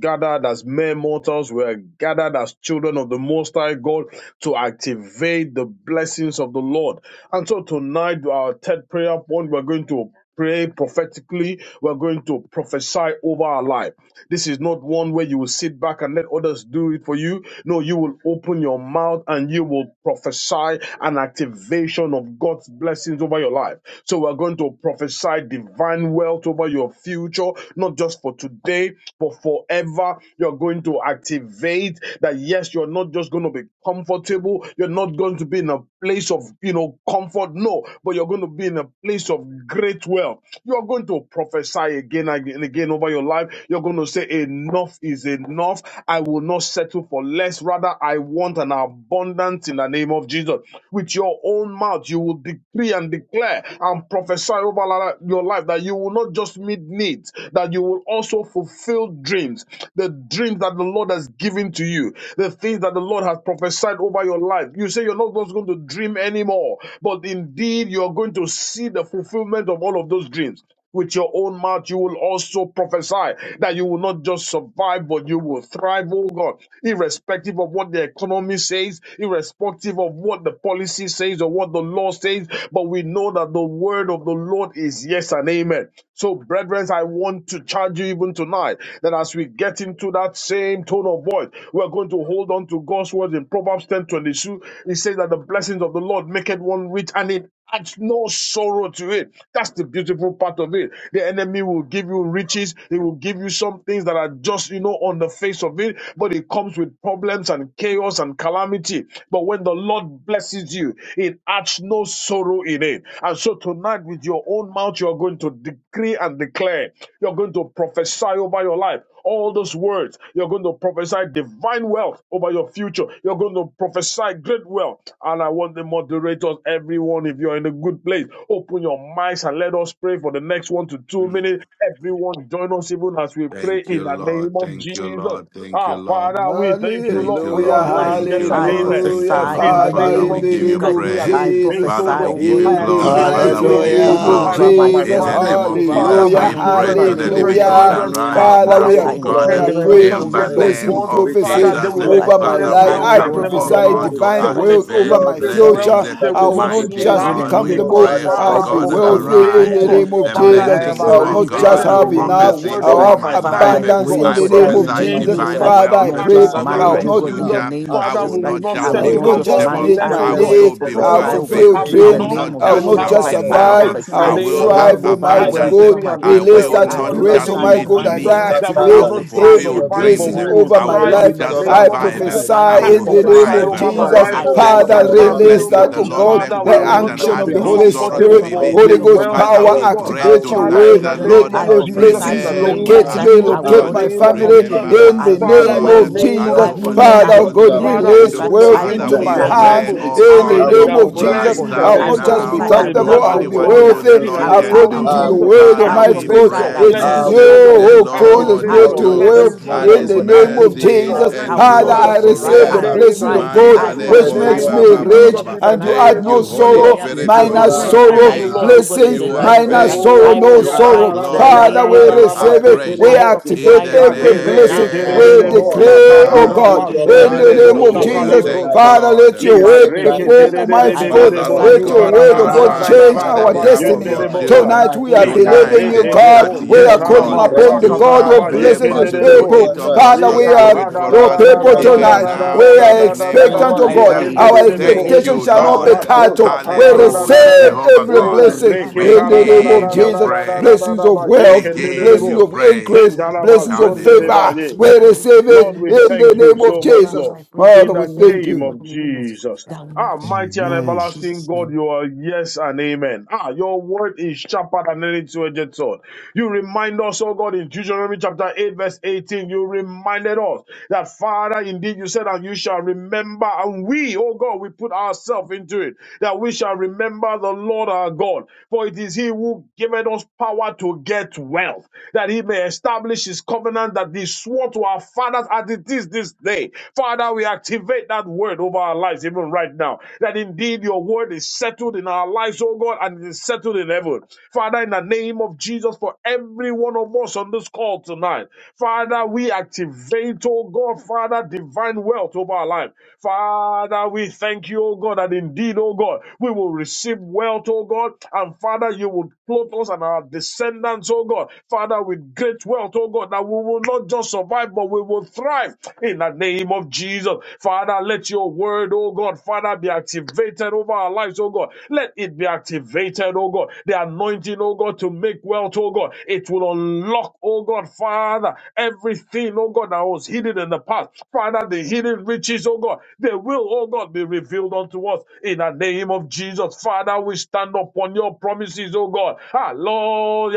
Speaker 7: gathered as mere mortals, we're gathered as children of the Most my God, to activate the blessings of the Lord. And so tonight, our third prayer point, we're going to pray prophetically. We're going to prophesy over our life. This is not one where you will sit back and let others do it for you. No, you will open your mouth and you will prophesy an activation of God's blessings over your life. So we're going to prophesy divine wealth over your future, not just for today, but forever prosper. You're going to activate that, yes, you're not just going to be comfortable. You're not going to be in a place of, you know, comfort. No, but you're going to be in a place of great wealth. You're going to prophesy again and again over your life. You're going to say, enough is enough. I will not settle for less. Rather, I want an abundance in the name of Jesus. With your own mouth, you will decree and declare and prophesy over your life that you will not just just meet needs, that you will also fulfill dreams, the dreams that the Lord has given to you, the things that the Lord has prophesied over your life. You say you're not just going to dream anymore, but indeed you're going to see the fulfillment of all of those dreams. With your own mouth, you will also prophesy that you will not just survive, but you will thrive, oh God, irrespective of what the economy says, irrespective of what the policy says or what the law says. But but we know that the word of the Lord is yes and amen. So, brethren, I want to charge you even tonight that as we get into that same tone of voice, we're going to hold on to God's word in Proverbs ten twenty two. It says that the blessings of the Lord make it one rich and it adds no sorrow to it. That's the beautiful part of it. The enemy will give you riches, he will give you some things that are just, you know, on the face of it, but it comes with problems and chaos and calamity. But when the Lord blesses you, it adds no sorrow in it. And so tonight, with your own mouth, you're going to decree and declare. You're going to prophesy over your life. All those words, you're going to prophesy divine wealth over your future. You're going to prophesy great wealth. And I want the moderators, everyone, if you're in a good place, open your mics and let us pray for the next one to two
Speaker 4: Mm.
Speaker 7: minutes. Everyone, join us even as we pray
Speaker 4: Thank you,
Speaker 7: in the
Speaker 4: Lord.
Speaker 7: name of
Speaker 4: Thank you,
Speaker 7: Jesus.
Speaker 4: Lord. Thank you,
Speaker 7: Ah,
Speaker 4: Lord.
Speaker 7: Father, we thank you,
Speaker 4: Thank
Speaker 7: Lord,
Speaker 4: you,
Speaker 7: for your
Speaker 3: Hallelujah,
Speaker 4: Lord.
Speaker 7: word
Speaker 6: Christ.
Speaker 7: is
Speaker 4: Thank you,
Speaker 7: yes and
Speaker 6: I
Speaker 4: Lord.
Speaker 7: amen.
Speaker 4: Thank you,
Speaker 3: hallelujah.
Speaker 6: prophesy
Speaker 7: In
Speaker 6: in
Speaker 4: Lord.
Speaker 7: the
Speaker 6: the
Speaker 3: Father,
Speaker 4: Father,
Speaker 7: name
Speaker 6: name
Speaker 3: in
Speaker 4: we
Speaker 7: of
Speaker 6: of
Speaker 3: the
Speaker 4: give
Speaker 6: Jesus
Speaker 4: you
Speaker 3: name
Speaker 7: Jesus,
Speaker 6: Christ.
Speaker 3: of
Speaker 7: we
Speaker 4: praise.
Speaker 6: I
Speaker 7: activate,
Speaker 3: Jesus,
Speaker 6: prophesy,
Speaker 7: oh
Speaker 4: Father, we
Speaker 7: God.
Speaker 6: oh
Speaker 4: give
Speaker 6: God,
Speaker 4: you
Speaker 7: I
Speaker 3: in
Speaker 6: even
Speaker 3: the
Speaker 4: glory.
Speaker 7: activate
Speaker 6: tonight, oh
Speaker 7: great
Speaker 4: Father, we
Speaker 6: God,
Speaker 3: mighty
Speaker 7: wealth
Speaker 4: give you
Speaker 7: over
Speaker 3: name
Speaker 7: my
Speaker 6: even
Speaker 2: Hallelujah.
Speaker 3: of
Speaker 7: life,
Speaker 6: over
Speaker 4: glory.
Speaker 7: over my
Speaker 4: In
Speaker 3: Jesus,
Speaker 4: the
Speaker 6: myself,
Speaker 7: family.
Speaker 4: name
Speaker 2: Thank you,
Speaker 4: of
Speaker 6: over my
Speaker 7: Father,
Speaker 4: Jesus,
Speaker 7: my
Speaker 3: hallelujah,
Speaker 2: Father.
Speaker 4: we
Speaker 6: family,
Speaker 7: children
Speaker 4: pray
Speaker 6: in the
Speaker 4: to
Speaker 7: and
Speaker 2: Father,
Speaker 4: the
Speaker 6: name
Speaker 2: we
Speaker 6: of
Speaker 4: living
Speaker 7: children's
Speaker 6: Jesus
Speaker 2: bless
Speaker 4: God,
Speaker 2: your
Speaker 3: hallelujah.
Speaker 6: Christ.
Speaker 7: children.
Speaker 2: name.
Speaker 6: I
Speaker 4: arise
Speaker 7: Ah,
Speaker 3: Father,
Speaker 2: We
Speaker 7: Father,
Speaker 4: now,
Speaker 3: we
Speaker 2: give
Speaker 6: prophesy
Speaker 3: are,
Speaker 4: O
Speaker 7: even
Speaker 2: you
Speaker 6: in
Speaker 7: for
Speaker 6: the
Speaker 4: God,
Speaker 3: we
Speaker 7: 10
Speaker 3: are
Speaker 2: glory,
Speaker 6: name of
Speaker 2: honor,
Speaker 3: praying,
Speaker 4: in
Speaker 2: and
Speaker 3: oh
Speaker 7: generations
Speaker 4: the
Speaker 6: Jesus
Speaker 3: God,
Speaker 7: yet
Speaker 6: Christ,
Speaker 2: praise.
Speaker 4: name
Speaker 6: oh
Speaker 3: blessing
Speaker 7: unborn.
Speaker 6: God.
Speaker 2: We
Speaker 4: of
Speaker 2: thank
Speaker 7: Father,
Speaker 3: prophecy
Speaker 7: they
Speaker 6: Yes,
Speaker 2: you
Speaker 4: Jesus.
Speaker 7: will
Speaker 6: Lord,
Speaker 2: that
Speaker 6: I
Speaker 3: over
Speaker 2: our
Speaker 3: my
Speaker 7: experience
Speaker 4: Father,
Speaker 2: God, you
Speaker 3: life.
Speaker 2: are
Speaker 6: prophesy,
Speaker 4: we
Speaker 7: wealth
Speaker 2: not
Speaker 6: oh
Speaker 3: I
Speaker 7: like
Speaker 2: a
Speaker 6: God,
Speaker 4: come,
Speaker 6: in
Speaker 7: never
Speaker 2: man
Speaker 4: O
Speaker 6: the
Speaker 2: that
Speaker 3: prophesy
Speaker 2: you
Speaker 6: name
Speaker 4: God,
Speaker 7: before.
Speaker 6: of
Speaker 2: should
Speaker 4: to
Speaker 6: Jesus
Speaker 7: They
Speaker 2: lie,
Speaker 3: divine
Speaker 7: will
Speaker 6: Christ, oh
Speaker 3: wealth
Speaker 6: God.
Speaker 4: activate
Speaker 3: over
Speaker 7: experience
Speaker 2: nor
Speaker 3: my
Speaker 2: the
Speaker 7: great
Speaker 2: Son of
Speaker 7: wealth.
Speaker 4: blessings.
Speaker 3: future.
Speaker 2: Man
Speaker 7: They
Speaker 2: that
Speaker 3: I
Speaker 2: you
Speaker 7: will
Speaker 3: will
Speaker 2: should
Speaker 7: not
Speaker 3: not
Speaker 7: see
Speaker 4: Mighty
Speaker 2: repent.
Speaker 3: just
Speaker 6: In
Speaker 7: lack
Speaker 3: be
Speaker 6: the
Speaker 4: God, we
Speaker 6: name of
Speaker 2: Oh,
Speaker 7: because,
Speaker 3: comfortable,
Speaker 4: pray,
Speaker 2: Father,
Speaker 6: Jesus
Speaker 2: have
Speaker 4: O
Speaker 3: I'll
Speaker 2: you
Speaker 7: Father,
Speaker 6: Christ,
Speaker 3: be
Speaker 6: oh
Speaker 2: not
Speaker 4: God,
Speaker 6: God,
Speaker 7: from
Speaker 6: I
Speaker 2: said
Speaker 6: will
Speaker 2: it?
Speaker 6: not be
Speaker 7: today,
Speaker 3: wealthy in
Speaker 7: oh
Speaker 4: arise.
Speaker 2: Shall
Speaker 3: the
Speaker 7: God,
Speaker 2: you
Speaker 6: comfortable.
Speaker 3: name of
Speaker 4: The
Speaker 2: not
Speaker 6: I will
Speaker 7: Father,
Speaker 2: make
Speaker 3: Jesus.
Speaker 6: not
Speaker 2: it
Speaker 7: I have
Speaker 6: just
Speaker 4: blessings,
Speaker 3: I
Speaker 2: good?
Speaker 3: will
Speaker 4: O
Speaker 3: not
Speaker 6: manage, oh God,
Speaker 3: just
Speaker 4: God,
Speaker 7: activated,
Speaker 6: in the
Speaker 7: oh
Speaker 4: of
Speaker 3: have
Speaker 2: Father,
Speaker 7: God,
Speaker 6: name of
Speaker 7: your
Speaker 3: enough,
Speaker 4: prophecy
Speaker 7: word
Speaker 6: Jesus
Speaker 3: I'll
Speaker 6: Christ.
Speaker 4: over
Speaker 7: over
Speaker 2: intervene
Speaker 3: have
Speaker 7: my
Speaker 4: my
Speaker 6: Father,
Speaker 2: and
Speaker 4: life.
Speaker 6: I
Speaker 7: family, oh
Speaker 2: prove
Speaker 3: abundance
Speaker 6: pray,
Speaker 7: God
Speaker 6: oh
Speaker 3: in
Speaker 4: I
Speaker 3: the
Speaker 6: God,
Speaker 7: that
Speaker 3: name
Speaker 6: in
Speaker 2: yourself,
Speaker 6: the
Speaker 3: of
Speaker 4: prophesy
Speaker 6: name
Speaker 7: indeed
Speaker 6: of
Speaker 7: we
Speaker 3: Jesus.
Speaker 2: Almighty
Speaker 6: Jesus
Speaker 7: will
Speaker 4: divine
Speaker 2: God.
Speaker 6: Christ,
Speaker 7: not see
Speaker 3: Father, I
Speaker 4: wealth
Speaker 6: not
Speaker 7: lack
Speaker 3: pray,
Speaker 7: in
Speaker 6: just
Speaker 7: the
Speaker 4: over
Speaker 2: Father,
Speaker 3: I
Speaker 7: name
Speaker 3: will
Speaker 6: manage,
Speaker 4: my
Speaker 7: of
Speaker 6: oh
Speaker 2: right
Speaker 6: God, in
Speaker 3: not
Speaker 6: the
Speaker 2: now,
Speaker 7: Jesus.
Speaker 4: future.
Speaker 6: name of
Speaker 4: I
Speaker 7: Father,
Speaker 4: will
Speaker 6: Jesus
Speaker 7: we
Speaker 6: Christ.
Speaker 7: will
Speaker 4: not
Speaker 2: according to
Speaker 7: not
Speaker 6: I
Speaker 4: just
Speaker 2: your
Speaker 4: just
Speaker 3: I
Speaker 6: will
Speaker 4: be
Speaker 3: will
Speaker 7: settle,
Speaker 2: word,
Speaker 6: not
Speaker 7: oh
Speaker 2: O
Speaker 3: not
Speaker 6: just
Speaker 7: God,
Speaker 3: just
Speaker 2: God,
Speaker 7: for
Speaker 4: comfortable.
Speaker 6: manage.
Speaker 3: meet
Speaker 7: less,
Speaker 6: I
Speaker 2: the
Speaker 3: my
Speaker 4: I
Speaker 7: oh
Speaker 6: love
Speaker 7: God.
Speaker 2: blessing
Speaker 6: to
Speaker 2: of
Speaker 4: will
Speaker 3: needs.
Speaker 2: the
Speaker 4: be
Speaker 7: We
Speaker 2: Lord
Speaker 3: I
Speaker 6: prophesy,
Speaker 3: will
Speaker 7: will not
Speaker 6: oh
Speaker 2: maketh
Speaker 6: God,
Speaker 7: just
Speaker 4: wealthy.
Speaker 3: fulfill
Speaker 7: have
Speaker 2: rich
Speaker 6: in
Speaker 4: I
Speaker 6: the
Speaker 4: will
Speaker 3: dreams.
Speaker 7: enough,
Speaker 6: name
Speaker 2: and
Speaker 4: not
Speaker 6: of
Speaker 3: I
Speaker 7: we
Speaker 3: will
Speaker 2: adds
Speaker 4: just
Speaker 7: will
Speaker 3: not
Speaker 6: Jesus
Speaker 7: have
Speaker 2: no
Speaker 4: have
Speaker 3: just
Speaker 6: Christ. I
Speaker 2: sorrow.
Speaker 4: enough.
Speaker 3: survive.
Speaker 7: abundance in
Speaker 3: I
Speaker 7: the
Speaker 2: We
Speaker 4: I
Speaker 6: prophesy
Speaker 3: will
Speaker 7: name
Speaker 4: will
Speaker 2: pray,
Speaker 7: of
Speaker 4: have
Speaker 3: thrive,
Speaker 6: wealth,
Speaker 2: Heavenly
Speaker 7: Jesus.
Speaker 6: divine
Speaker 7: I
Speaker 3: Almighty
Speaker 2: Father,
Speaker 6: wealth
Speaker 4: abundance.
Speaker 6: over
Speaker 3: God.
Speaker 7: decree
Speaker 6: my
Speaker 7: and
Speaker 4: I
Speaker 6: future.
Speaker 7: declare,
Speaker 3: Release
Speaker 4: will
Speaker 2: in
Speaker 7: oh
Speaker 3: that
Speaker 2: the
Speaker 6: I
Speaker 7: God,
Speaker 4: not
Speaker 7: in
Speaker 2: name
Speaker 7: the
Speaker 3: grace,
Speaker 2: of
Speaker 4: just
Speaker 6: prophesy
Speaker 7: name
Speaker 3: Almighty
Speaker 7: of
Speaker 4: meet
Speaker 2: Jesus.
Speaker 3: God,
Speaker 6: divine
Speaker 3: as
Speaker 7: Jesus,
Speaker 3: I
Speaker 4: needs.
Speaker 6: wealth.
Speaker 2: The
Speaker 7: that we
Speaker 6: I
Speaker 4: I
Speaker 7: will
Speaker 3: activate
Speaker 2: Father,
Speaker 4: will
Speaker 7: not just
Speaker 2: we
Speaker 6: prophesy
Speaker 4: fulfill
Speaker 3: every
Speaker 6: that,
Speaker 7: survive,
Speaker 6: Lord, in the
Speaker 7: but
Speaker 4: dreams.
Speaker 3: blessings
Speaker 7: we
Speaker 6: name of
Speaker 2: prophesy
Speaker 7: will
Speaker 6: Jesus,
Speaker 3: over
Speaker 4: I
Speaker 6: over
Speaker 3: my
Speaker 4: will
Speaker 7: thrive
Speaker 4: not
Speaker 6: my
Speaker 3: life.
Speaker 7: in the
Speaker 2: blessings
Speaker 4: just
Speaker 6: over
Speaker 2: over
Speaker 6: my
Speaker 3: I
Speaker 7: name of
Speaker 2: my
Speaker 6: family,
Speaker 4: survive.
Speaker 7: Jesus.
Speaker 2: life.
Speaker 6: divine
Speaker 4: I
Speaker 7: I
Speaker 3: prophesy
Speaker 2: I
Speaker 6: wealth,
Speaker 4: will
Speaker 3: in the
Speaker 6: over
Speaker 3: name
Speaker 6: my
Speaker 7: prophesy
Speaker 2: prophesy
Speaker 4: thrive.
Speaker 3: of
Speaker 7: over
Speaker 6: future.
Speaker 7: my
Speaker 3: Jesus.
Speaker 2: divine
Speaker 6: I
Speaker 7: life, oh
Speaker 4: Proverbs
Speaker 2: wealth
Speaker 7: God,
Speaker 4: ten
Speaker 7: and
Speaker 6: prophesy
Speaker 3: Father,
Speaker 7: my
Speaker 4: twenty: the
Speaker 6: wealth
Speaker 2: over
Speaker 7: family,
Speaker 2: my
Speaker 6: even
Speaker 3: release
Speaker 7: oh
Speaker 4: blessings of
Speaker 3: that,
Speaker 7: God.
Speaker 4: the
Speaker 6: today,
Speaker 3: oh
Speaker 2: future.
Speaker 4: Lord
Speaker 3: God,
Speaker 6: even
Speaker 4: make
Speaker 7: Father,
Speaker 3: the
Speaker 7: we
Speaker 2: I
Speaker 4: one
Speaker 7: will
Speaker 6: tomorrow
Speaker 4: rich
Speaker 2: will
Speaker 7: not
Speaker 4: and
Speaker 2: not
Speaker 3: action
Speaker 7: just
Speaker 6: and
Speaker 3: of
Speaker 6: the
Speaker 4: add
Speaker 7: be
Speaker 3: the
Speaker 4: no
Speaker 2: just
Speaker 6: days
Speaker 3: Holy
Speaker 2: be
Speaker 6: to
Speaker 4: sorrow
Speaker 6: come
Speaker 4: to
Speaker 7: comfortable,
Speaker 3: Spirit.
Speaker 6: over
Speaker 4: it.
Speaker 7: but
Speaker 6: my
Speaker 7: we
Speaker 2: comfortable,
Speaker 7: will be
Speaker 3: Holy
Speaker 6: future for
Speaker 3: Ghost
Speaker 2: Almighty
Speaker 4: Father,
Speaker 7: wealthy,
Speaker 6: myself,
Speaker 3: power,
Speaker 2: God.
Speaker 7: oh
Speaker 4: we
Speaker 7: God
Speaker 6: for my
Speaker 4: pray
Speaker 2: I
Speaker 3: activate
Speaker 2: will
Speaker 6: husband,
Speaker 3: your
Speaker 2: be
Speaker 6: for my
Speaker 7: Father, in
Speaker 4: tonight,
Speaker 7: the
Speaker 4: uh,
Speaker 3: word.
Speaker 2: wealthy.
Speaker 6: children.
Speaker 3: Let
Speaker 7: name
Speaker 4: Lord,
Speaker 6: I
Speaker 7: of
Speaker 2: I
Speaker 3: the
Speaker 2: will not
Speaker 7: Jesus,
Speaker 6: prophesy
Speaker 7: in
Speaker 2: just
Speaker 3: blessings
Speaker 6: in
Speaker 7: the
Speaker 6: the
Speaker 2: have
Speaker 6: name
Speaker 7: name
Speaker 6: of
Speaker 4: remember
Speaker 6: this
Speaker 7: of
Speaker 3: locate
Speaker 2: enough.
Speaker 6: guy.
Speaker 4: us,
Speaker 3: me,
Speaker 4: oh
Speaker 7: Jesus,
Speaker 6: I will
Speaker 7: in
Speaker 2: I
Speaker 7: the
Speaker 3: locate
Speaker 6: not
Speaker 3: my
Speaker 4: God.
Speaker 2: will
Speaker 6: just
Speaker 7: name
Speaker 6: be
Speaker 7: of
Speaker 2: have
Speaker 3: family
Speaker 7: Jesus,
Speaker 6: comfortable,
Speaker 4: Remember
Speaker 6: but
Speaker 3: in
Speaker 2: abundance.
Speaker 6: I
Speaker 3: the
Speaker 4: us,
Speaker 6: will
Speaker 4: oh
Speaker 6: be
Speaker 7: Father,
Speaker 2: I
Speaker 3: name
Speaker 7: in
Speaker 2: will
Speaker 7: the
Speaker 4: God
Speaker 3: of
Speaker 2: not
Speaker 6: wealthy.
Speaker 7: name
Speaker 4: and
Speaker 2: uh,
Speaker 3: Jesus.
Speaker 7: of
Speaker 6: I
Speaker 4: do
Speaker 2: will
Speaker 4: only
Speaker 2: not
Speaker 4: what
Speaker 3: Father
Speaker 6: prophesy
Speaker 3: oh
Speaker 7: Jesus,
Speaker 4: you,
Speaker 2: just
Speaker 6: in
Speaker 4: the
Speaker 6: the
Speaker 3: God,
Speaker 2: uh,
Speaker 6: name
Speaker 4: Lord,
Speaker 6: of
Speaker 7: Father,
Speaker 4: can
Speaker 6: Jesus
Speaker 3: release
Speaker 4: do.
Speaker 7: open
Speaker 6: Christ.
Speaker 7: the
Speaker 2: meet
Speaker 3: wealth
Speaker 6: I
Speaker 2: uh,
Speaker 4: Father,
Speaker 3: into
Speaker 7: windows
Speaker 6: prophesy
Speaker 2: n-
Speaker 4: we
Speaker 3: my
Speaker 2: n-
Speaker 7: of
Speaker 6: I
Speaker 2: meet
Speaker 6: will
Speaker 3: hands
Speaker 4: pray,
Speaker 6: not
Speaker 7: heaven,
Speaker 4: oh
Speaker 6: just
Speaker 2: needs.
Speaker 3: in
Speaker 6: have
Speaker 3: the
Speaker 2: I
Speaker 4: God,
Speaker 7: rain
Speaker 2: will
Speaker 3: name
Speaker 6: enough, oh
Speaker 2: not
Speaker 3: of
Speaker 7: down
Speaker 6: God,
Speaker 2: just
Speaker 3: Jesus.
Speaker 6: but
Speaker 2: meet
Speaker 4: rise
Speaker 7: blessings that
Speaker 6: Lord,
Speaker 3: I
Speaker 4: up
Speaker 3: will
Speaker 7: there
Speaker 6: I
Speaker 7: is
Speaker 2: needs,
Speaker 3: not
Speaker 7: no
Speaker 3: just be
Speaker 4: now.
Speaker 6: prophesy
Speaker 7: room
Speaker 6: I
Speaker 2: but
Speaker 6: will
Speaker 4: Do
Speaker 2: uh,
Speaker 3: comfortable,
Speaker 6: have
Speaker 7: enough
Speaker 3: I
Speaker 2: my
Speaker 3: will
Speaker 4: only
Speaker 7: to
Speaker 3: be
Speaker 2: God
Speaker 4: what
Speaker 7: store it.
Speaker 2: ne-
Speaker 4: you,
Speaker 6: abundance
Speaker 3: wealthy
Speaker 4: the
Speaker 2: ne-
Speaker 7: In the
Speaker 6: I
Speaker 4: Lord,
Speaker 6: will
Speaker 2: needs.
Speaker 7: name
Speaker 4: can
Speaker 6: have
Speaker 7: of
Speaker 3: according to
Speaker 2: I
Speaker 4: do.
Speaker 3: your
Speaker 2: will
Speaker 7: Jesus,
Speaker 6: abundance.
Speaker 3: word,
Speaker 4: Father,
Speaker 6: I
Speaker 2: fulfill
Speaker 3: Almighty
Speaker 4: we
Speaker 6: prophesy
Speaker 3: God.
Speaker 7: activate
Speaker 2: dreams.
Speaker 6: that
Speaker 7: your
Speaker 4: pray,
Speaker 6: I will
Speaker 3: It
Speaker 6: not
Speaker 2: I
Speaker 3: is
Speaker 4: yes,
Speaker 3: you
Speaker 7: blessings,
Speaker 6: just
Speaker 7: oh
Speaker 2: will
Speaker 6: have my
Speaker 7: God.
Speaker 2: put.
Speaker 4: the
Speaker 3: who
Speaker 6: needs met.
Speaker 2: Um,
Speaker 3: causes
Speaker 4: Lord
Speaker 2: I
Speaker 6: I
Speaker 7: Activate
Speaker 3: me
Speaker 4: is
Speaker 2: will
Speaker 6: will
Speaker 7: your
Speaker 3: to
Speaker 2: not
Speaker 4: good
Speaker 6: fulfill
Speaker 7: blessings,
Speaker 3: wealth
Speaker 2: just
Speaker 7: oh
Speaker 2: uh,
Speaker 4: and
Speaker 6: dreams,
Speaker 3: in
Speaker 7: God.
Speaker 6: oh
Speaker 4: his
Speaker 3: the
Speaker 6: God, in the
Speaker 3: name
Speaker 2: survive.
Speaker 3: of
Speaker 6: name of
Speaker 7: Activate
Speaker 6: Jesus.
Speaker 7: your
Speaker 6: Christ.
Speaker 2: I
Speaker 4: mercies
Speaker 3: Jesus.
Speaker 6: I
Speaker 2: will
Speaker 6: will
Speaker 7: blessings,
Speaker 3: Father,
Speaker 7: oh
Speaker 6: not
Speaker 2: thrive.
Speaker 4: endures
Speaker 7: God.
Speaker 3: I
Speaker 6: just
Speaker 7: In
Speaker 6: survive.
Speaker 7: the
Speaker 3: receive
Speaker 2: Father,
Speaker 3: the
Speaker 6: I
Speaker 2: I
Speaker 4: forever.
Speaker 6: will
Speaker 7: name
Speaker 3: blessings
Speaker 7: of
Speaker 2: pray
Speaker 3: of
Speaker 6: thrive.
Speaker 3: God Lord,
Speaker 6: I
Speaker 7: Jesus, in
Speaker 2: in
Speaker 4: Mandale
Speaker 7: the
Speaker 3: which
Speaker 2: the name
Speaker 3: makes
Speaker 6: prophesy
Speaker 7: name
Speaker 3: me
Speaker 2: of
Speaker 4: Koriba ba
Speaker 6: this,
Speaker 7: of
Speaker 6: oh
Speaker 4: ba
Speaker 6: God,
Speaker 2: Jesus
Speaker 4: ba ba
Speaker 3: rich,
Speaker 7: Jesus,
Speaker 4: ba.
Speaker 6: even
Speaker 7: in the
Speaker 3: and you
Speaker 6: tonight in
Speaker 3: add
Speaker 7: name
Speaker 6: the
Speaker 4: Thank
Speaker 7: of
Speaker 3: no
Speaker 4: you,
Speaker 6: place of
Speaker 4: Holy
Speaker 7: Jesus.
Speaker 2: cause
Speaker 6: prayer
Speaker 3: sorrow,
Speaker 2: me
Speaker 4: Spirit,
Speaker 6: as
Speaker 2: to
Speaker 4: for
Speaker 6: we
Speaker 7: Lord,
Speaker 4: you
Speaker 3: minus
Speaker 7: we
Speaker 6: begin
Speaker 4: are
Speaker 2: thrive
Speaker 6: to, as
Speaker 7: thank
Speaker 6: I
Speaker 7: you,
Speaker 3: sorrow,
Speaker 7: Lord.
Speaker 6: speak, oh
Speaker 2: now,
Speaker 4: faithful.
Speaker 6: God,
Speaker 2: yeah,
Speaker 6: in
Speaker 3: blessings,
Speaker 6: the
Speaker 4: You are
Speaker 2: right
Speaker 6: name of Jesus.
Speaker 2: now,
Speaker 3: minus
Speaker 2: oh
Speaker 6: Christ.
Speaker 2: God.
Speaker 3: sorrow,
Speaker 4: faithful.
Speaker 6: I
Speaker 7: Oh,
Speaker 3: no
Speaker 4: You
Speaker 7: ya da
Speaker 4: are
Speaker 3: sorrow.
Speaker 6: prophesy
Speaker 7: da da
Speaker 6: this in
Speaker 7: ba
Speaker 6: the
Speaker 2: Activate,
Speaker 7: ya
Speaker 2: oh
Speaker 4: glorious.
Speaker 3: Father,
Speaker 7: ka da
Speaker 6: name
Speaker 3: we
Speaker 2: God,
Speaker 7: da
Speaker 6: of
Speaker 4: You
Speaker 2: the
Speaker 7: da
Speaker 4: are
Speaker 7: ba
Speaker 6: Jesus
Speaker 3: receive
Speaker 7: se
Speaker 3: it,
Speaker 6: Christ.
Speaker 7: te
Speaker 2: blessings
Speaker 7: le
Speaker 3: we
Speaker 6: I
Speaker 4: gracious.
Speaker 7: bro.
Speaker 2: to
Speaker 4: In
Speaker 3: activate
Speaker 2: cause
Speaker 6: prophesy
Speaker 4: the
Speaker 2: me
Speaker 6: this,
Speaker 7: Ra
Speaker 6: oh
Speaker 2: to
Speaker 3: every
Speaker 6: God,
Speaker 7: de re
Speaker 6: even
Speaker 2: thrive
Speaker 7: ke
Speaker 6: now
Speaker 3: blessing,
Speaker 6: in
Speaker 7: te
Speaker 6: the
Speaker 7: re
Speaker 2: now,
Speaker 4: name
Speaker 7: re
Speaker 3: we
Speaker 6: name
Speaker 7: re
Speaker 6: of
Speaker 2: oh
Speaker 4: of
Speaker 6: Jesus
Speaker 7: bo
Speaker 2: God.
Speaker 6: Christ.
Speaker 7: ta ta
Speaker 3: declare,
Speaker 6: That
Speaker 7: ra
Speaker 3: oh
Speaker 2: You
Speaker 4: Jesus.
Speaker 7: ra
Speaker 6: Lord
Speaker 2: did
Speaker 3: God,
Speaker 6: God,
Speaker 7: ba
Speaker 2: it,
Speaker 6: in the
Speaker 7: son
Speaker 2: Almighty
Speaker 3: in
Speaker 7: te
Speaker 6: name of
Speaker 3: the
Speaker 2: God,
Speaker 7: re
Speaker 6: Jesus
Speaker 2: in
Speaker 7: bo
Speaker 3: name
Speaker 6: Christ.
Speaker 2: the
Speaker 3: of
Speaker 7: sha
Speaker 6: Yes,
Speaker 7: ta
Speaker 2: days
Speaker 4: Hallelujah.
Speaker 7: le
Speaker 2: of
Speaker 3: Jesus,
Speaker 6: Lord.
Speaker 7: bro
Speaker 4: Thank you,
Speaker 7: sa.
Speaker 2: Elisha.
Speaker 3: Father, let
Speaker 4: Lord.
Speaker 7: Li
Speaker 3: your
Speaker 2: You
Speaker 7: man
Speaker 2: said,
Speaker 6: In
Speaker 3: word
Speaker 6: the
Speaker 7: re
Speaker 2: by
Speaker 6: name
Speaker 7: ke
Speaker 6: of
Speaker 7: te
Speaker 6: Jesus
Speaker 3: perform,
Speaker 2: this
Speaker 7: re
Speaker 6: Christ,
Speaker 7: re re
Speaker 2: time
Speaker 3: Almighty
Speaker 6: I
Speaker 7: re re
Speaker 3: God,
Speaker 7: re
Speaker 4: Father,
Speaker 7: bo
Speaker 6: prophesy,
Speaker 4: Lord
Speaker 3: let
Speaker 7: you
Speaker 6: oh
Speaker 3: your
Speaker 7: ka
Speaker 6: God,
Speaker 2: tomorrow,
Speaker 4: God,
Speaker 7: ra
Speaker 6: in
Speaker 3: word,
Speaker 7: ra
Speaker 6: the
Speaker 3: oh
Speaker 7: ra
Speaker 2: by
Speaker 7: ra
Speaker 6: name
Speaker 3: God,
Speaker 6: of
Speaker 7: ra
Speaker 4: arise
Speaker 2: this
Speaker 7: ra
Speaker 3: change
Speaker 7: ra
Speaker 6: Jesus
Speaker 4: on
Speaker 2: time
Speaker 4: the
Speaker 7: ra
Speaker 3: our
Speaker 7: ba
Speaker 6: Christ.
Speaker 4: behalf
Speaker 7: ye
Speaker 6: Oh
Speaker 4: of
Speaker 7: de
Speaker 4: your
Speaker 3: destiny.
Speaker 7: de
Speaker 6: God,
Speaker 2: tomorrow,
Speaker 6: my
Speaker 7: bo sa.
Speaker 6: Father and
Speaker 4: children
Speaker 3: Tonight
Speaker 6: my
Speaker 2: by
Speaker 3: we are
Speaker 6: God,
Speaker 2: this
Speaker 7: Li
Speaker 6: I
Speaker 7: ka
Speaker 2: time
Speaker 6: prophesy,
Speaker 3: believing
Speaker 7: re
Speaker 4: tonight.
Speaker 3: you,
Speaker 4: eh,
Speaker 7: de
Speaker 6: this,
Speaker 3: God.
Speaker 6: oh
Speaker 7: de
Speaker 2: tomorrow,
Speaker 6: God,
Speaker 4: That,
Speaker 7: bo
Speaker 3: God.
Speaker 2: you
Speaker 3: We
Speaker 6: in
Speaker 7: zun
Speaker 6: the
Speaker 3: are
Speaker 4: yes,
Speaker 2: make
Speaker 7: ta ra
Speaker 3: calling
Speaker 2: me
Speaker 6: name
Speaker 7: ba
Speaker 6: of
Speaker 4: Lord,
Speaker 3: upon
Speaker 7: ra
Speaker 2: wealth.
Speaker 3: the
Speaker 7: ka
Speaker 6: Jesus
Speaker 4: you
Speaker 7: ta
Speaker 3: God
Speaker 6: Christ,
Speaker 7: ra
Speaker 4: are
Speaker 3: who
Speaker 2: By
Speaker 7: ba
Speaker 6: Father,
Speaker 7: ye
Speaker 2: this
Speaker 6: Lord,
Speaker 3: blesses
Speaker 7: ke
Speaker 4: able
Speaker 7: de
Speaker 3: his
Speaker 2: time
Speaker 4: to
Speaker 7: de de
Speaker 4: do
Speaker 6: in
Speaker 7: bo.
Speaker 6: the
Speaker 3: people.
Speaker 4: it, oh
Speaker 6: name
Speaker 2: tomorrow,
Speaker 6: of
Speaker 4: God,
Speaker 3: Father,
Speaker 7: Li
Speaker 4: so
Speaker 6: Jesus
Speaker 3: we
Speaker 2: the
Speaker 7: ka
Speaker 6: Christ,
Speaker 4: do
Speaker 6: oh
Speaker 3: are
Speaker 7: ra
Speaker 4: it
Speaker 6: God,
Speaker 7: da
Speaker 4: for
Speaker 2: blessings
Speaker 7: da
Speaker 3: your
Speaker 2: of
Speaker 4: us
Speaker 7: da
Speaker 6: in
Speaker 7: da
Speaker 2: the
Speaker 6: the
Speaker 3: people
Speaker 7: da
Speaker 2: Lord
Speaker 6: name
Speaker 7: da da da
Speaker 2: will
Speaker 4: even
Speaker 6: of
Speaker 3: tonight.
Speaker 7: da
Speaker 4: now
Speaker 6: Jesus,
Speaker 3: We
Speaker 2: overtake
Speaker 4: in
Speaker 7: da
Speaker 2: me.
Speaker 3: are
Speaker 4: the
Speaker 7: da da da
Speaker 4: name
Speaker 7: da
Speaker 6: the
Speaker 2: By
Speaker 4: of
Speaker 3: expectant
Speaker 6: Lord,
Speaker 7: ba
Speaker 3: of
Speaker 6: I
Speaker 2: this
Speaker 7: ye
Speaker 3: God.
Speaker 7: ke
Speaker 2: time
Speaker 4: Jesus.
Speaker 6: pray,
Speaker 7: de de
Speaker 3: Our
Speaker 7: de
Speaker 6: in
Speaker 7: de
Speaker 6: the
Speaker 7: bo.
Speaker 2: tomorrow.
Speaker 4: Thank
Speaker 6: name
Speaker 3: expectation
Speaker 4: you,
Speaker 6: of
Speaker 3: shall
Speaker 7: Da
Speaker 6: Jesus
Speaker 3: not
Speaker 4: Lord.
Speaker 3: be
Speaker 7: ra
Speaker 6: Christ,
Speaker 2: Father,
Speaker 6: Father,
Speaker 7: do
Speaker 3: cut
Speaker 6: Lord,
Speaker 7: za
Speaker 3: off.
Speaker 2: mm,
Speaker 6: I
Speaker 7: ta
Speaker 3: We
Speaker 7: ra
Speaker 6: pray, oh
Speaker 7: ra
Speaker 6: God,
Speaker 7: ra
Speaker 6: in
Speaker 7: ra
Speaker 4: Hallelujah,
Speaker 7: ra
Speaker 6: the
Speaker 7: ra.
Speaker 3: receive
Speaker 6: name of
Speaker 4: Jehovah
Speaker 3: every
Speaker 6: Jesus.
Speaker 2: I
Speaker 7: O
Speaker 4: God.
Speaker 2: thank you,
Speaker 3: blessing
Speaker 2: King
Speaker 6: Father,
Speaker 7: reke
Speaker 4: We
Speaker 2: of
Speaker 6: I
Speaker 3: in
Speaker 6: pray,
Speaker 3: the
Speaker 6: oh
Speaker 2: Kings.
Speaker 6: God,
Speaker 3: name
Speaker 6: in
Speaker 3: of
Speaker 4: give
Speaker 6: the
Speaker 4: you
Speaker 6: name
Speaker 3: Jesus.
Speaker 2: Robreka
Speaker 6: of Jesus
Speaker 4: praise.
Speaker 6: Christ,
Speaker 3: Blessings
Speaker 6: oh
Speaker 2: sikatara.
Speaker 3: of
Speaker 7: tararararararararararaba,
Speaker 6: God,
Speaker 7: ye
Speaker 4: We
Speaker 3: wealth,
Speaker 6: in the
Speaker 4: give
Speaker 6: name
Speaker 3: blessings
Speaker 4: you
Speaker 7: kendedebo,
Speaker 6: of
Speaker 3: of
Speaker 6: Jesus
Speaker 2: Mm.
Speaker 6: Christ,
Speaker 3: increase,
Speaker 6: oh
Speaker 4: praise.
Speaker 6: God,
Speaker 7: zendalaba
Speaker 3: blessings
Speaker 6: I
Speaker 3: of
Speaker 6: pray, oh God,
Speaker 4: Hallelujah.
Speaker 7: zondereba
Speaker 3: favor.
Speaker 7: ye.
Speaker 3: We
Speaker 6: even for this, in
Speaker 3: receive
Speaker 6: the
Speaker 3: it
Speaker 7: Lord,
Speaker 6: name
Speaker 7: we
Speaker 6: of
Speaker 3: in the
Speaker 7: thank
Speaker 6: Jesus
Speaker 7: you
Speaker 6: Christ.
Speaker 3: name of
Speaker 7: so much,
Speaker 3: Jesus.
Speaker 6: Father,
Speaker 7: Lord,
Speaker 6: I pray, oh
Speaker 7: in
Speaker 3: Father,
Speaker 6: God,
Speaker 3: we
Speaker 7: the
Speaker 6: let there
Speaker 3: thank
Speaker 6: be, oh
Speaker 7: name
Speaker 3: you.
Speaker 6: God,
Speaker 7: of
Speaker 6: in the name of Jesus,
Speaker 7: Jesus.
Speaker 6: that will
Speaker 7: Ah,
Speaker 6: not
Speaker 7: mighty and
Speaker 3: Amen.
Speaker 7: everlasting
Speaker 6: Jesus'
Speaker 7: God,
Speaker 6: name.
Speaker 7: you are yes and amen. Ah, your word is sharper than any two-edged sword. You remind us, oh God, in Deuteronomy chapter 8, verse 18, you reminded us that, Father, indeed you said, and you shall remember, and we, oh God, we put ourselves into it, that we shall remember the Lord our God. For it is He who giveth us power to get wealth, that He may establish His covenant that He swore to our fathers as it is this day. Father, we activate that word over our lives even right now, that indeed your word is settled in our lives lives, oh God, and it is settled in heaven. Father, in the name of Jesus, for every one of us on this call tonight, Father, we activate, oh God, Father, divine wealth over our life. Father, we thank you, oh God, that indeed, oh God, we will receive wealth, oh God, and Father, you will clothe us and our descendants, oh God, Father, with great wealth, oh God, that we will not just survive, but we will thrive in the name of Jesus. Father, let your your word, oh God, Father, be activated over our lives, oh God. Let it be activated, oh God. The anointing, oh God, to make wealth, oh God. It will unlock, oh God, Father, everything, oh God, that was hidden in the past. Father, the hidden riches, oh God, they will, oh God, be revealed unto us in the name of Jesus. Father, we stand upon your promises, oh God. Ah, Lord,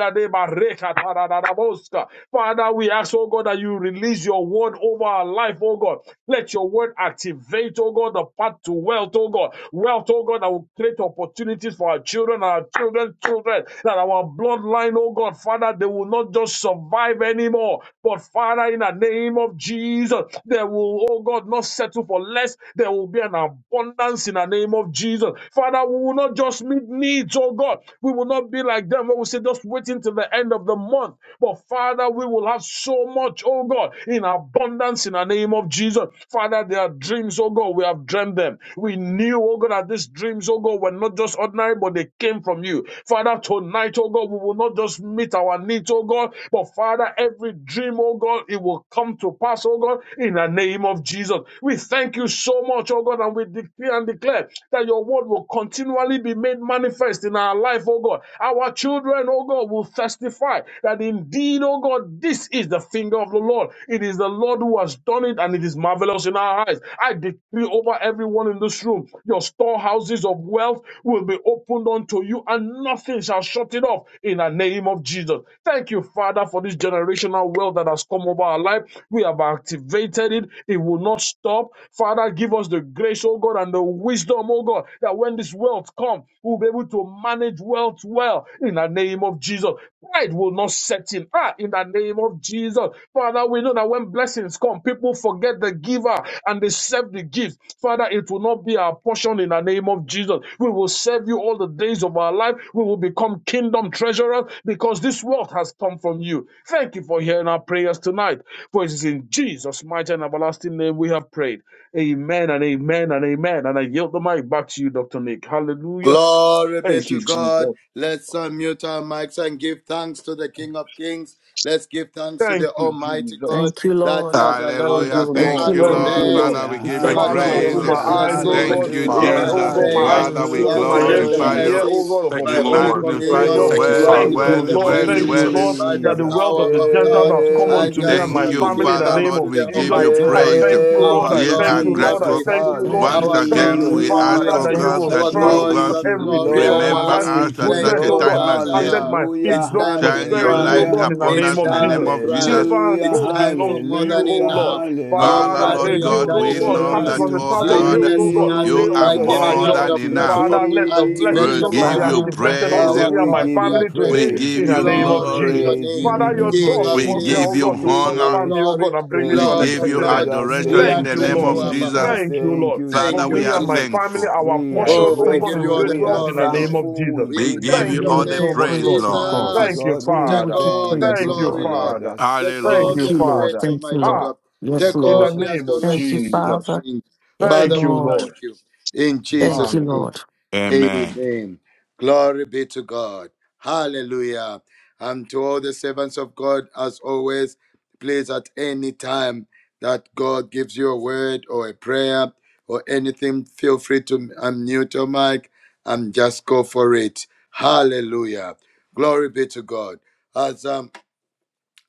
Speaker 7: Father, we ask, oh God, that you release release your word over our life, oh God. Let your word activate, oh God, the path to wealth, oh God. Wealth, oh God, that will create opportunities for our children, our children's children, that our bloodline, oh God, Father, they will not just survive anymore, but Father, in the name of Jesus, they will, oh God, not settle for less. There will be an abundance in the name of Jesus. Father, we will not just meet needs, oh God. We will not be like them. We will say, just waiting to till the end of the month. But Father, we will have so much, oh God, in abundance in the name of Jesus. Father, there are dreams, oh God, we have dreamed them. We knew, oh God, that these dreams, oh God, were not just ordinary, but they came from you. Father, tonight, oh God, we will not just meet our needs, oh God, but Father, every dream, oh God, it will come to pass, oh God, in the name of Jesus. We thank you so much, oh God, and we declare and declare that your word will continually glory be made manifest in our life, oh God. Our children, oh God, will testify that indeed, oh God, this is the finger of the Lord. It is the Lord who has done it, and it is marvelous in our eyes. I decree over everyone in this room, your storehouses of wealth will be opened unto you, and nothing shall shut it off in the name of Jesus. Thank you, Father, for this generational wealth that has come over our life. We have activated it, it will not stop. Father, Father, give us the grace, oh God, and the wisdom, oh God, that when this wealth comes, we'll be able to manage wealth well in the name of Jesus. Pride will not set in. Ah, in the name of Jesus. Father, we know that when blessings come, people forget the giver and they serve the gift. Father, it will not be our portion in the name of Jesus. We will serve you all the days of our life. We will become kingdom treasurers because this wealth has come from you. Thank you for hearing our prayers tonight. For it is in Jesus' mighty and everlasting name we have prayed. Amen and amen and amen. And I yield the mic back to you, Dr. Nick. Hallelujah.
Speaker 2: Glory be
Speaker 7: Thank you,
Speaker 2: to God.
Speaker 7: Jesus.
Speaker 2: Let's unmute our mics and give thanks to the King of Kings. Let's give thanks to
Speaker 7: Thank
Speaker 2: the
Speaker 7: you,
Speaker 2: Almighty
Speaker 7: Jesus.
Speaker 2: God
Speaker 6: Thank you,
Speaker 2: that He
Speaker 6: Lord.
Speaker 7: Ah,
Speaker 2: has
Speaker 7: thank
Speaker 2: allowed
Speaker 7: you,
Speaker 4: Hallelujah.
Speaker 2: us to
Speaker 6: Thank
Speaker 7: Lord.
Speaker 4: Thank
Speaker 6: you,
Speaker 4: you,
Speaker 7: Thank
Speaker 6: Lord.
Speaker 4: Lord.
Speaker 7: you,
Speaker 2: activate,
Speaker 7: Lord.
Speaker 4: Father, we
Speaker 3: Hallelujah,
Speaker 6: We
Speaker 4: give
Speaker 2: to
Speaker 4: you
Speaker 5: Thank
Speaker 6: thank
Speaker 5: you,
Speaker 7: Father,
Speaker 6: you,
Speaker 7: open
Speaker 4: praise.
Speaker 2: activate
Speaker 6: Lord. We
Speaker 2: the
Speaker 7: my
Speaker 3: hallelujah,
Speaker 5: Jesus.
Speaker 6: thank
Speaker 7: eyes,
Speaker 6: you,
Speaker 7: oh
Speaker 6: Lord.
Speaker 2: blessings
Speaker 5: Thank
Speaker 4: Thank
Speaker 5: you,
Speaker 7: God,
Speaker 4: you,
Speaker 7: to
Speaker 2: eh,
Speaker 3: hallelujah,
Speaker 7: hear,
Speaker 5: Father.
Speaker 2: by
Speaker 7: oh
Speaker 4: Jesus.
Speaker 7: God,
Speaker 5: Thank
Speaker 6: Thank
Speaker 5: you,
Speaker 6: you,
Speaker 7: my
Speaker 2: prayer,
Speaker 7: eyes
Speaker 5: Lord.
Speaker 7: to
Speaker 4: Father,
Speaker 7: see,
Speaker 4: we
Speaker 2: to
Speaker 7: open
Speaker 6: Jesus.
Speaker 7: my
Speaker 5: Thank
Speaker 7: ears
Speaker 5: you,
Speaker 2: activate the
Speaker 7: to
Speaker 4: glorify
Speaker 3: hallelujah.
Speaker 7: hear,
Speaker 4: you.
Speaker 7: oh
Speaker 2: blessings
Speaker 5: Jesus.
Speaker 7: God, of
Speaker 5: Thank
Speaker 4: We
Speaker 5: you,
Speaker 2: by Holy
Speaker 7: opportunity
Speaker 5: Lord.
Speaker 7: to
Speaker 4: magnify
Speaker 7: trade
Speaker 2: Communion,
Speaker 4: you.
Speaker 7: well.
Speaker 5: Thank you,
Speaker 2: to
Speaker 4: Worthy,
Speaker 7: Thank
Speaker 3: Thank
Speaker 5: Father.
Speaker 7: you,
Speaker 2: activate
Speaker 4: worthy,
Speaker 3: you,
Speaker 2: the
Speaker 7: Lord.
Speaker 5: Thank you,
Speaker 4: worthy,
Speaker 7: Thank
Speaker 2: blessings
Speaker 7: you,
Speaker 4: worthy.
Speaker 7: Lord,
Speaker 6: Thank
Speaker 5: Jesus.
Speaker 2: by
Speaker 7: that
Speaker 2: the
Speaker 7: the
Speaker 3: Jesus.
Speaker 7: wealth
Speaker 2: power
Speaker 7: of the
Speaker 2: of
Speaker 7: Gentiles
Speaker 2: God.
Speaker 7: has come
Speaker 2: I
Speaker 3: Thank
Speaker 7: unto me
Speaker 3: you,
Speaker 2: just
Speaker 7: and
Speaker 2: want
Speaker 7: my
Speaker 4: Thank
Speaker 2: us to
Speaker 4: you,
Speaker 2: give
Speaker 7: family in the
Speaker 4: Father,
Speaker 3: Jesus.
Speaker 7: name
Speaker 2: thanks
Speaker 4: Lord.
Speaker 2: to
Speaker 7: of
Speaker 4: We
Speaker 2: the
Speaker 4: give
Speaker 7: Jesus.
Speaker 4: you
Speaker 2: Almighty
Speaker 7: I
Speaker 2: God.
Speaker 4: praise.
Speaker 7: thank you,
Speaker 3: Thank
Speaker 7: Lord.
Speaker 2: Our
Speaker 7: I
Speaker 4: We
Speaker 3: you,
Speaker 7: thank
Speaker 4: are
Speaker 2: God,
Speaker 7: you,
Speaker 2: you are
Speaker 7: Lord. I
Speaker 3: Jesus.
Speaker 4: grateful.
Speaker 7: thank
Speaker 2: faithful.
Speaker 7: you, Lord.
Speaker 6: you,
Speaker 4: Once
Speaker 2: Our
Speaker 7: Thank
Speaker 4: again,
Speaker 2: God,
Speaker 7: you,
Speaker 4: we
Speaker 2: you
Speaker 6: Jesus.
Speaker 2: are
Speaker 4: ask,
Speaker 7: Father,
Speaker 4: oh
Speaker 3: Hallelujah.
Speaker 7: that
Speaker 2: mighty.
Speaker 7: you
Speaker 6: Thank
Speaker 4: God,
Speaker 6: you,
Speaker 7: will
Speaker 4: that,
Speaker 2: Our
Speaker 7: crown
Speaker 4: oh
Speaker 2: God,
Speaker 7: over
Speaker 6: Jesus.
Speaker 2: you
Speaker 4: God,
Speaker 3: Thank
Speaker 2: are
Speaker 3: you,
Speaker 7: every day of
Speaker 3: Lord.
Speaker 7: my
Speaker 4: remember
Speaker 7: life
Speaker 2: glorious.
Speaker 7: with
Speaker 4: us
Speaker 3: Thank
Speaker 4: at
Speaker 3: you,
Speaker 4: such
Speaker 2: Thank
Speaker 7: goodness,
Speaker 4: a
Speaker 2: you,
Speaker 7: oh
Speaker 3: Lord.
Speaker 7: God,
Speaker 4: time as
Speaker 7: and
Speaker 4: this.
Speaker 7: let
Speaker 2: Father.
Speaker 7: my feet
Speaker 3: Hallelujah,
Speaker 2: It's
Speaker 7: drop
Speaker 2: time to
Speaker 4: Shine your
Speaker 7: prosperity,
Speaker 6: In the
Speaker 7: oh
Speaker 2: thrive.
Speaker 4: light
Speaker 3: hallelujah.
Speaker 7: God, in
Speaker 6: name
Speaker 7: the
Speaker 4: upon
Speaker 6: of
Speaker 2: It's
Speaker 7: name
Speaker 4: us
Speaker 6: Jesus.
Speaker 4: in
Speaker 7: of
Speaker 4: the
Speaker 2: time
Speaker 4: name
Speaker 2: to
Speaker 7: Jesus.
Speaker 4: of Jesus.
Speaker 2: thrive.
Speaker 7: Silver and
Speaker 3: Hallelujah,
Speaker 2: It's
Speaker 7: gold
Speaker 2: time
Speaker 7: belongs
Speaker 2: for
Speaker 7: to
Speaker 2: more
Speaker 7: you,
Speaker 2: than
Speaker 7: O
Speaker 3: hallelujah,
Speaker 7: Lord.
Speaker 2: enough. Our
Speaker 4: Father,
Speaker 7: Father,
Speaker 3: hallelujah.
Speaker 6: In the
Speaker 2: Father,
Speaker 4: Lord
Speaker 7: a
Speaker 2: you have
Speaker 7: hill,
Speaker 6: name
Speaker 4: God,
Speaker 2: done
Speaker 6: of
Speaker 7: oh
Speaker 4: we
Speaker 2: it
Speaker 7: God,
Speaker 2: for
Speaker 4: know
Speaker 3: Thank
Speaker 7: cattle
Speaker 2: us
Speaker 6: Jesus.
Speaker 4: that,
Speaker 7: on the
Speaker 3: you,
Speaker 4: oh
Speaker 2: by
Speaker 7: thousand
Speaker 4: God,
Speaker 7: hills,
Speaker 6: Thank you,
Speaker 7: oh
Speaker 2: blessing
Speaker 7: God,
Speaker 2: us,
Speaker 7: they
Speaker 4: you
Speaker 6: Lord.
Speaker 4: are
Speaker 2: by
Speaker 7: all
Speaker 3: Jesus.
Speaker 7: are
Speaker 2: giving
Speaker 4: more
Speaker 2: us
Speaker 7: yours.
Speaker 4: than
Speaker 2: a
Speaker 3: Thank you,
Speaker 4: enough.
Speaker 2: protocol
Speaker 7: Father,
Speaker 2: to
Speaker 7: let the
Speaker 2: activate
Speaker 6: Thank
Speaker 7: blessings,
Speaker 4: We
Speaker 6: you,
Speaker 2: the
Speaker 7: oh
Speaker 3: Jesus.
Speaker 7: God, be
Speaker 4: give you
Speaker 2: blessing.
Speaker 6: Father.
Speaker 7: activated
Speaker 4: praise.
Speaker 7: unto
Speaker 2: Our
Speaker 3: Oh,
Speaker 7: me and
Speaker 3: we
Speaker 7: my
Speaker 2: God,
Speaker 3: give
Speaker 2: we
Speaker 3: you
Speaker 2: are
Speaker 7: family
Speaker 4: We
Speaker 7: today
Speaker 2: grateful.
Speaker 3: praise.
Speaker 7: in
Speaker 4: give
Speaker 3: We
Speaker 7: the
Speaker 4: you
Speaker 3: give
Speaker 7: name
Speaker 3: you
Speaker 7: of
Speaker 2: Glory to
Speaker 4: glory.
Speaker 2: your
Speaker 7: Jesus.
Speaker 3: praise. We
Speaker 6: In
Speaker 2: name,
Speaker 6: the
Speaker 3: give
Speaker 7: Father,
Speaker 3: you
Speaker 7: your
Speaker 6: name of
Speaker 2: King
Speaker 7: dog
Speaker 2: of
Speaker 4: We
Speaker 7: for
Speaker 3: praise.
Speaker 7: me,
Speaker 3: We
Speaker 2: kings,
Speaker 4: give
Speaker 7: oh
Speaker 6: Jesus.
Speaker 4: you
Speaker 3: give
Speaker 7: God,
Speaker 3: you
Speaker 7: to
Speaker 2: King of
Speaker 4: honor.
Speaker 7: prosper me,
Speaker 3: praise.
Speaker 7: oh
Speaker 2: glory,
Speaker 7: God, and bring me
Speaker 4: We
Speaker 7: to
Speaker 3: Thank
Speaker 7: an
Speaker 3: you,
Speaker 2: Lord
Speaker 4: give
Speaker 2: of
Speaker 4: you
Speaker 7: expected end.
Speaker 2: lords.
Speaker 6: In
Speaker 3: Jesus.
Speaker 6: the
Speaker 2: We
Speaker 4: adoration
Speaker 6: name
Speaker 4: in
Speaker 2: are
Speaker 7: Thank
Speaker 3: Thank
Speaker 6: of
Speaker 4: the
Speaker 7: you,
Speaker 3: you,
Speaker 4: name
Speaker 7: Lord.
Speaker 2: grateful,
Speaker 4: of
Speaker 6: Jesus,
Speaker 2: Abba
Speaker 4: Jesus.
Speaker 3: Jesus.
Speaker 7: Thank
Speaker 2: Father.
Speaker 7: you,
Speaker 3: Thank
Speaker 7: Lord.
Speaker 3: you,
Speaker 7: For
Speaker 4: Father,
Speaker 2: Thank
Speaker 7: me
Speaker 4: we
Speaker 2: you,
Speaker 4: are
Speaker 7: and my
Speaker 3: Jesus.
Speaker 7: family,
Speaker 2: Jesus.
Speaker 4: thankful.
Speaker 7: our
Speaker 3: We are
Speaker 6: Thank you,
Speaker 7: portion,
Speaker 2: Oh,
Speaker 7: oh
Speaker 2: we
Speaker 7: God,
Speaker 2: give
Speaker 6: Father,
Speaker 7: is
Speaker 2: you
Speaker 3: grateful.
Speaker 2: all
Speaker 6: Lord,
Speaker 7: great
Speaker 2: the
Speaker 6: in
Speaker 3: We
Speaker 6: the
Speaker 3: are
Speaker 7: wealth
Speaker 6: name
Speaker 7: in
Speaker 6: of
Speaker 7: the
Speaker 2: glory,
Speaker 7: name
Speaker 2: Lord.
Speaker 6: Jesus.
Speaker 7: of
Speaker 3: thankful.
Speaker 7: Jesus.
Speaker 3: We
Speaker 2: We
Speaker 4: We
Speaker 3: give you
Speaker 6: To
Speaker 4: give
Speaker 2: bless
Speaker 4: you
Speaker 7: Thank
Speaker 6: you
Speaker 2: your
Speaker 4: all
Speaker 7: you
Speaker 6: we
Speaker 4: the
Speaker 3: praise.
Speaker 7: so
Speaker 6: give
Speaker 2: name,
Speaker 7: much,
Speaker 4: praise,
Speaker 7: Lord.
Speaker 6: praise, O
Speaker 4: Lord.
Speaker 6: God.
Speaker 3: Mighty
Speaker 7: Thank
Speaker 2: Jesus.
Speaker 7: you,
Speaker 3: God,
Speaker 6: To you
Speaker 3: we
Speaker 6: we
Speaker 2: Take
Speaker 7: Father.
Speaker 6: give
Speaker 2: all the
Speaker 3: thank
Speaker 6: praise, O
Speaker 7: Thank
Speaker 3: you,
Speaker 7: you,
Speaker 2: glory,
Speaker 6: God.
Speaker 2: Lord.
Speaker 7: Father.
Speaker 2: Take
Speaker 7: Thank
Speaker 2: all
Speaker 6: Thank
Speaker 2: the
Speaker 7: you,
Speaker 6: you,
Speaker 4: Hallelujah.
Speaker 3: Jesus.
Speaker 6: Lord.
Speaker 2: praise,
Speaker 7: Father.
Speaker 6: Thank you,
Speaker 2: Almighty
Speaker 7: Ah
Speaker 6: Lord.
Speaker 2: God.
Speaker 6: Yes,
Speaker 2: Take
Speaker 3: Thank you,
Speaker 7: in
Speaker 6: Lord.
Speaker 7: the
Speaker 2: all the
Speaker 7: name of
Speaker 6: Thank you,
Speaker 2: adoration,
Speaker 3: Jesus.
Speaker 2: King of
Speaker 7: Jesus.
Speaker 6: Father.
Speaker 2: Kings.
Speaker 6: Yes,
Speaker 2: Father,
Speaker 7: Thank
Speaker 2: we
Speaker 7: you,
Speaker 6: Lord.
Speaker 2: thank
Speaker 7: Lord.
Speaker 2: you. In
Speaker 3: Mm.
Speaker 6: Thank
Speaker 2: Jesus'
Speaker 6: you,
Speaker 7: Father,
Speaker 2: name.
Speaker 6: Lord.
Speaker 4: Amen.
Speaker 2: Amen. Glory be to God. Hallelujah. And to all the servants of God, as always, please at any time that God gives you a word or a prayer or anything, feel free to unmute your mic and just go for it. Hallelujah. Glory be to God. As um,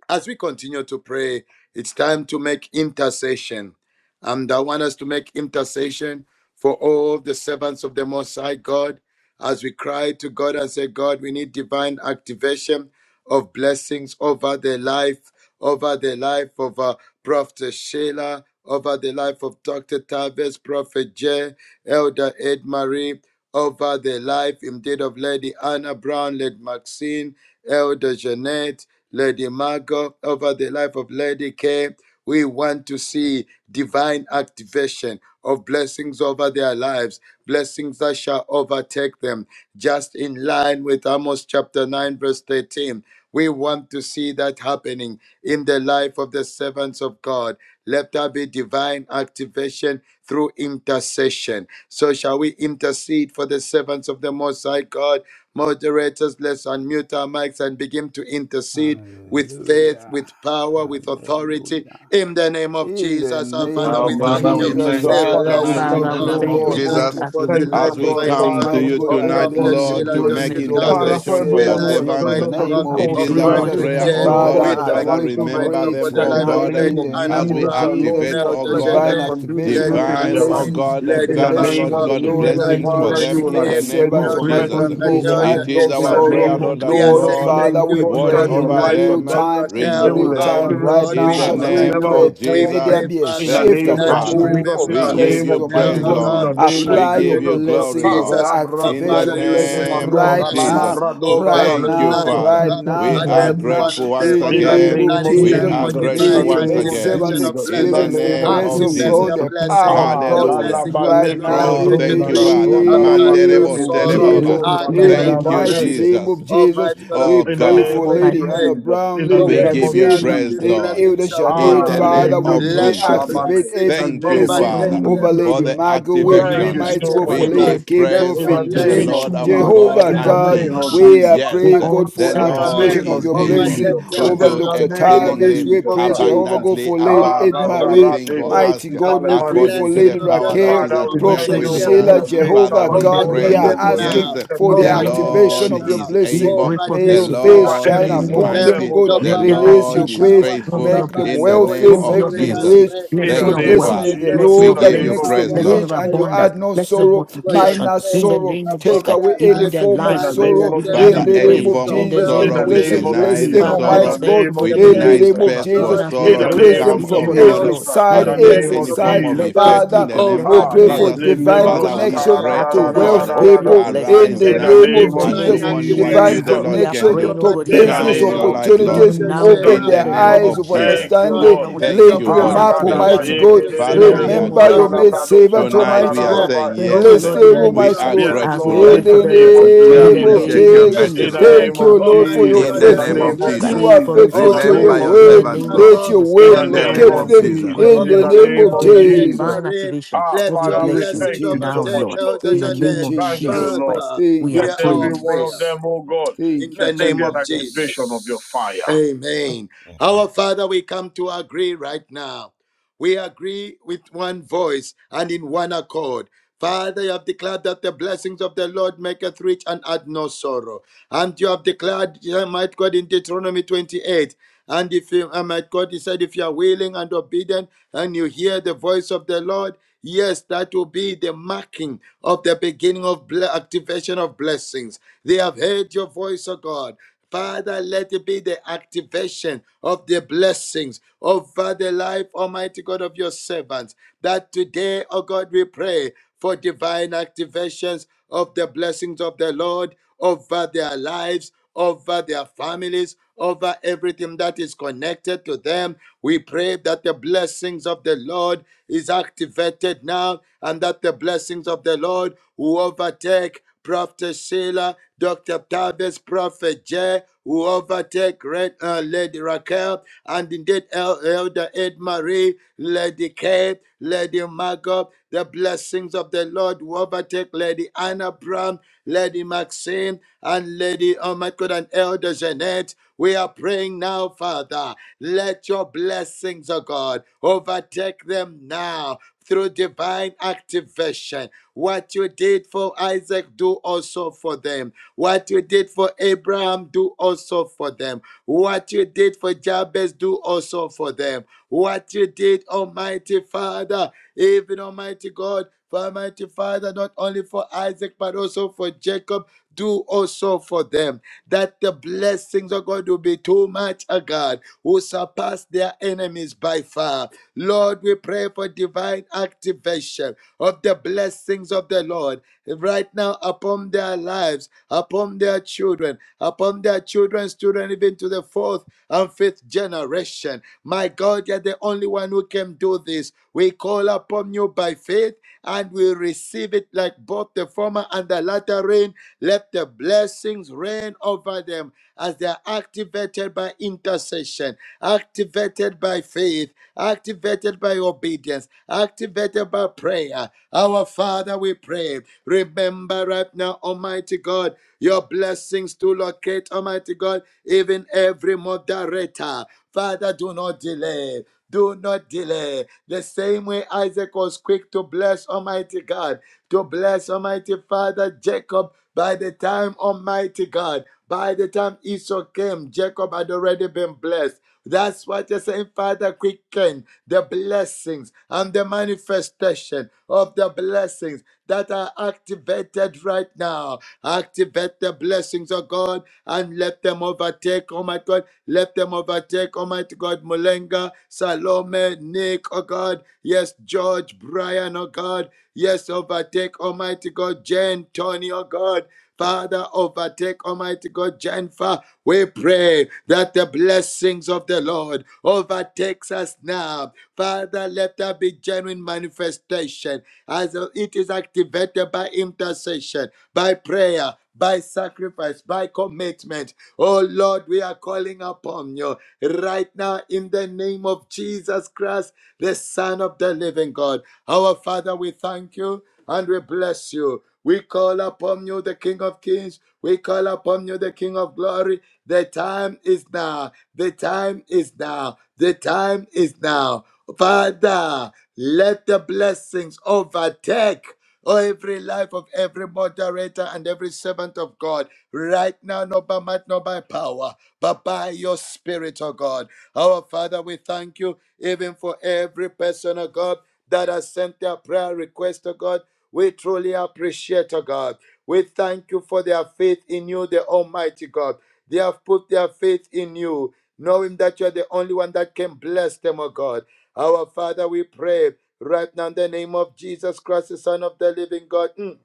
Speaker 2: as we continue to pray, it's time to make intercession. And I want us to make intercession for all the servants of the Most High God as we cry to God and say, God, we need divine activation of blessings over the life, over the life of uh, Prophet Sheila, over the life of Dr. Tavis, Prophet Jay, Elder Ed Marie, over the life indeed of Lady Anna Brown, Lady Maxine, Elder Jeanette, Lady Margot, over the life of Lady K. We want to see divine activation of blessings over their lives, blessings that shall overtake them, just in line with Amos chapter 9, verse 13. We want to see that happening in the life of the servants of God. Let there be divine activation through intercession so shall we intercede for the servants of the Most High God. Moderators, let's unmute our mics and begin to intercede with faith,
Speaker 3: Hallelujah.
Speaker 2: with power, with authority.
Speaker 3: Hallelujah.
Speaker 2: In the name of
Speaker 3: In the
Speaker 2: Jesus,
Speaker 6: O
Speaker 2: our
Speaker 7: In
Speaker 3: name
Speaker 6: God,
Speaker 2: Father,
Speaker 7: the
Speaker 4: Our
Speaker 6: in
Speaker 2: we
Speaker 6: the
Speaker 3: of
Speaker 7: name
Speaker 2: thank
Speaker 4: Father,
Speaker 7: of
Speaker 6: name
Speaker 4: we
Speaker 2: you.
Speaker 6: of
Speaker 3: Jesus,
Speaker 6: Jesus.
Speaker 4: thank
Speaker 7: Jesus,
Speaker 2: We
Speaker 4: you
Speaker 3: Father,
Speaker 7: Father, we
Speaker 2: bless
Speaker 4: tonight
Speaker 2: you,
Speaker 4: in
Speaker 2: O
Speaker 3: we
Speaker 7: thank
Speaker 6: Father,
Speaker 4: the
Speaker 6: we
Speaker 7: you,
Speaker 2: God.
Speaker 7: O
Speaker 4: name
Speaker 3: pray,
Speaker 6: thank
Speaker 4: of
Speaker 3: oh
Speaker 7: God.
Speaker 2: We
Speaker 6: you,
Speaker 3: God,
Speaker 6: God,
Speaker 2: thank
Speaker 4: Jesus.
Speaker 2: you
Speaker 3: to
Speaker 6: as we
Speaker 2: for the
Speaker 6: lift
Speaker 7: Thank
Speaker 3: we
Speaker 7: you,
Speaker 2: life,
Speaker 4: As
Speaker 7: O
Speaker 6: up the
Speaker 4: we
Speaker 3: pray,
Speaker 7: God,
Speaker 2: Almighty
Speaker 6: servants
Speaker 4: come
Speaker 6: of
Speaker 2: God,
Speaker 4: to
Speaker 7: Father,
Speaker 3: Almighty
Speaker 4: you
Speaker 6: God
Speaker 3: God,
Speaker 7: for
Speaker 2: of
Speaker 7: oh
Speaker 4: tonight,
Speaker 6: before
Speaker 7: God.
Speaker 2: Prophet
Speaker 3: advancing the
Speaker 6: you,
Speaker 4: Lord,
Speaker 6: O
Speaker 2: Sheila,
Speaker 4: to
Speaker 6: God, in
Speaker 4: make
Speaker 6: the
Speaker 2: Dr.
Speaker 3: blessings over
Speaker 6: name of
Speaker 3: your
Speaker 7: Father,
Speaker 2: Tavis,
Speaker 7: for
Speaker 4: intercession for
Speaker 2: the
Speaker 4: your
Speaker 7: everyone
Speaker 3: servants
Speaker 7: who
Speaker 2: life,
Speaker 7: has
Speaker 6: Jesus.
Speaker 3: in
Speaker 4: servants,
Speaker 3: the
Speaker 7: joined us
Speaker 2: Almighty
Speaker 7: on
Speaker 3: name
Speaker 2: God,
Speaker 7: this
Speaker 6: Father,
Speaker 3: of
Speaker 4: it
Speaker 6: we
Speaker 7: call
Speaker 4: is
Speaker 2: of
Speaker 6: pray, O
Speaker 7: tonight,
Speaker 4: our
Speaker 6: God,
Speaker 3: Jesus.
Speaker 7: we
Speaker 6: in
Speaker 2: Prophet
Speaker 6: the
Speaker 4: prayer,
Speaker 7: thank
Speaker 2: Jeb.
Speaker 4: oh
Speaker 7: you,
Speaker 6: name
Speaker 7: O
Speaker 6: of
Speaker 3: Father,
Speaker 4: God,
Speaker 7: God,
Speaker 2: We
Speaker 4: that
Speaker 7: for their
Speaker 3: as
Speaker 4: Father,
Speaker 2: thank you,
Speaker 3: we
Speaker 7: lives, O
Speaker 2: Almighty
Speaker 7: God.
Speaker 4: remember
Speaker 3: pray
Speaker 2: God, for
Speaker 4: them,
Speaker 2: the
Speaker 7: That
Speaker 4: oh
Speaker 7: in
Speaker 2: life
Speaker 7: the
Speaker 2: of
Speaker 3: tonight
Speaker 4: God,
Speaker 7: name
Speaker 3: in
Speaker 2: Lady
Speaker 7: of
Speaker 3: the
Speaker 2: Anna
Speaker 3: name
Speaker 4: as we
Speaker 3: of
Speaker 7: Jesus, my
Speaker 2: Brown,
Speaker 7: Lord,
Speaker 3: Jesus,
Speaker 4: activate,
Speaker 7: you are
Speaker 4: oh
Speaker 2: Elder
Speaker 7: blessing
Speaker 4: God,
Speaker 3: divine
Speaker 7: them
Speaker 2: Jeanette,
Speaker 7: and doing a
Speaker 3: activation
Speaker 7: new
Speaker 2: Lady
Speaker 3: of
Speaker 7: thing in
Speaker 4: divine,
Speaker 7: their
Speaker 4: oh
Speaker 7: life.
Speaker 2: Maxine.
Speaker 3: blessings,
Speaker 6: divine
Speaker 4: God,
Speaker 3: the
Speaker 7: In
Speaker 2: Lady
Speaker 7: the
Speaker 4: Father,
Speaker 6: intervention
Speaker 3: blessings
Speaker 7: name
Speaker 4: Lord
Speaker 3: of
Speaker 2: Margot,
Speaker 7: of
Speaker 3: the
Speaker 4: God,
Speaker 6: in
Speaker 3: Lord
Speaker 2: the
Speaker 6: the
Speaker 7: Jesus,
Speaker 2: life
Speaker 4: blessings
Speaker 3: make
Speaker 6: name
Speaker 2: of
Speaker 6: of
Speaker 4: for
Speaker 3: your
Speaker 7: Father, you
Speaker 4: them
Speaker 2: Lady
Speaker 6: Jesus.
Speaker 7: will
Speaker 4: in
Speaker 3: made
Speaker 2: Kay,
Speaker 4: the name
Speaker 7: activate
Speaker 6: We
Speaker 3: servants,
Speaker 4: of
Speaker 7: your
Speaker 6: pray
Speaker 3: Almighty
Speaker 2: Elder,
Speaker 4: Jesus.
Speaker 6: God
Speaker 3: God,
Speaker 7: blessings,
Speaker 6: in
Speaker 2: um,
Speaker 6: the
Speaker 7: O
Speaker 3: rich,
Speaker 7: God.
Speaker 6: name
Speaker 2: Elder
Speaker 4: It
Speaker 3: add
Speaker 6: of
Speaker 4: is
Speaker 2: Ed
Speaker 3: no
Speaker 7: In
Speaker 6: Jesus.
Speaker 4: our
Speaker 7: the
Speaker 2: Marie.
Speaker 3: sorrow.
Speaker 4: prayer,
Speaker 7: name
Speaker 4: Lord,
Speaker 6: Lord,
Speaker 7: of
Speaker 4: that
Speaker 2: We are
Speaker 3: Lord,
Speaker 7: Jesus,
Speaker 6: I
Speaker 2: saying
Speaker 7: you
Speaker 4: Lord,
Speaker 6: pray
Speaker 2: thank
Speaker 3: Father,
Speaker 7: will, O
Speaker 2: you
Speaker 6: God
Speaker 3: we
Speaker 7: God,
Speaker 6: in the
Speaker 4: watch
Speaker 2: for
Speaker 7: shine
Speaker 3: pray
Speaker 2: the
Speaker 7: your
Speaker 3: in
Speaker 4: over
Speaker 6: name of
Speaker 2: life
Speaker 7: light
Speaker 3: real
Speaker 7: on them.
Speaker 4: them,
Speaker 2: of
Speaker 3: time, in
Speaker 7: They
Speaker 2: Raquel,
Speaker 4: renew
Speaker 3: real
Speaker 7: will
Speaker 6: the
Speaker 4: them
Speaker 3: time,
Speaker 2: our
Speaker 6: name
Speaker 3: right
Speaker 7: experience
Speaker 2: God.
Speaker 6: of
Speaker 7: you,
Speaker 4: in
Speaker 3: now,
Speaker 7: oh
Speaker 2: We
Speaker 4: the
Speaker 7: God,
Speaker 3: as
Speaker 7: like
Speaker 6: Jesus.
Speaker 2: honor
Speaker 3: we
Speaker 4: name
Speaker 7: never
Speaker 2: you.
Speaker 3: pray,
Speaker 4: of
Speaker 2: We
Speaker 3: may
Speaker 7: before.
Speaker 3: there
Speaker 4: Jesus.
Speaker 6: Name
Speaker 2: pray,
Speaker 6: of
Speaker 3: be a
Speaker 6: Jesus.
Speaker 7: In the
Speaker 2: Father,
Speaker 4: Thank
Speaker 3: shift
Speaker 4: you,
Speaker 7: name
Speaker 3: and a
Speaker 7: of
Speaker 2: that
Speaker 6: I
Speaker 2: you
Speaker 4: Father.
Speaker 6: pray
Speaker 3: move
Speaker 7: Jesus, in
Speaker 3: of
Speaker 4: We
Speaker 7: the
Speaker 2: remember
Speaker 6: also God
Speaker 4: give
Speaker 7: name
Speaker 3: blessings,
Speaker 4: you
Speaker 7: of
Speaker 6: in
Speaker 2: Raquel,
Speaker 3: Almighty
Speaker 6: the
Speaker 4: praise,
Speaker 2: our
Speaker 7: Jesus,
Speaker 3: God.
Speaker 7: in
Speaker 6: name
Speaker 2: God,
Speaker 7: the
Speaker 4: Lord.
Speaker 6: of
Speaker 7: name
Speaker 6: Jesus.
Speaker 2: right
Speaker 4: We
Speaker 7: of
Speaker 3: Apply
Speaker 2: now in
Speaker 3: your
Speaker 4: give
Speaker 2: the
Speaker 4: you
Speaker 7: Jesus.
Speaker 2: name of
Speaker 4: glory,
Speaker 3: blessings, O
Speaker 7: Ah,
Speaker 3: God.
Speaker 4: Lord.
Speaker 2: Jesus. Now,
Speaker 3: Activate
Speaker 4: In
Speaker 3: your
Speaker 4: the
Speaker 7: labrados,
Speaker 2: Father,
Speaker 3: let your
Speaker 2: you
Speaker 7: ekele
Speaker 3: blessing
Speaker 6: In
Speaker 2: send
Speaker 6: the
Speaker 4: name
Speaker 2: your
Speaker 7: mandos,
Speaker 6: Name
Speaker 4: of
Speaker 3: right
Speaker 6: of
Speaker 2: blessing
Speaker 6: Jesus.
Speaker 4: Jesus.
Speaker 3: now,
Speaker 7: alalabrados,
Speaker 2: over
Speaker 3: right
Speaker 2: her
Speaker 4: Thank you,
Speaker 3: now,
Speaker 2: life,
Speaker 7: asalemoso.
Speaker 6: I
Speaker 2: oh
Speaker 4: Father.
Speaker 6: pray
Speaker 3: right
Speaker 2: God,
Speaker 6: God
Speaker 3: now,
Speaker 4: We
Speaker 6: in
Speaker 2: and
Speaker 6: the
Speaker 4: are
Speaker 3: right
Speaker 2: every
Speaker 6: name of
Speaker 3: now,
Speaker 2: one of
Speaker 4: grateful
Speaker 6: Jesus.
Speaker 2: them,
Speaker 4: once
Speaker 3: in
Speaker 2: oh
Speaker 7: In
Speaker 3: the
Speaker 7: the
Speaker 2: God.
Speaker 3: name
Speaker 4: again.
Speaker 3: of
Speaker 7: name
Speaker 2: That is
Speaker 7: of
Speaker 6: In the
Speaker 4: We
Speaker 2: time
Speaker 3: Jesus.
Speaker 4: are
Speaker 2: for
Speaker 6: name
Speaker 7: Jesus,
Speaker 6: of
Speaker 7: in
Speaker 3: May
Speaker 4: grateful
Speaker 7: the
Speaker 2: divine
Speaker 3: you
Speaker 4: once
Speaker 7: name
Speaker 3: made
Speaker 7: of
Speaker 4: again.
Speaker 3: servants
Speaker 2: activation
Speaker 6: Jesus.
Speaker 2: of
Speaker 7: Jesus, in
Speaker 4: In
Speaker 7: the
Speaker 4: the
Speaker 2: blessings.
Speaker 3: experience the
Speaker 7: name
Speaker 4: name
Speaker 7: of
Speaker 6: All
Speaker 3: grace
Speaker 6: the
Speaker 4: of
Speaker 3: of
Speaker 2: Activate
Speaker 7: Jesus.
Speaker 6: servants
Speaker 3: God,
Speaker 2: the
Speaker 4: Jesus.
Speaker 3: the
Speaker 6: of God
Speaker 2: blessings
Speaker 3: power
Speaker 6: alone.
Speaker 3: of
Speaker 7: Ah,
Speaker 2: the
Speaker 3: God
Speaker 7: la la
Speaker 4: Hallelujah.
Speaker 2: blessings
Speaker 7: ba
Speaker 2: of
Speaker 3: right
Speaker 2: the Lord
Speaker 7: leke
Speaker 3: now,
Speaker 2: that
Speaker 6: In
Speaker 7: le
Speaker 6: the
Speaker 4: Oh,
Speaker 3: in
Speaker 7: bro
Speaker 6: name
Speaker 2: maketh
Speaker 3: the
Speaker 4: thank
Speaker 6: of
Speaker 7: da
Speaker 4: you,
Speaker 7: da
Speaker 2: rich
Speaker 4: Father.
Speaker 6: Jesus.
Speaker 7: zonda
Speaker 2: and
Speaker 7: da
Speaker 2: add
Speaker 4: Mandere
Speaker 2: no
Speaker 3: name
Speaker 7: mandeke se
Speaker 3: of
Speaker 4: bostere
Speaker 6: We
Speaker 2: sorrow.
Speaker 7: kele
Speaker 6: pray
Speaker 3: Jesus.
Speaker 4: bababa.
Speaker 7: bo
Speaker 6: God
Speaker 7: ra
Speaker 6: in
Speaker 7: da
Speaker 6: the
Speaker 7: da
Speaker 3: In the
Speaker 7: da
Speaker 2: Activate
Speaker 6: name
Speaker 4: Thank
Speaker 2: the
Speaker 6: of
Speaker 7: ba
Speaker 4: you,
Speaker 3: mighty
Speaker 6: Jesus.
Speaker 7: leke.
Speaker 2: blessings,
Speaker 3: name
Speaker 4: Jesus.
Speaker 3: of Jesus,
Speaker 2: Almighty God of
Speaker 3: we
Speaker 4: Oh,
Speaker 7: In the
Speaker 3: pray
Speaker 2: Deuteronomy
Speaker 3: for
Speaker 4: God.
Speaker 7: name of
Speaker 6: I
Speaker 3: Lady
Speaker 6: pray
Speaker 2: 28.
Speaker 3: Anna
Speaker 7: Jesus,
Speaker 3: Brown,
Speaker 7: in
Speaker 6: in
Speaker 7: the
Speaker 2: Your
Speaker 6: the
Speaker 3: Lady
Speaker 4: We
Speaker 2: word
Speaker 7: name
Speaker 6: name
Speaker 4: give
Speaker 7: of
Speaker 6: of
Speaker 4: you
Speaker 2: declares,
Speaker 3: Maxine,
Speaker 6: Jesus.
Speaker 2: and
Speaker 7: Jesus.
Speaker 4: praise,
Speaker 2: this
Speaker 3: Lady
Speaker 4: Lord,
Speaker 2: blessing
Speaker 3: Elder
Speaker 6: That's
Speaker 2: shall
Speaker 6: Lord
Speaker 4: in
Speaker 3: Shanid.
Speaker 2: follow
Speaker 7: Ah,
Speaker 4: the
Speaker 6: God, in
Speaker 2: you.
Speaker 6: the
Speaker 7: they
Speaker 4: name
Speaker 3: Father,
Speaker 7: can
Speaker 3: we
Speaker 6: name
Speaker 4: of
Speaker 6: of
Speaker 7: go
Speaker 3: pray
Speaker 7: to
Speaker 2: Let the
Speaker 4: Jesus.
Speaker 6: Jesus.
Speaker 7: Alamande.
Speaker 3: activate
Speaker 7: in
Speaker 2: blessings
Speaker 7: the
Speaker 3: every blessing
Speaker 4: Thank you,
Speaker 7: name of
Speaker 3: blessings
Speaker 2: overtake
Speaker 4: Father,
Speaker 6: Lord,
Speaker 3: over
Speaker 2: them,
Speaker 6: we
Speaker 7: Jesus.
Speaker 2: O
Speaker 4: for
Speaker 3: Lady
Speaker 6: pray
Speaker 4: the
Speaker 2: God.
Speaker 3: Margot.
Speaker 6: in the
Speaker 3: We
Speaker 7: Thank
Speaker 3: pray,
Speaker 6: name of
Speaker 7: you
Speaker 4: activation.
Speaker 2: Overtake
Speaker 3: might
Speaker 6: Jesus.
Speaker 2: them,
Speaker 7: so
Speaker 3: God,
Speaker 6: God,
Speaker 2: O
Speaker 7: much,
Speaker 3: for
Speaker 4: We
Speaker 6: let
Speaker 2: God.
Speaker 7: Lord.
Speaker 3: Lady
Speaker 6: there
Speaker 4: give
Speaker 6: be
Speaker 3: K,
Speaker 2: Let
Speaker 4: praise
Speaker 7: In
Speaker 2: the
Speaker 7: the
Speaker 3: Prophet
Speaker 4: unto the
Speaker 7: name
Speaker 3: J,
Speaker 2: blessing
Speaker 7: of
Speaker 4: Lord
Speaker 6: motivation of
Speaker 4: our
Speaker 6: God
Speaker 7: Jesus.
Speaker 4: God
Speaker 3: Jehovah
Speaker 7: In
Speaker 6: in
Speaker 2: overtake
Speaker 6: the
Speaker 7: the
Speaker 4: and
Speaker 2: them
Speaker 6: name
Speaker 7: name
Speaker 6: of
Speaker 3: God.
Speaker 4: King.
Speaker 7: of
Speaker 2: now.
Speaker 3: We
Speaker 6: Jesus.
Speaker 3: are
Speaker 7: Jesus.
Speaker 6: For
Speaker 4: Yes,
Speaker 3: praying,
Speaker 2: Overtake
Speaker 3: God,
Speaker 6: all
Speaker 4: the
Speaker 3: for
Speaker 7: In
Speaker 2: them
Speaker 7: the
Speaker 6: servants, oh
Speaker 4: Lord
Speaker 2: now.
Speaker 3: activation
Speaker 7: name
Speaker 6: God,
Speaker 3: of
Speaker 7: of
Speaker 4: is
Speaker 3: your
Speaker 6: in the
Speaker 4: able
Speaker 3: blessing
Speaker 2: Overtake
Speaker 6: name
Speaker 7: Jesus
Speaker 6: of
Speaker 4: to
Speaker 2: them
Speaker 7: Christ.
Speaker 3: over
Speaker 6: Jesus.
Speaker 4: do
Speaker 7: In
Speaker 2: now.
Speaker 7: the
Speaker 3: Dr.
Speaker 2: In
Speaker 7: name of
Speaker 2: the
Speaker 3: Tavis.
Speaker 4: exceedingly
Speaker 3: We
Speaker 2: name
Speaker 7: Jesus
Speaker 2: of
Speaker 3: pray,
Speaker 7: Christ.
Speaker 3: Jehovah
Speaker 2: Jesus,
Speaker 3: God,
Speaker 4: abundantly
Speaker 3: for
Speaker 2: our
Speaker 3: Lady
Speaker 7: Ah,
Speaker 4: above
Speaker 3: Ed
Speaker 2: Father,
Speaker 4: all we
Speaker 2: we
Speaker 7: Lazara
Speaker 3: Marie.
Speaker 4: think or
Speaker 2: pray
Speaker 7: Debo
Speaker 3: Mighty
Speaker 4: ask,
Speaker 2: that
Speaker 3: God, we
Speaker 2: the
Speaker 3: pray
Speaker 7: Shikalamande.
Speaker 3: for
Speaker 4: according to
Speaker 2: blessing
Speaker 3: Lady
Speaker 4: the
Speaker 2: of the
Speaker 4: power
Speaker 2: Lord
Speaker 4: that
Speaker 3: Raquel,
Speaker 4: is
Speaker 7: Father,
Speaker 2: will
Speaker 4: at
Speaker 7: we
Speaker 4: work
Speaker 7: thank
Speaker 6: provision of
Speaker 2: overtake
Speaker 3: Prophet
Speaker 7: you, O
Speaker 6: your
Speaker 2: them
Speaker 4: within
Speaker 7: God, for
Speaker 4: us.
Speaker 3: Sheila,
Speaker 7: your
Speaker 6: blessing
Speaker 2: now.
Speaker 7: maid
Speaker 4: Father,
Speaker 3: Jehovah
Speaker 6: in
Speaker 7: servant,
Speaker 4: we
Speaker 6: the
Speaker 3: God.
Speaker 7: Lord,
Speaker 2: Overtake
Speaker 3: We
Speaker 4: pray
Speaker 7: and
Speaker 6: name of
Speaker 3: are
Speaker 7: your
Speaker 2: them
Speaker 4: that
Speaker 6: the
Speaker 7: word will
Speaker 6: Lord,
Speaker 4: yes,
Speaker 3: asking
Speaker 7: be
Speaker 2: now.
Speaker 3: for
Speaker 6: in
Speaker 7: settled,
Speaker 3: the
Speaker 6: the
Speaker 7: O
Speaker 4: the
Speaker 7: God,
Speaker 6: name
Speaker 2: Overtake
Speaker 6: of
Speaker 2: them
Speaker 3: activation
Speaker 4: Lord
Speaker 3: of your
Speaker 6: Jesus.
Speaker 2: now.
Speaker 4: is
Speaker 6: We
Speaker 3: blessing.
Speaker 4: able,
Speaker 6: pray for
Speaker 3: May
Speaker 4: the
Speaker 6: this
Speaker 2: Overtake
Speaker 3: your
Speaker 6: O Lord,
Speaker 2: each
Speaker 7: over
Speaker 3: face
Speaker 2: and
Speaker 6: in
Speaker 4: Lord
Speaker 2: every
Speaker 3: shine
Speaker 7: every
Speaker 6: the
Speaker 2: one
Speaker 4: is
Speaker 6: name
Speaker 2: of
Speaker 7: one
Speaker 6: of
Speaker 7: of
Speaker 3: upon
Speaker 2: them.
Speaker 6: Jesus.
Speaker 3: them, O
Speaker 7: them,
Speaker 4: mighty,
Speaker 7: O God.
Speaker 2: Not
Speaker 3: God.
Speaker 4: the
Speaker 6: Let
Speaker 2: by
Speaker 6: there
Speaker 2: might,
Speaker 6: be
Speaker 2: not
Speaker 3: Release
Speaker 2: by
Speaker 3: your
Speaker 4: Lord is
Speaker 6: provision
Speaker 3: grace,
Speaker 2: power,
Speaker 6: of
Speaker 4: faithful
Speaker 6: your
Speaker 2: but
Speaker 3: make them
Speaker 2: by
Speaker 4: in
Speaker 2: the
Speaker 4: the
Speaker 6: blessing,
Speaker 2: Holy
Speaker 4: name
Speaker 3: wealthy,
Speaker 6: of
Speaker 4: of
Speaker 3: make
Speaker 6: your
Speaker 2: Spirit.
Speaker 3: them
Speaker 2: I
Speaker 4: Jesus.
Speaker 6: blessing,
Speaker 3: rich.
Speaker 2: pray
Speaker 7: In
Speaker 3: It's
Speaker 7: the
Speaker 3: the
Speaker 6: blessing
Speaker 2: for
Speaker 4: Thank
Speaker 6: of
Speaker 4: you,
Speaker 2: your
Speaker 7: name of
Speaker 3: blessing
Speaker 6: wealth,
Speaker 4: Father.
Speaker 3: of the
Speaker 2: presence,
Speaker 7: Jesus,
Speaker 6: blessing
Speaker 4: We
Speaker 7: in
Speaker 3: Lord
Speaker 2: for
Speaker 6: of
Speaker 7: the
Speaker 4: give
Speaker 3: that
Speaker 2: your
Speaker 7: name
Speaker 4: you
Speaker 7: of
Speaker 3: makes
Speaker 6: cleansing,
Speaker 3: them
Speaker 4: praise,
Speaker 2: power,
Speaker 7: Jesus,
Speaker 6: blessing
Speaker 4: Lord.
Speaker 3: rich,
Speaker 6: of
Speaker 2: for
Speaker 3: and
Speaker 2: your
Speaker 3: you
Speaker 6: abundance,
Speaker 3: add no
Speaker 6: blessing of
Speaker 2: anointing,
Speaker 3: sorrow,
Speaker 2: for your
Speaker 6: multiplication
Speaker 3: minus
Speaker 6: in
Speaker 2: grace
Speaker 6: the
Speaker 3: sorrow.
Speaker 6: name of Jesus
Speaker 3: Take
Speaker 2: upon
Speaker 6: Christ,
Speaker 3: away
Speaker 2: their
Speaker 6: even
Speaker 3: any
Speaker 6: in
Speaker 2: lives.
Speaker 6: their
Speaker 3: form
Speaker 7: in
Speaker 3: of
Speaker 6: lives,
Speaker 2: Father,
Speaker 7: the
Speaker 6: oh God,
Speaker 2: we
Speaker 7: name
Speaker 3: sorrow
Speaker 7: of
Speaker 6: even
Speaker 2: attempt
Speaker 6: as
Speaker 2: the
Speaker 3: in
Speaker 4: Father,
Speaker 6: we
Speaker 3: the
Speaker 7: Jesus.
Speaker 4: any
Speaker 3: name
Speaker 6: pray
Speaker 3: of
Speaker 2: blessings
Speaker 4: form
Speaker 2: of
Speaker 6: in
Speaker 4: of
Speaker 6: the
Speaker 3: Jesus
Speaker 2: wealth,
Speaker 7: In
Speaker 6: name
Speaker 7: the
Speaker 4: sorrow,
Speaker 3: and
Speaker 6: of
Speaker 4: we
Speaker 3: bless
Speaker 2: the
Speaker 7: name
Speaker 3: and
Speaker 6: Jesus
Speaker 7: of
Speaker 6: Christ.
Speaker 4: deny
Speaker 3: bless
Speaker 2: blessings
Speaker 4: the
Speaker 3: them,
Speaker 2: of
Speaker 7: Jesus,
Speaker 6: Father,
Speaker 7: in
Speaker 6: we
Speaker 7: the
Speaker 4: sorrow.
Speaker 3: Almighty
Speaker 2: favor,
Speaker 3: God,
Speaker 6: thank you,
Speaker 7: name
Speaker 4: We
Speaker 6: God,
Speaker 2: the
Speaker 7: of
Speaker 6: in the
Speaker 3: in
Speaker 6: name
Speaker 3: the
Speaker 6: of
Speaker 4: deny
Speaker 6: Jesus
Speaker 2: blessings
Speaker 3: name
Speaker 7: Jesus
Speaker 2: of
Speaker 3: of
Speaker 6: Christ,
Speaker 7: Christ,
Speaker 4: space for
Speaker 6: even
Speaker 2: joy,
Speaker 3: Jesus.
Speaker 6: as we
Speaker 7: in
Speaker 4: sorrow
Speaker 7: the
Speaker 2: the
Speaker 4: to
Speaker 6: pray,
Speaker 3: Increase
Speaker 7: name
Speaker 3: them
Speaker 4: come,
Speaker 7: of
Speaker 2: blessings
Speaker 6: even
Speaker 2: of
Speaker 4: oh
Speaker 3: from
Speaker 6: for this,
Speaker 4: God,
Speaker 2: health
Speaker 3: every
Speaker 7: Jesus
Speaker 6: Lord,
Speaker 7: Christ,
Speaker 6: in
Speaker 7: in
Speaker 2: the
Speaker 3: side,
Speaker 6: the
Speaker 7: the
Speaker 4: and
Speaker 6: name
Speaker 4: take
Speaker 7: name
Speaker 6: of
Speaker 3: every
Speaker 2: blessings
Speaker 4: any
Speaker 6: Jesus
Speaker 7: of
Speaker 2: of
Speaker 6: Christ.
Speaker 3: side,
Speaker 4: form of
Speaker 7: Jesus
Speaker 6: Let there
Speaker 2: abundance
Speaker 7: Christ.
Speaker 4: effect
Speaker 6: be a
Speaker 4: in
Speaker 3: Father.
Speaker 4: the
Speaker 6: God.
Speaker 4: name
Speaker 6: Let
Speaker 3: We
Speaker 6: it
Speaker 7: Ah,
Speaker 4: of
Speaker 6: be
Speaker 3: pray
Speaker 6: a
Speaker 7: la
Speaker 3: for
Speaker 6: God
Speaker 2: overtake,
Speaker 6: in
Speaker 4: Jesus.
Speaker 6: the
Speaker 7: zele
Speaker 6: name
Speaker 3: divine
Speaker 6: of
Speaker 4: Father,
Speaker 6: Jesus
Speaker 7: brosa
Speaker 4: we
Speaker 7: kara
Speaker 6: Christ.
Speaker 3: connection
Speaker 2: overtake,
Speaker 7: da
Speaker 4: pray,
Speaker 7: da
Speaker 3: to
Speaker 4: oh
Speaker 7: da da da
Speaker 6: Activation
Speaker 3: wealth
Speaker 4: God,
Speaker 7: da
Speaker 6: of
Speaker 7: da
Speaker 6: your
Speaker 7: da.
Speaker 3: people
Speaker 2: overtake.
Speaker 6: blessing,
Speaker 3: in
Speaker 6: oh
Speaker 4: arise
Speaker 3: the
Speaker 7: In
Speaker 2: Let
Speaker 6: God.
Speaker 7: the
Speaker 2: there
Speaker 4: now
Speaker 3: name
Speaker 2: be
Speaker 7: name
Speaker 6: In
Speaker 3: of
Speaker 6: the
Speaker 7: of
Speaker 4: and do
Speaker 2: divine
Speaker 6: name
Speaker 3: Jesus.
Speaker 6: of
Speaker 4: only
Speaker 6: Jesus
Speaker 4: what
Speaker 3: Divine
Speaker 6: Christ.
Speaker 4: you, the
Speaker 2: activation
Speaker 7: Jesus,
Speaker 6: We
Speaker 4: Lord,
Speaker 6: are
Speaker 4: can
Speaker 3: connection
Speaker 2: and
Speaker 6: praying,
Speaker 4: do.
Speaker 6: oh
Speaker 3: to
Speaker 6: God,
Speaker 7: in
Speaker 6: even
Speaker 2: overtake,
Speaker 7: the
Speaker 6: for
Speaker 2: oh
Speaker 3: business
Speaker 4: Shine
Speaker 6: this, oh
Speaker 7: name
Speaker 4: your
Speaker 2: God.
Speaker 7: of
Speaker 6: God.
Speaker 4: light,
Speaker 3: opportunities.
Speaker 4: Lord,
Speaker 6: Even
Speaker 2: Prophet
Speaker 6: now, oh
Speaker 3: Open
Speaker 7: Jesus.
Speaker 6: God,
Speaker 4: in
Speaker 2: Sheila,
Speaker 6: in
Speaker 4: the
Speaker 3: their
Speaker 6: the
Speaker 4: name
Speaker 6: name
Speaker 3: eyes
Speaker 6: of
Speaker 4: of
Speaker 3: of
Speaker 6: Jesus
Speaker 2: overtake,
Speaker 7: Thank
Speaker 2: oh
Speaker 6: Christ.
Speaker 4: Jesus.
Speaker 7: you,
Speaker 2: God.
Speaker 6: Father,
Speaker 7: Lord.
Speaker 6: we
Speaker 3: understanding.
Speaker 2: Let
Speaker 6: speak,
Speaker 4: Thank
Speaker 6: oh
Speaker 2: your
Speaker 3: Link
Speaker 4: you,
Speaker 6: God
Speaker 3: them
Speaker 6: in
Speaker 7: Ah,
Speaker 4: Holy
Speaker 2: blessings
Speaker 3: up,
Speaker 7: rada
Speaker 4: Spirit.
Speaker 2: overtake
Speaker 7: ba
Speaker 6: activation,
Speaker 3: Almighty
Speaker 6: oh
Speaker 7: ye
Speaker 6: God.
Speaker 3: God.
Speaker 7: ke
Speaker 2: Prophet
Speaker 7: de de
Speaker 6: In
Speaker 4: Father,
Speaker 7: de
Speaker 6: the
Speaker 7: de
Speaker 2: Sheila,
Speaker 4: we are
Speaker 7: bo
Speaker 6: name of
Speaker 7: sa
Speaker 3: Remember
Speaker 6: Jesus.
Speaker 7: ta
Speaker 3: your
Speaker 2: Dr.
Speaker 7: la
Speaker 4: grateful.
Speaker 3: maid
Speaker 7: bra do
Speaker 2: David,
Speaker 7: sa
Speaker 3: servants,
Speaker 7: ta ra
Speaker 4: Tonight
Speaker 7: ra
Speaker 2: Prophet
Speaker 4: we
Speaker 3: Almighty
Speaker 7: ra
Speaker 4: are
Speaker 6: God.
Speaker 7: ra
Speaker 2: Jay,
Speaker 3: God.
Speaker 4: saying,
Speaker 7: ba.
Speaker 2: oh
Speaker 6: Thank you,
Speaker 2: my
Speaker 4: Yes,
Speaker 3: Bless
Speaker 6: Lord,
Speaker 2: God,
Speaker 6: in the
Speaker 3: them,
Speaker 6: name
Speaker 2: Lady
Speaker 6: of
Speaker 4: we
Speaker 6: Jesus
Speaker 3: Almighty
Speaker 4: are
Speaker 6: Christ.
Speaker 3: God.
Speaker 7: Yes,
Speaker 2: Raquel,
Speaker 6: As we
Speaker 4: grateful,
Speaker 7: Lord,
Speaker 6: pray
Speaker 3: In
Speaker 2: let
Speaker 7: in
Speaker 4: Lord.
Speaker 7: the
Speaker 6: for
Speaker 2: your
Speaker 3: the
Speaker 6: them, oh
Speaker 7: name of
Speaker 2: blessings
Speaker 6: God,
Speaker 4: We
Speaker 6: in
Speaker 3: name
Speaker 6: the
Speaker 7: Jesus.
Speaker 2: overtake
Speaker 3: of
Speaker 4: appreciate
Speaker 6: name
Speaker 4: your
Speaker 6: of
Speaker 3: Jesus,
Speaker 4: mercy,
Speaker 2: Lady
Speaker 7: In
Speaker 6: Jesus
Speaker 7: the
Speaker 4: Lord.
Speaker 6: Christ.
Speaker 2: Kay,
Speaker 7: name
Speaker 3: thank
Speaker 7: of
Speaker 3: you,
Speaker 6: Father,
Speaker 3: Lord,
Speaker 6: thank
Speaker 3: for
Speaker 6: you,
Speaker 2: Almighty
Speaker 3: your
Speaker 6: God,
Speaker 4: In
Speaker 7: Jesus,
Speaker 2: God,
Speaker 6: in
Speaker 4: the
Speaker 7: in
Speaker 6: the
Speaker 2: let
Speaker 7: the
Speaker 4: name
Speaker 6: name
Speaker 2: your
Speaker 3: faithfulness.
Speaker 4: of
Speaker 6: of
Speaker 7: name
Speaker 6: Jesus
Speaker 7: of
Speaker 3: You
Speaker 4: Jesus,
Speaker 6: Christ.
Speaker 2: blessings
Speaker 3: are
Speaker 6: For
Speaker 7: Jesus,
Speaker 6: it
Speaker 7: in
Speaker 6: is
Speaker 3: faithful
Speaker 7: the
Speaker 3: to
Speaker 6: so,
Speaker 7: name
Speaker 3: your
Speaker 4: remember
Speaker 2: overtake
Speaker 4: your
Speaker 7: of
Speaker 6: in the
Speaker 2: Lady
Speaker 3: word.
Speaker 4: servants,
Speaker 6: name
Speaker 7: Jesus,
Speaker 6: of
Speaker 4: Lord.
Speaker 3: Let
Speaker 2: Margot,
Speaker 3: your
Speaker 6: Jesus
Speaker 7: in
Speaker 6: Christ.
Speaker 3: word
Speaker 2: let
Speaker 7: the
Speaker 4: In the
Speaker 2: your
Speaker 7: name
Speaker 6: Father,
Speaker 4: name
Speaker 7: of
Speaker 3: locate
Speaker 4: of
Speaker 6: Lord,
Speaker 3: them
Speaker 2: blessings
Speaker 6: thank you,
Speaker 4: Jesus.
Speaker 6: God, in the
Speaker 7: Jesus,
Speaker 3: in
Speaker 7: in
Speaker 6: name
Speaker 3: the
Speaker 6: of
Speaker 7: the
Speaker 6: Jesus
Speaker 2: overtake
Speaker 3: name
Speaker 6: Christ.
Speaker 7: name
Speaker 4: Mm.
Speaker 3: of
Speaker 7: of
Speaker 6: There
Speaker 2: Elder
Speaker 6: is
Speaker 2: Ed
Speaker 3: Jesus.
Speaker 7: Jesus.
Speaker 6: divine
Speaker 2: Marie.
Speaker 6: activation
Speaker 7: Ah,
Speaker 6: of
Speaker 2: Let
Speaker 6: your
Speaker 7: Father,
Speaker 2: your
Speaker 7: we
Speaker 3: Thank
Speaker 6: blessing
Speaker 3: you,
Speaker 2: blessings
Speaker 7: thank you
Speaker 6: now,
Speaker 7: so
Speaker 3: Jesus.
Speaker 2: overtake
Speaker 7: much,
Speaker 6: Lord,
Speaker 7: Lord.
Speaker 2: Elder
Speaker 6: in the
Speaker 3: Thank you,
Speaker 6: name
Speaker 2: Jeanette.
Speaker 6: of
Speaker 7: Thank you,
Speaker 3: Jesus.
Speaker 6: Jesus
Speaker 7: Lord.
Speaker 6: Christ.
Speaker 2: Father,
Speaker 6: We
Speaker 3: Thank
Speaker 6: are
Speaker 3: you,
Speaker 7: Bless
Speaker 2: hear
Speaker 7: every
Speaker 2: our
Speaker 6: prayed.
Speaker 7: one of
Speaker 2: prayer
Speaker 7: them,
Speaker 3: Jesus.
Speaker 7: oh God.
Speaker 2: in
Speaker 3: Thank you,
Speaker 7: Let
Speaker 2: the
Speaker 7: there
Speaker 2: name
Speaker 7: be an
Speaker 2: of Jesus.
Speaker 7: activation of your fire.
Speaker 3: Jesus.
Speaker 2: Amen.
Speaker 3: Amen.
Speaker 2: Our Father, we come to agree right now. We agree with one voice and in one accord. Father, you have declared that the blessings of the Lord maketh rich and add no sorrow. And you have declared, yeah, might God, in Deuteronomy 28. And if you, uh, might God, you said, if you are willing and obedient and you hear the voice of the Lord, yes, that will be the marking of the beginning of activation of blessings. They have heard your voice, O God. Father, let it be the activation of the blessings over the life, Almighty God, of your servants. That today, oh God, we pray for divine activations of the blessings of the Lord over their lives, over their families, over everything that is connected to them. We pray that the blessings of the Lord is activated now and that the blessings of the Lord will overtake Prophet Sheila, Dr. Tavis, Prophet Jay, who overtake Red, uh, Lady Raquel, and indeed El- Elder Ed Marie, Lady Kate, Lady Margot, the blessings of the Lord who overtake Lady Anna Brown, Lady Maxine, and Lady, oh my God, and Elder Jeanette. We are praying now, Father, let your blessings, oh God, overtake them now through divine activation. What you did for Isaac, do also for them. What you did for Abraham, do also for them. What you did for Jabez, do also for them what you did, Almighty Father, even Almighty God, for Almighty Father, not only for Isaac, but also for Jacob. Do also for them that the blessings of God will be too much, a God, who surpass their enemies by far. Lord, we pray for divine activation of the blessings of the Lord right now upon their lives, upon their children, upon their children's children, even to the fourth and fifth generation. My God, you're the only one who can do this. We call upon you by faith and we receive it like both the former and the latter rain. Let the blessings rain over them as they are activated by intercession, activated by faith, activated by obedience, activated by prayer. Our Father, we pray. Remember right now, Almighty God your blessings to locate, Almighty God, even every moderator. Father, do not delay. Do not delay. The same way Isaac was quick to bless Almighty God, to bless Almighty Father Jacob, by the time Almighty God, by the time Esau came, Jacob had already been blessed. That's what you're saying, Father, quicken the blessings and the manifestation of the blessings that are activated right now. Activate the blessings of God and let them overtake, oh my God. Let them overtake, Almighty God, Mulenga, Salome, Nick, oh God. Yes, George, Brian, oh God. Yes, overtake, Almighty God, Jane, Tony, oh God. Father, overtake Almighty God, Jennifer. We pray that the blessings of the Lord overtakes us now. Father, let there be genuine manifestation as it is activated by intercession, by prayer, by sacrifice, by commitment. Oh Lord, we are calling upon you right now in the name of Jesus Christ, the Son of the living God. Our Father, we thank you and we bless you. We call upon you, the King of Kings. We call upon you, the King of Glory. The time is now. The time is now. The time is now. Father, let the blessings overtake oh, every life of every moderator and every servant of God right now, not by might, not by power, but by your Spirit, oh God. Our Father, we thank you even for every person, oh God, that has sent their prayer request, oh God. We truly appreciate, oh God. We thank you for their faith in you, the Almighty God. They have put their faith in you, knowing that you are the only one that can bless them, oh God. Our Father, we pray right now in the name of Jesus Christ, the Son of the living God. Mm.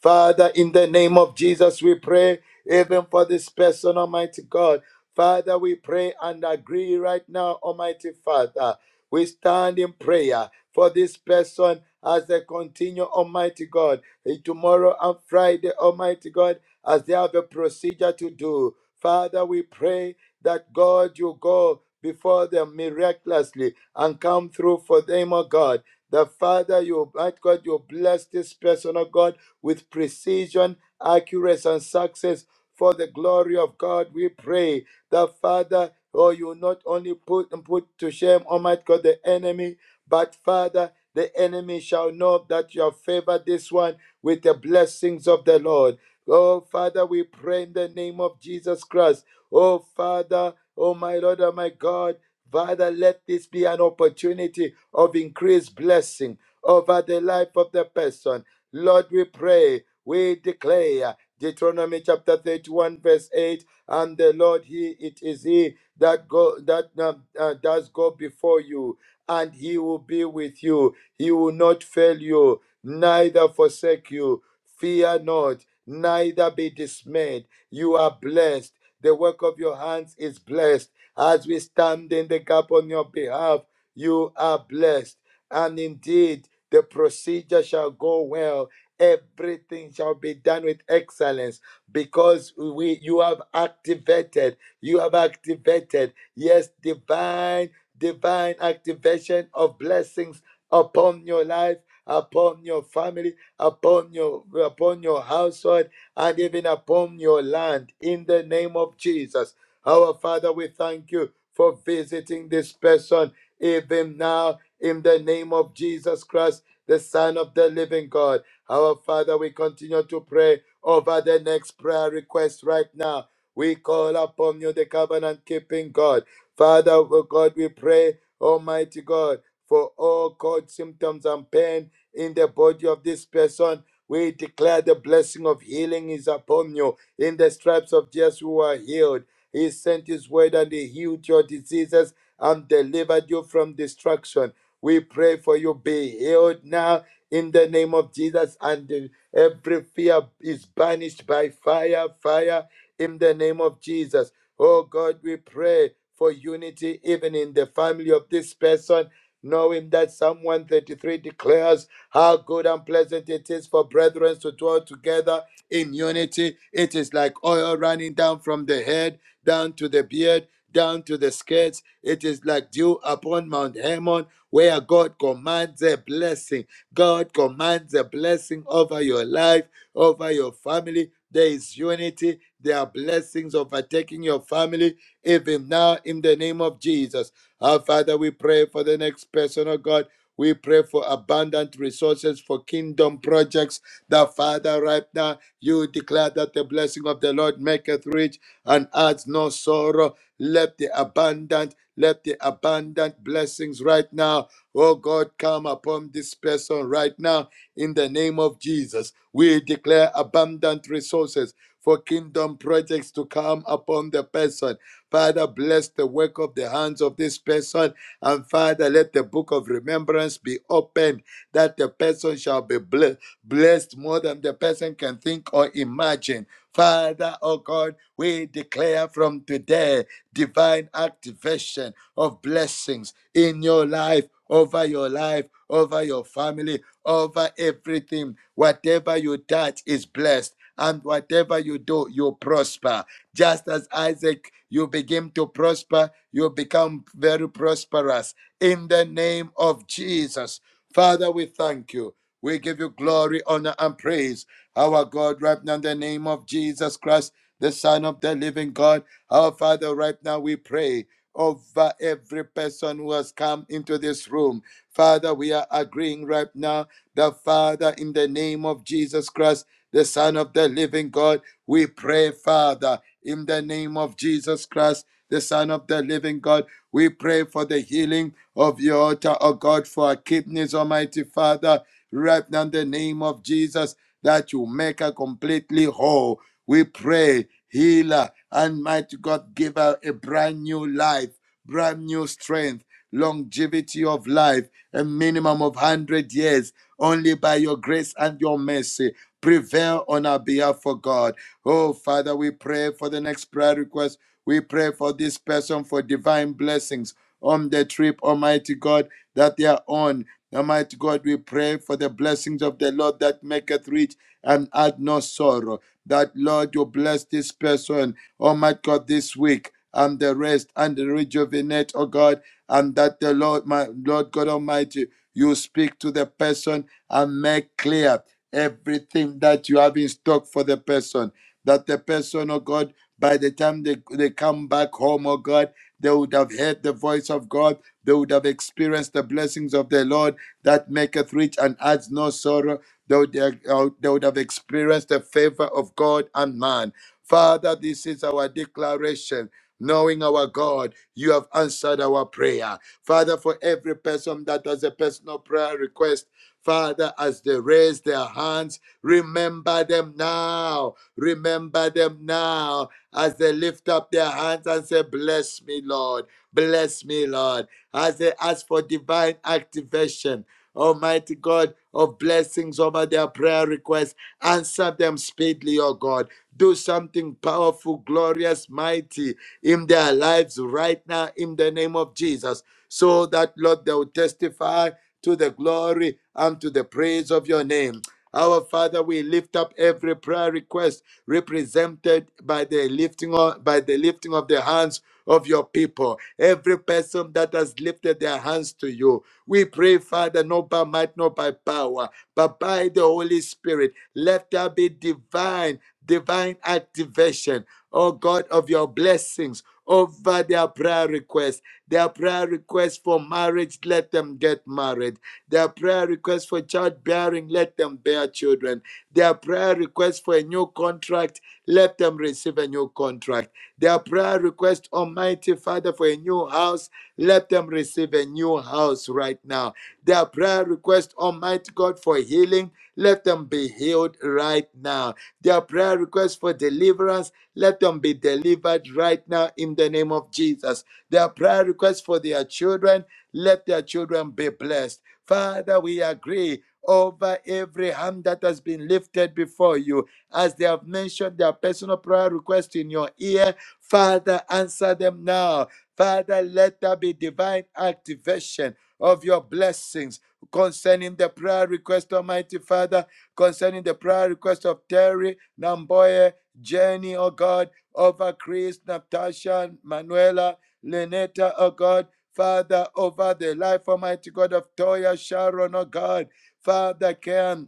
Speaker 2: Father, in the name of Jesus, we pray even for this person, Almighty God. Father, we pray and agree right now, Almighty Father. We stand in prayer for this person as they continue, Almighty God. eh, Tomorrow and Friday, Almighty God, as they have a procedure to do. Father, we pray that God, you go before them miraculously and come through for them, oh God. The Father, you, might God, you bless this person, oh God with precision, accuracy, and success for the glory of God. We pray that, Father, oh, you not only put and put to shame, Almighty God, the enemy, but Father, the enemy shall know that you have favored this one with the blessings of the Lord. Oh, Father, we pray in the name of Jesus Christ. Oh, Father, oh, my Lord, oh, my God, Father, let this be an opportunity of increased blessing over the life of the person Lord, we pray, we declare. Deuteronomy chapter 31, verse 8, and the Lord, He it is He that go that uh, uh, does go before you, and He will be with you. He will not fail you, neither forsake you. Fear not, neither be dismayed. You are blessed. The work of your hands is blessed. As we stand in the gap on your behalf, you are blessed. And indeed, the procedure shall go well. Everything shall be done with excellence because we you have activated, you have activated, yes, divine, divine activation of blessings upon your life, upon your family, upon your upon your household, and even upon your land in the name of Jesus. Our Father, we thank you for visiting this person even now in the name of Jesus Christ the Son of the living God. Our Father, we continue to pray over the next prayer request right now. We call upon you, the covenant keeping God. Father, oh God, we pray, Almighty God, for all cold symptoms and pain in the body of this person. We declare the blessing of healing is upon you. In the stripes of Jesus, you are healed. He sent his word and he healed your diseases and delivered you from destruction. We pray for you be healed now in the name of Jesus, and uh, every fear is banished by fire, fire in the name of Jesus. Oh God, we pray for unity even in the family of this person, knowing that Psalm 133 declares how good and pleasant it is for brethren to dwell together in unity. It is like oil running down from the head, down to the beard, down to the skirts. It is like dew upon Mount Hermon where God commands a blessing. God commands a blessing over your life, over your family. There is unity. There are blessings overtaking your family, even now, in the name of Jesus. Our Father, we pray for the next person, oh God. We pray for abundant resources for kingdom projects. The Father, right now, you declare that the blessing of the Lord maketh rich and adds no sorrow. Let the abundant let the abundant blessings right now, oh God, come upon this person right now in the name of Jesus. We declare abundant resources for kingdom projects to come upon the person. Father, bless the work of the hands of this person. And Father, let the book of remembrance be opened that the person shall be ble- blessed more than the person can think or imagine. Father, oh God, we declare from today divine activation of blessings in your life, over your life, over your family, over everything. Whatever you touch is blessed. And whatever you do, you prosper. Just as Isaac, you begin to prosper, you become very prosperous. In the name of Jesus. Father, we thank you. We give you glory, honor, and praise. Our God, right now, in the name of Jesus Christ, the Son of the living God. Our Father, right now we pray over every person who has come into this room. Father, we are agreeing right now that, Father, in the name of Jesus Christ, the Son of the living God, we pray, Father, in the name of Jesus Christ, the Son of the living God, we pray for the healing of your altar, O God, for our kidneys, Almighty Father, right now in the name of Jesus, that you make her completely whole we pray, healer and mighty God, give her a brand new life, brand new strength, longevity of life, a minimum of 100 years, only by your grace and your mercy. Prevail on our behalf for God. Oh, Father, we pray for the next prayer request. We pray for this person for divine blessings on the trip, Almighty God, that they are on. Almighty God, we pray for the blessings of the Lord that maketh rich and add no sorrow that Lord, you bless this person, oh my God, this week and the rest and the rejuvenate, oh God, and that the Lord, my Lord God Almighty, you speak to the person and make clear everything that you have in stock for the person. That the person, oh God, by the time they, they come back home, oh God, they would have heard the voice of God. They would have experienced the blessings of the Lord that maketh rich and adds no sorrow they would, uh, they would have experienced the favor of God and man. Father, this is our declaration. Knowing our God, you have answered our prayer. Father, for every person that has a personal prayer request, Father, as they raise their hands, remember them now. Remember them now as they lift up their hands and say, Bless me, Lord. Bless me, Lord. As they ask for divine activation, Almighty God, of blessings over their prayer requests. Answer them speedily, O God. Do something powerful, glorious, mighty in their lives right now in the name of Jesus, so that, Lord, they will testify to the glory and to the praise of your name. Our Father, we lift up every prayer request represented by the lifting of, by the lifting of the hands of your people. Every person that has lifted their hands to you, we pray, Father, not by might, not by power, but by the Holy Spirit. Let there be divine, divine activation, oh God, of your blessings over their prayer requests. Their prayer requests for marriage, let them get married. Their prayer requests for childbearing, let them bear children. Their prayer requests for a new contract, let them receive a new contract their prayer request, Almighty Father, for a new house, let them receive a new house right now. Their prayer request, Almighty God, for healing, let them be healed right now. Their prayer request for deliverance, let them be delivered right now in the name of Jesus. Their prayer request for their children, let their children be blessed. Father, we agree over every hand that has been lifted before you as they have mentioned their personal prayer request in your ear Father, answer them now. Father, let there be divine activation of your blessings concerning the prayer request, Almighty Father, concerning the prayer request of Terry, Namboye, Jenny, oh God, over Chris, Natasha, Manuela, Leneta, oh God, Father, over the life, Almighty God, of Toya, Sharon, oh God, Father, Ken.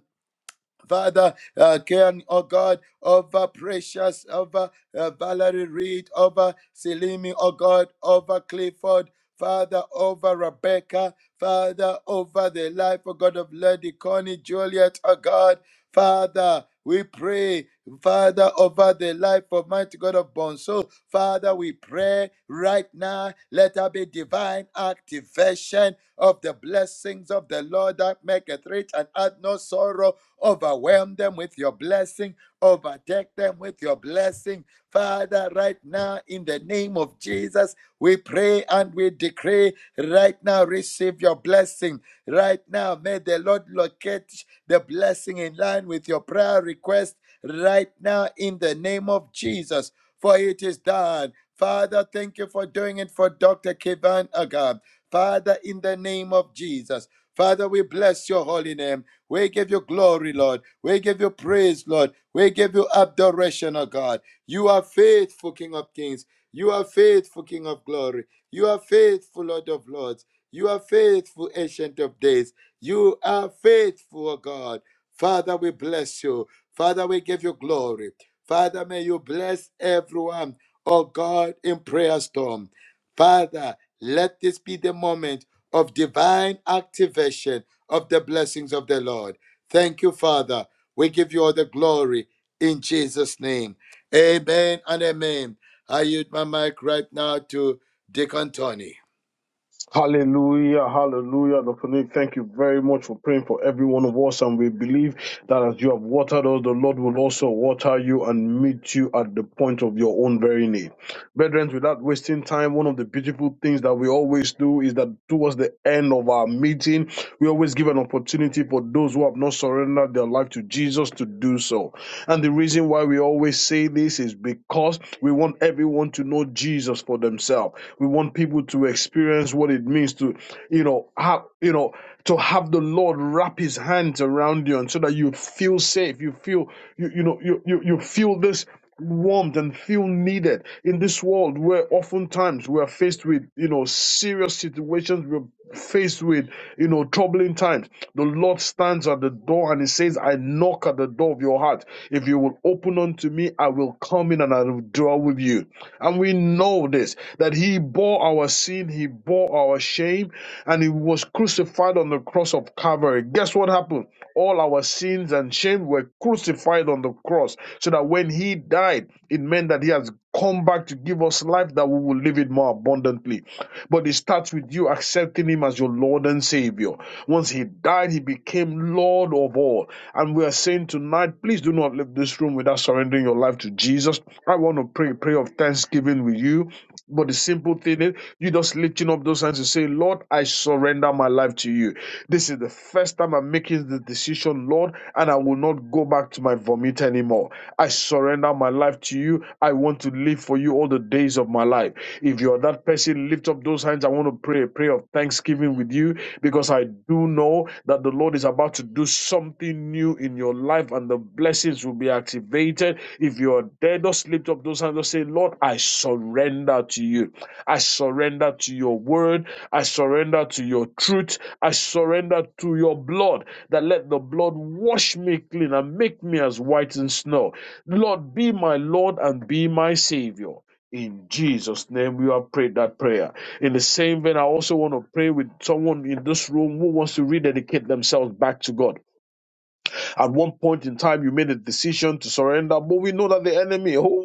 Speaker 2: Father, uh, Ken, oh God, over Precious, over uh, Valerie Reed, over Selimi, oh God, over Clifford, Father, over Rebecca, Father, over the life, oh God, of Lady Connie, Juliet, oh God, Father, we pray, Father, over the life of mighty God of Bonso. Father, we pray right now, let there be divine activation of the blessings of the Lord that maketh rich and add no sorrow Overwhelm them with your blessing. Overtake them with your blessing. Father, right now, in the name of Jesus, we pray and we decree right now, receive your blessing. Right now, may the Lord locate the blessing in line with your prayer request right now, in the name of Jesus, for it is done. Father, thank you for doing it for Dr. Kivan Agam. Father, in the name of Jesus. Father, we bless your holy name. We give you glory, Lord. We give you praise, Lord. We give you adoration, O God. You are faithful, King of kings. You are faithful, King of glory. You are faithful, Lord of lords. You are faithful, Ancient of days. You are faithful, O God. Father, we bless you. Father, we give you glory. Father, may you bless everyone, O God, in prayer storm. Father, let this be the moment of divine activation of the blessings of the Lord. Thank you, Father. We give you all the glory in Jesus' name. Amen and amen. I yield my mic right now to Deacon Tony.
Speaker 7: Hallelujah, hallelujah. Dr. Nick, thank you very much for praying for every one of us. And we believe that as you have watered us, the Lord will also water you and meet you at the point of your own very need. Brethren, without wasting time, one of the beautiful things that we always do is that towards the end of our meeting, we always give an opportunity for those who have not surrendered their life to Jesus to do so. And the reason why we always say this is because we want everyone to know Jesus for themselves. We want people to experience what it means to, you know, have, you know, to have the Lord wrap his hands around you and so that you feel safe. You feel you you know you you, you feel this warmed and feel needed in this world where oftentimes we are faced with you know serious situations we're faced with you know troubling times the lord stands at the door and he says i knock at the door of your heart if you will open unto me i will come in and i will dwell with you and we know this that he bore our sin he bore our shame and he was crucified on the cross of calvary guess what happened All our sins and shame were crucified on the cross so that when he died, it meant that he has come back to give us life that we will live it more abundantly. But it starts with you accepting him as your Lord and Savior. Once he died, he became Lord of all. And we are saying tonight, please do not leave this room without surrendering your life to Jesus. I want to pray a prayer of thanksgiving with you but the simple thing is, you just lifting up those hands and say, Lord, I surrender my life to you. This is the first time I'm making the decision, Lord, and I will not go back to my vomit anymore. I surrender my life to you. I want to live for you all the days of my life. If you are that person, lift up those hands. I want to pray a prayer of thanksgiving with you because I do know that the Lord is about to do something new in your life and the blessings will be activated. If you are there, just lift up those hands and say, Lord, I surrender to you. I surrender to your word. I surrender to your truth. I surrender to your blood that let the blood wash me clean and make me as white as snow. Lord, be my Lord and be my Savior. In Jesus' name, we have prayed that prayer. In the same vein, I also want to pray with someone in this room who wants to rededicate themselves back to God. At one point in time, you made a decision to surrender, but we know that the enemy, oh,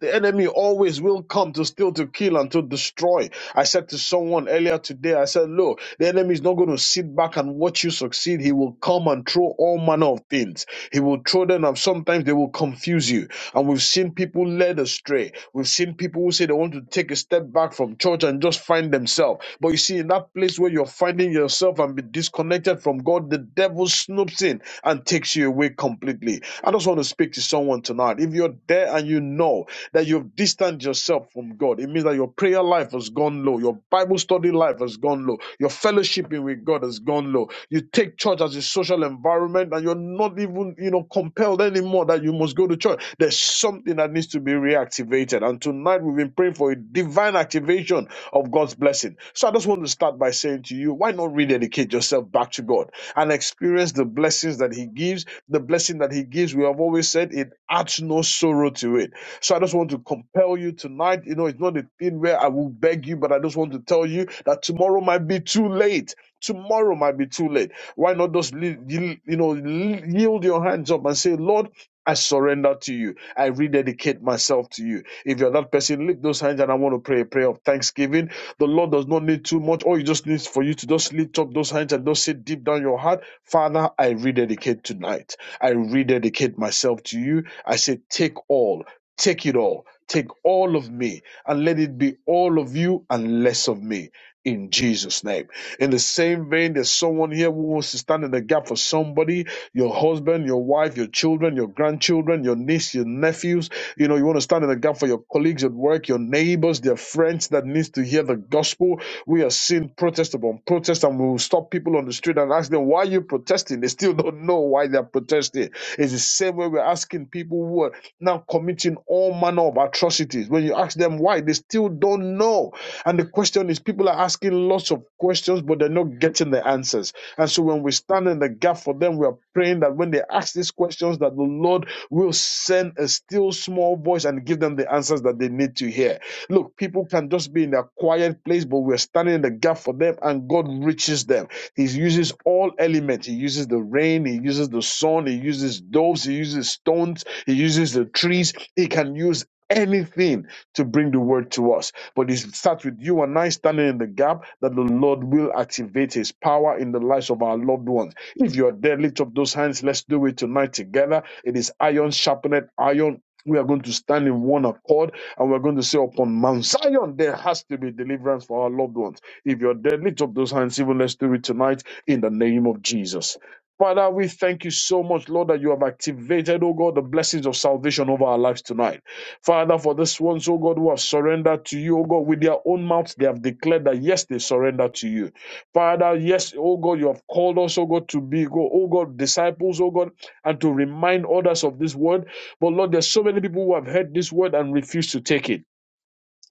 Speaker 7: the enemy always will come to steal, to kill, and to destroy. I said to someone earlier today, I said, Look, the enemy is not going to sit back and watch you succeed. He will come and throw all manner of things. He will throw them, and sometimes they will confuse you. And we've seen people led astray. We've seen people who say they want to take a step back from church and just find themselves. But you see, in that place where you're finding yourself and be disconnected from God, the devil snoops in and takes you away completely. I just want to speak to someone tonight. If you're there and you know that you've distanced yourself from God, it means that your prayer life has gone gone low. Your Bible study life has gone low. Your fellowshipping with God has gone low. You take church as a social environment and you're not even, you know, compelled anymore that you must go to church. There's something that needs to be reactivated. And tonight we've been praying for a divine activation of God's blessing. So I just want to start by saying to you, why not rededicate yourself back to God and experience the blessings that He gives? The blessing that He gives, we have always said, it adds no sorrow to it. So I just want to compel you tonight. You know, it's not a thing where I will beg you, but I just want to tell you that tomorrow might be too late. Tomorrow might be too late. Why not just, li- you know, yield your hands up and say, Lord, I surrender to you. I rededicate myself to you. If you're that person, lift those hands and I want to pray a prayer of thanksgiving. The Lord does not need too much. All you just needs for you to just lift up those hands and just say deep down your heart, Father, I rededicate tonight. I rededicate myself to you. I say, take all. Take it all. Take all of me and let it be all of you and less of me in Jesus' name. In the same vein, there's someone here who wants to stand in the gap for somebody your husband, your wife, your children, your grandchildren, your niece, your nephews. You know, you want to stand in the gap for your colleagues at work, your neighbors, their friends that needs to hear the gospel. We are seeing protest upon protest, and we will stop people on the street and ask them, Why are you protesting? They still don't know why they're protesting. It's the same way we're asking people who are now committing all manner of atrocities. When you ask them why, they still don't know. And the question is people are asking lots of questions, but they're not getting the answers. And so when we stand in the gap for them, we are praying that when they ask these questions, that the Lord will send a still small voice and give them the answers that they need to hear. Look, people can just be in a quiet place, but we're standing in the gap for them, and God reaches them. He uses all elements. He uses the rain, he uses the sun, he uses doves, he uses stones, he uses the trees. He can use anything to bring the word to us. But it starts with you and I standing in the gap that the Lord will activate his power in the lives of our loved ones. If you are there, lift up those hands. Let's do it tonight together. It is iron sharpened iron. We are going to stand in one accord and we're going to say, Upon Mount Zion, there has to be deliverance for our loved ones. If you're there, lift up those hands, even let's do it tonight in the name of Jesus. Father, we thank you so much, Lord, that you have activated, oh God, the blessings of salvation over our lives tonight. Father, for this ones, oh God, who have surrendered to you, oh God, with their own mouths, they have declared that yes, they surrender to you. Father, yes, oh God, you have called us, oh God, to be, oh God, disciples, oh God, and to remind others of this word. But Lord, there's so many people who have heard this word and refuse to take it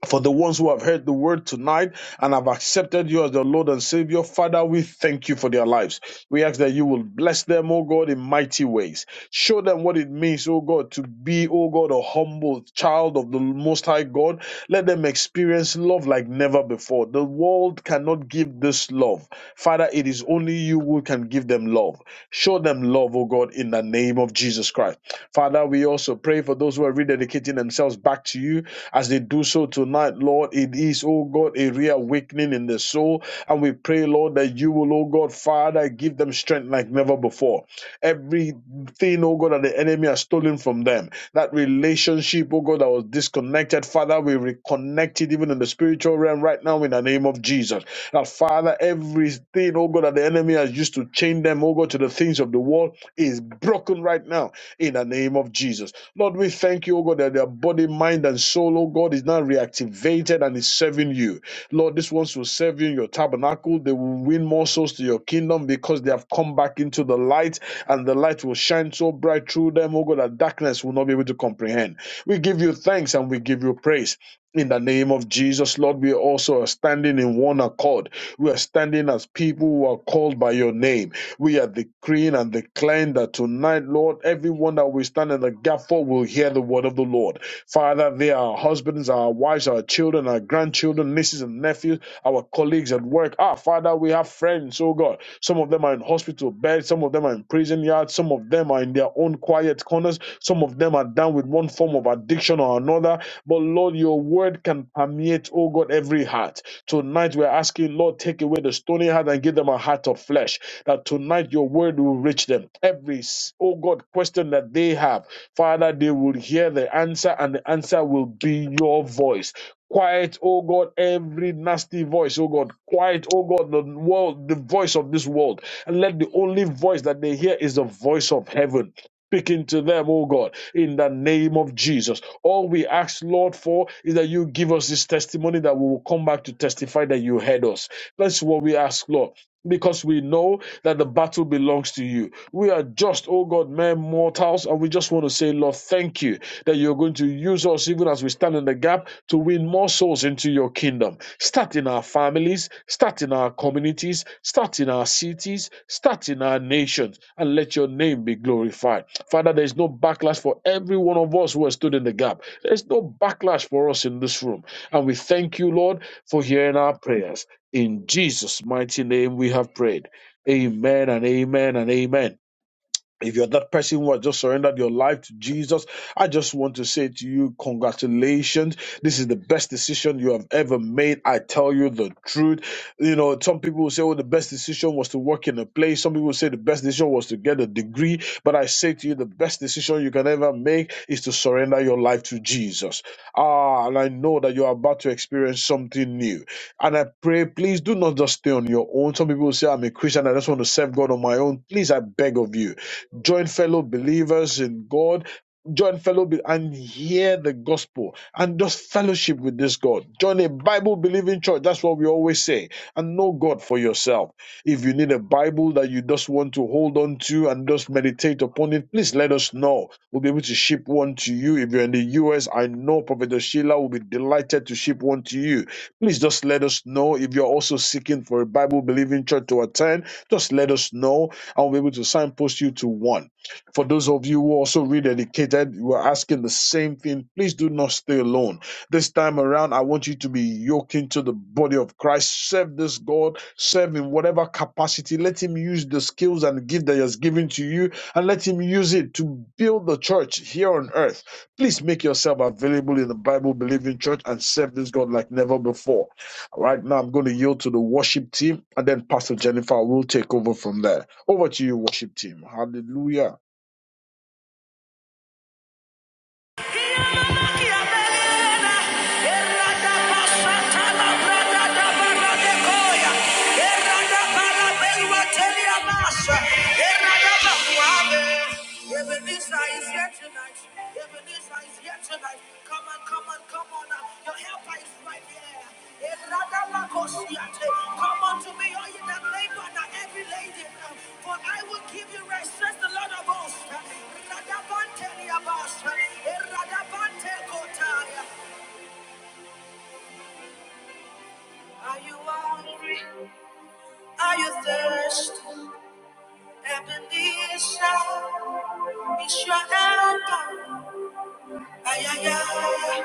Speaker 7: for the ones who have heard the word tonight and have accepted you as their Lord and Savior, Father, we thank you for their lives. We ask that you will bless them, oh God, in mighty ways. Show them what it means, oh God, to be, oh God, a humble child of the Most High God. Let them experience love like never before. The world cannot give this love. Father, it is only you who can give them love. Show them love, oh God, in the name of Jesus Christ. Father, we also pray for those who are rededicating themselves back to you as they do so tonight, Lord. It is, oh God, a reawakening in the soul. And we pray, Lord, that you will, oh God, Father, give them strength like never before. Everything, oh God, that the enemy has stolen from them, that relationship, oh God, that was disconnected, Father, we reconnect it even in the spiritual realm right now in the name of Jesus. Now, Father, everything, oh God, that the enemy has used to chain them, oh God, to the things of the world is broken right now in the name of Jesus. Lord, we thank you, oh God, that their body, mind, and soul, oh God, is now reactivated and is serving you. Lord, these ones will serve you in your tabernacle. They will win more souls to your kingdom because they have come back into the light and the light will shine so bright through them, oh God, that darkness will not be able to comprehend. We give you thanks and we give you praise. In the name of Jesus, Lord, we also are standing in one accord. We are standing as people who are called by your name. We are decreeing and declaring that tonight, Lord, everyone that we stand in the gap for will hear the word of the Lord. Father, they are our husbands, our wives, our children, our grandchildren, nieces and nephews, our colleagues at work. Ah, Father, we have friends, oh God. Some of them are in hospital beds, some of them are in prison yards, some of them are in their own quiet corners, some of them are down with one one form of addiction or another. But Lord, your word can permeate, oh God, every heart. Tonight we're asking, Lord, take away the stony heart and give them a heart of flesh. That tonight your word will reach them. Every, s- oh God, question that they have, Father, they will hear the answer and the answer will be your voice. Quiet, oh God, every nasty voice, oh God. Quiet, oh God, the world, the voice of this world. And let the only voice that they hear is the voice of heaven speaking to them, oh God, in the name of Jesus. All we ask, Lord, for is that you give us this testimony that we will come back to testify that you heard us. That's what we ask, Lord because we know that the battle belongs to you. We are just, oh God, mere mortals, and we just want to say, Lord, thank you that you're going to use us even as we stand in the gap to win more souls into your kingdom. Start in our families, start in our communities, start in our cities, start in our nations, and let your name be glorified. Father, there's no backlash for every one of us who has stood in the gap. There's no backlash for us in this room. And we thank you, Lord, for hearing our prayers. In Jesus' mighty name we have prayed. Amen and amen and amen. If you're that person who has just surrendered your life to Jesus, I just want to say to you, congratulations. This is the best decision you have ever made. I tell you the truth. You know, some people will say, oh, the best decision was to work in a place. Some people will say the best decision was to get a degree. But I say to you, the best decision you can ever make is to surrender your life to Jesus. Ah, and I know that you're about to experience something new. And I pray, please do not just stay on your own. Some people will say, I'm a Christian. I just want to serve God on my own. Please, I beg of you join fellow believers in God, join fellow be- and hear the gospel and just fellowship with this God. Join a Bible believing church. That's what we always say. And know God for yourself. If you need a Bible that you just want to hold on to and just meditate upon it, please let us know. We'll be able to ship one to you. If you're in the US, I know Prophet Sheila will be delighted to ship one to you. Please just let us know. If you're also seeking for a Bible believing church to attend, just let us know I'll be able to signpost you to one. For those of you who also rededicated, you are asking the same thing. Please do not stay alone. This time around, I want you to be yoked into the body of Christ. Serve this God, serve in whatever capacity. Let Him use the skills and gift that He has given to you, and let Him use it to build the church here on earth. Please make yourself available in the Bible believing church and serve this God like never before. Right now, I'm going to yield to the worship team, and then Pastor Jennifer will take over from there. Over to you, worship team. Hallelujah.
Speaker 1: transformed because you are here. Heaven is night here tonight. Heaven is night here tonight. Come on, come on, come on. Now. Your helper is right here. Eh, Come unto me, all ye that labor and are heavy laden, uh, for I will give you rest. Says the Lord of hosts. Uh, radabante Uh, eh, Are you hungry? Are you thirsty? Ebenezer is your helper. Ay, ay, ay,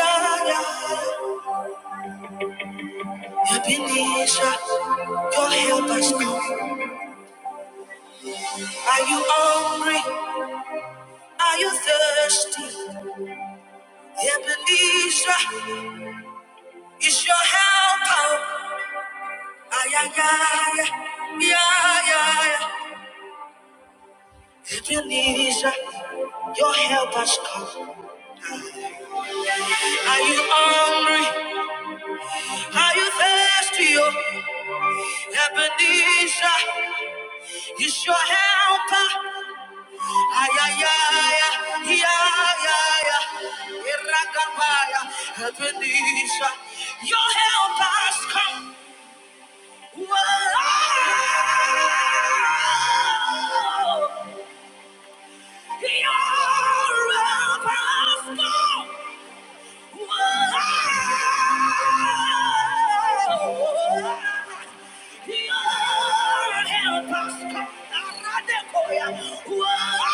Speaker 1: ay, ay, ay. Ebenezer, your help has come. Are you hungry? Are you thirsty? Ebenezer, is your help out? Ay, ay, ay, ay, ay, ay. Ebenezer, your help has come. Are you hungry? Are you thirsty? Oh, Ebenezer, is your helper? Ay, ay, ay, ay, ay, ay, ay, Irakapaya, Ebenezer, your help has come. Whoa, your help has come. Whoa. Lord, help us. Aradekoya. Whoa.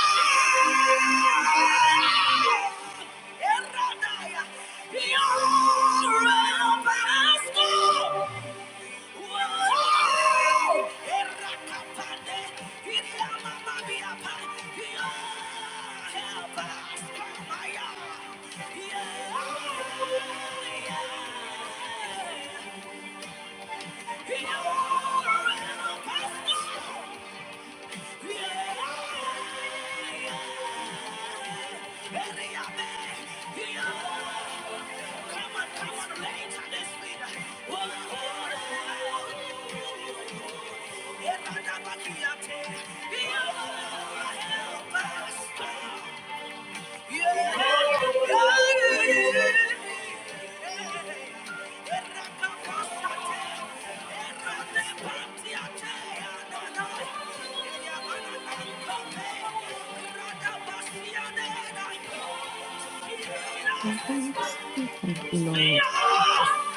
Speaker 1: Eradaya. Lord, help us. Whoa. Iriamamabiapa. Lord, help us. Kamaya. Yeah. Yeah. Lord, help us. Yeah.
Speaker 6: Thank you, Lord.
Speaker 1: Yeah.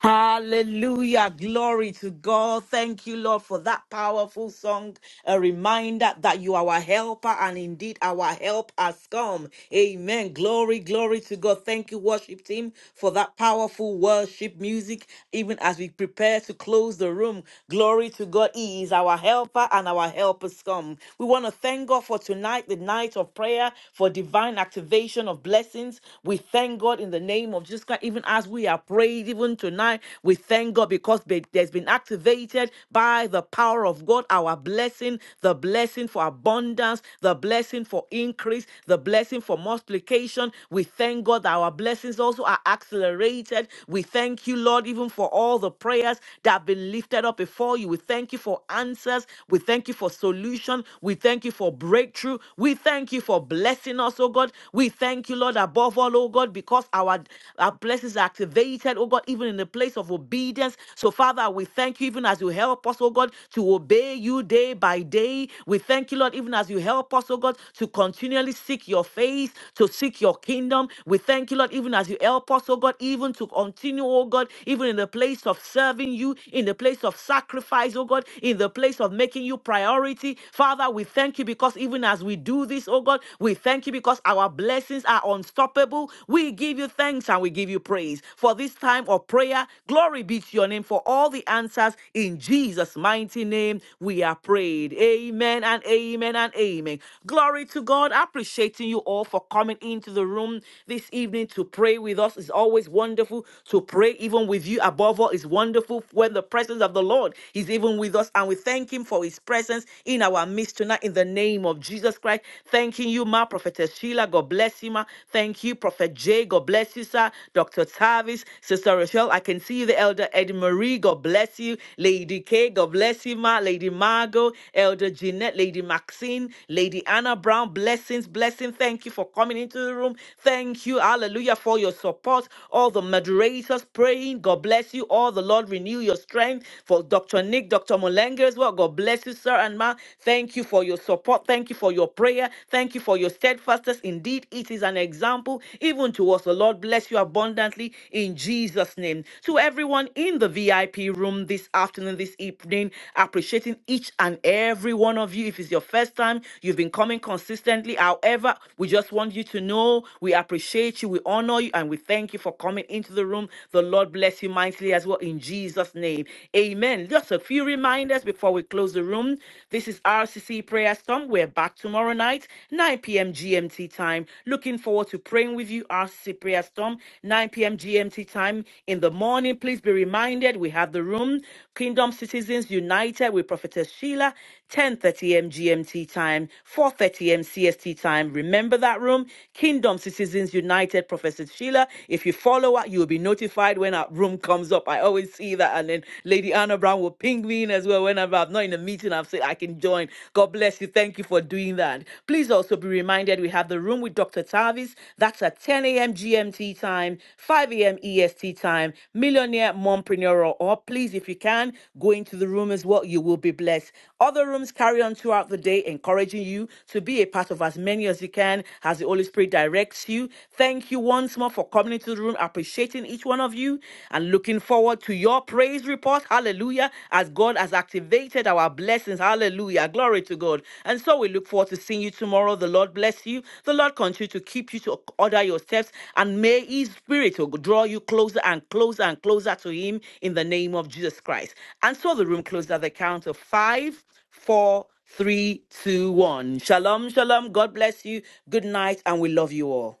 Speaker 6: Hallelujah. Glory to God. Thank you, Lord, for that powerful song. a reminder that you are our helper and indeed our help has come. Amen. Glory, glory to God. Thank you, worship team, for that powerful worship music, even as we prepare to close the room. Glory to God. He is our helper and our help has come. We want to thank God for tonight, the night of prayer, for divine activation of blessings. We thank God in the name of Jesus Christ, even as we are prayed, even tonight, we thank God because be- there's been activation activated by the power of God, our blessing, the blessing for abundance, the blessing for increase, the blessing for multiplication. We thank God that our blessings also are accelerated. We thank you, Lord, even for all the prayers that have been lifted up before you. We thank you for answers. We thank you for solution. We thank you for breakthrough. We thank you for blessing us, oh God. We thank you, Lord, above all, oh God, because our, our blessings are activated, oh God, even in the in the place of obedience. So, Father, we thank you even as you help us, oh God, to obey you day by day. We thank you, Lord, even as you help us, oh God, to continually seek your face, to seek your kingdom. We thank you, Lord, even as you help us, oh God, even to continue, oh God, even in the place of serving you, in the place of sacrifice, oh God, in the place of making you priority. Father, we thank you because even as we do this, oh God, we thank you because our blessings are unstoppable. We give you give you thanks and we give you praise for this time of prayer. Glory be to your name for all the answers in Jesus' mighty name. We are prayed. Amen and amen and amen. Glory to God. Appreciating you all for coming into the room this evening to pray with us. It's always wonderful to pray even with you. Above all, it's wonderful when the presence of the Lord is even with us and we thank him for his presence in our midst tonight in the name of Jesus Christ. Thanking you, my prophetess. Sheila, God bless you, ma. Thank you, Prophet Jay, God bless you, sir. Dr. Tavis, Sister Rochelle, I can see you, the Elder Eddie Marie, God bless you. Lady K, God bless you, ma. Lady Margot, Elder Jeanette, Lady Maxine, Lady Anna Brown, blessings, blessing. Thank you for coming into the room. Thank you, hallelujah, for your support. All the moderators praying, God bless you. All the Lord renew your strength. For Dr. Nick, Dr. Molenga as well, God bless you, sir and ma. Thank you for your support support. Thank you for your prayer. Thank you for your steadfastness. Indeed, it is an example even to us. The Lord bless you abundantly in Jesus' name. To everyone in the VIP room this afternoon, this evening, appreciating each and every one of you. If it's your first time, you've been coming consistently. However, we just want you to know we appreciate you, we honor you, and we thank you for coming into the room. The Lord bless you mightily as well in Jesus' name. Amen. Just a few reminders before before we close the room. This is RCC Prayer Storm. We're back tomorrow night, 9 p.m. GMT time. Looking forward to praying with you, RCC Prayer Storm, 9 p.m. GMT time in the morning. Please be reminded we have the room, Kingdom Citizens United with Prophetess Sheila, 10:30 a.m. GMT time, 4:30 a.m. CST time. Remember that room, Kingdom Citizens United, Prophetess Sheila. If you follow her, you'll be notified when our room comes up. I always see that. And then Lady Anna Brown will ping me in as well whenever I'm not in a meeting. I've said I can join. God bless you. Thank you for doing that. Please also be reminded we have the room with Dr. Tavis. That's at 10 a.m. GMT time, 5 a.m. EST time. Millionaire Mompreneur or please, if you can, go into the room as well. You will be blessed. Other rooms carry on throughout the day, encouraging you to be a part of as many as you can as the Holy Spirit directs you. Thank you once more for coming into the room. I Appreciate appreciating each one of you and looking forward to your praise report. Hallelujah. As God has activated our blessings. Hallelujah. Glory to God. And so we look forward to seeing you tomorrow. The Lord bless you. The Lord continue to keep you to order your steps. And may His Spirit oh, draw you closer and closer and closer to Him in the name of Jesus Christ. And so the room closed at the count of five, four, three, two, one. Shalom, shalom. God bless you. Good night. And we love you all.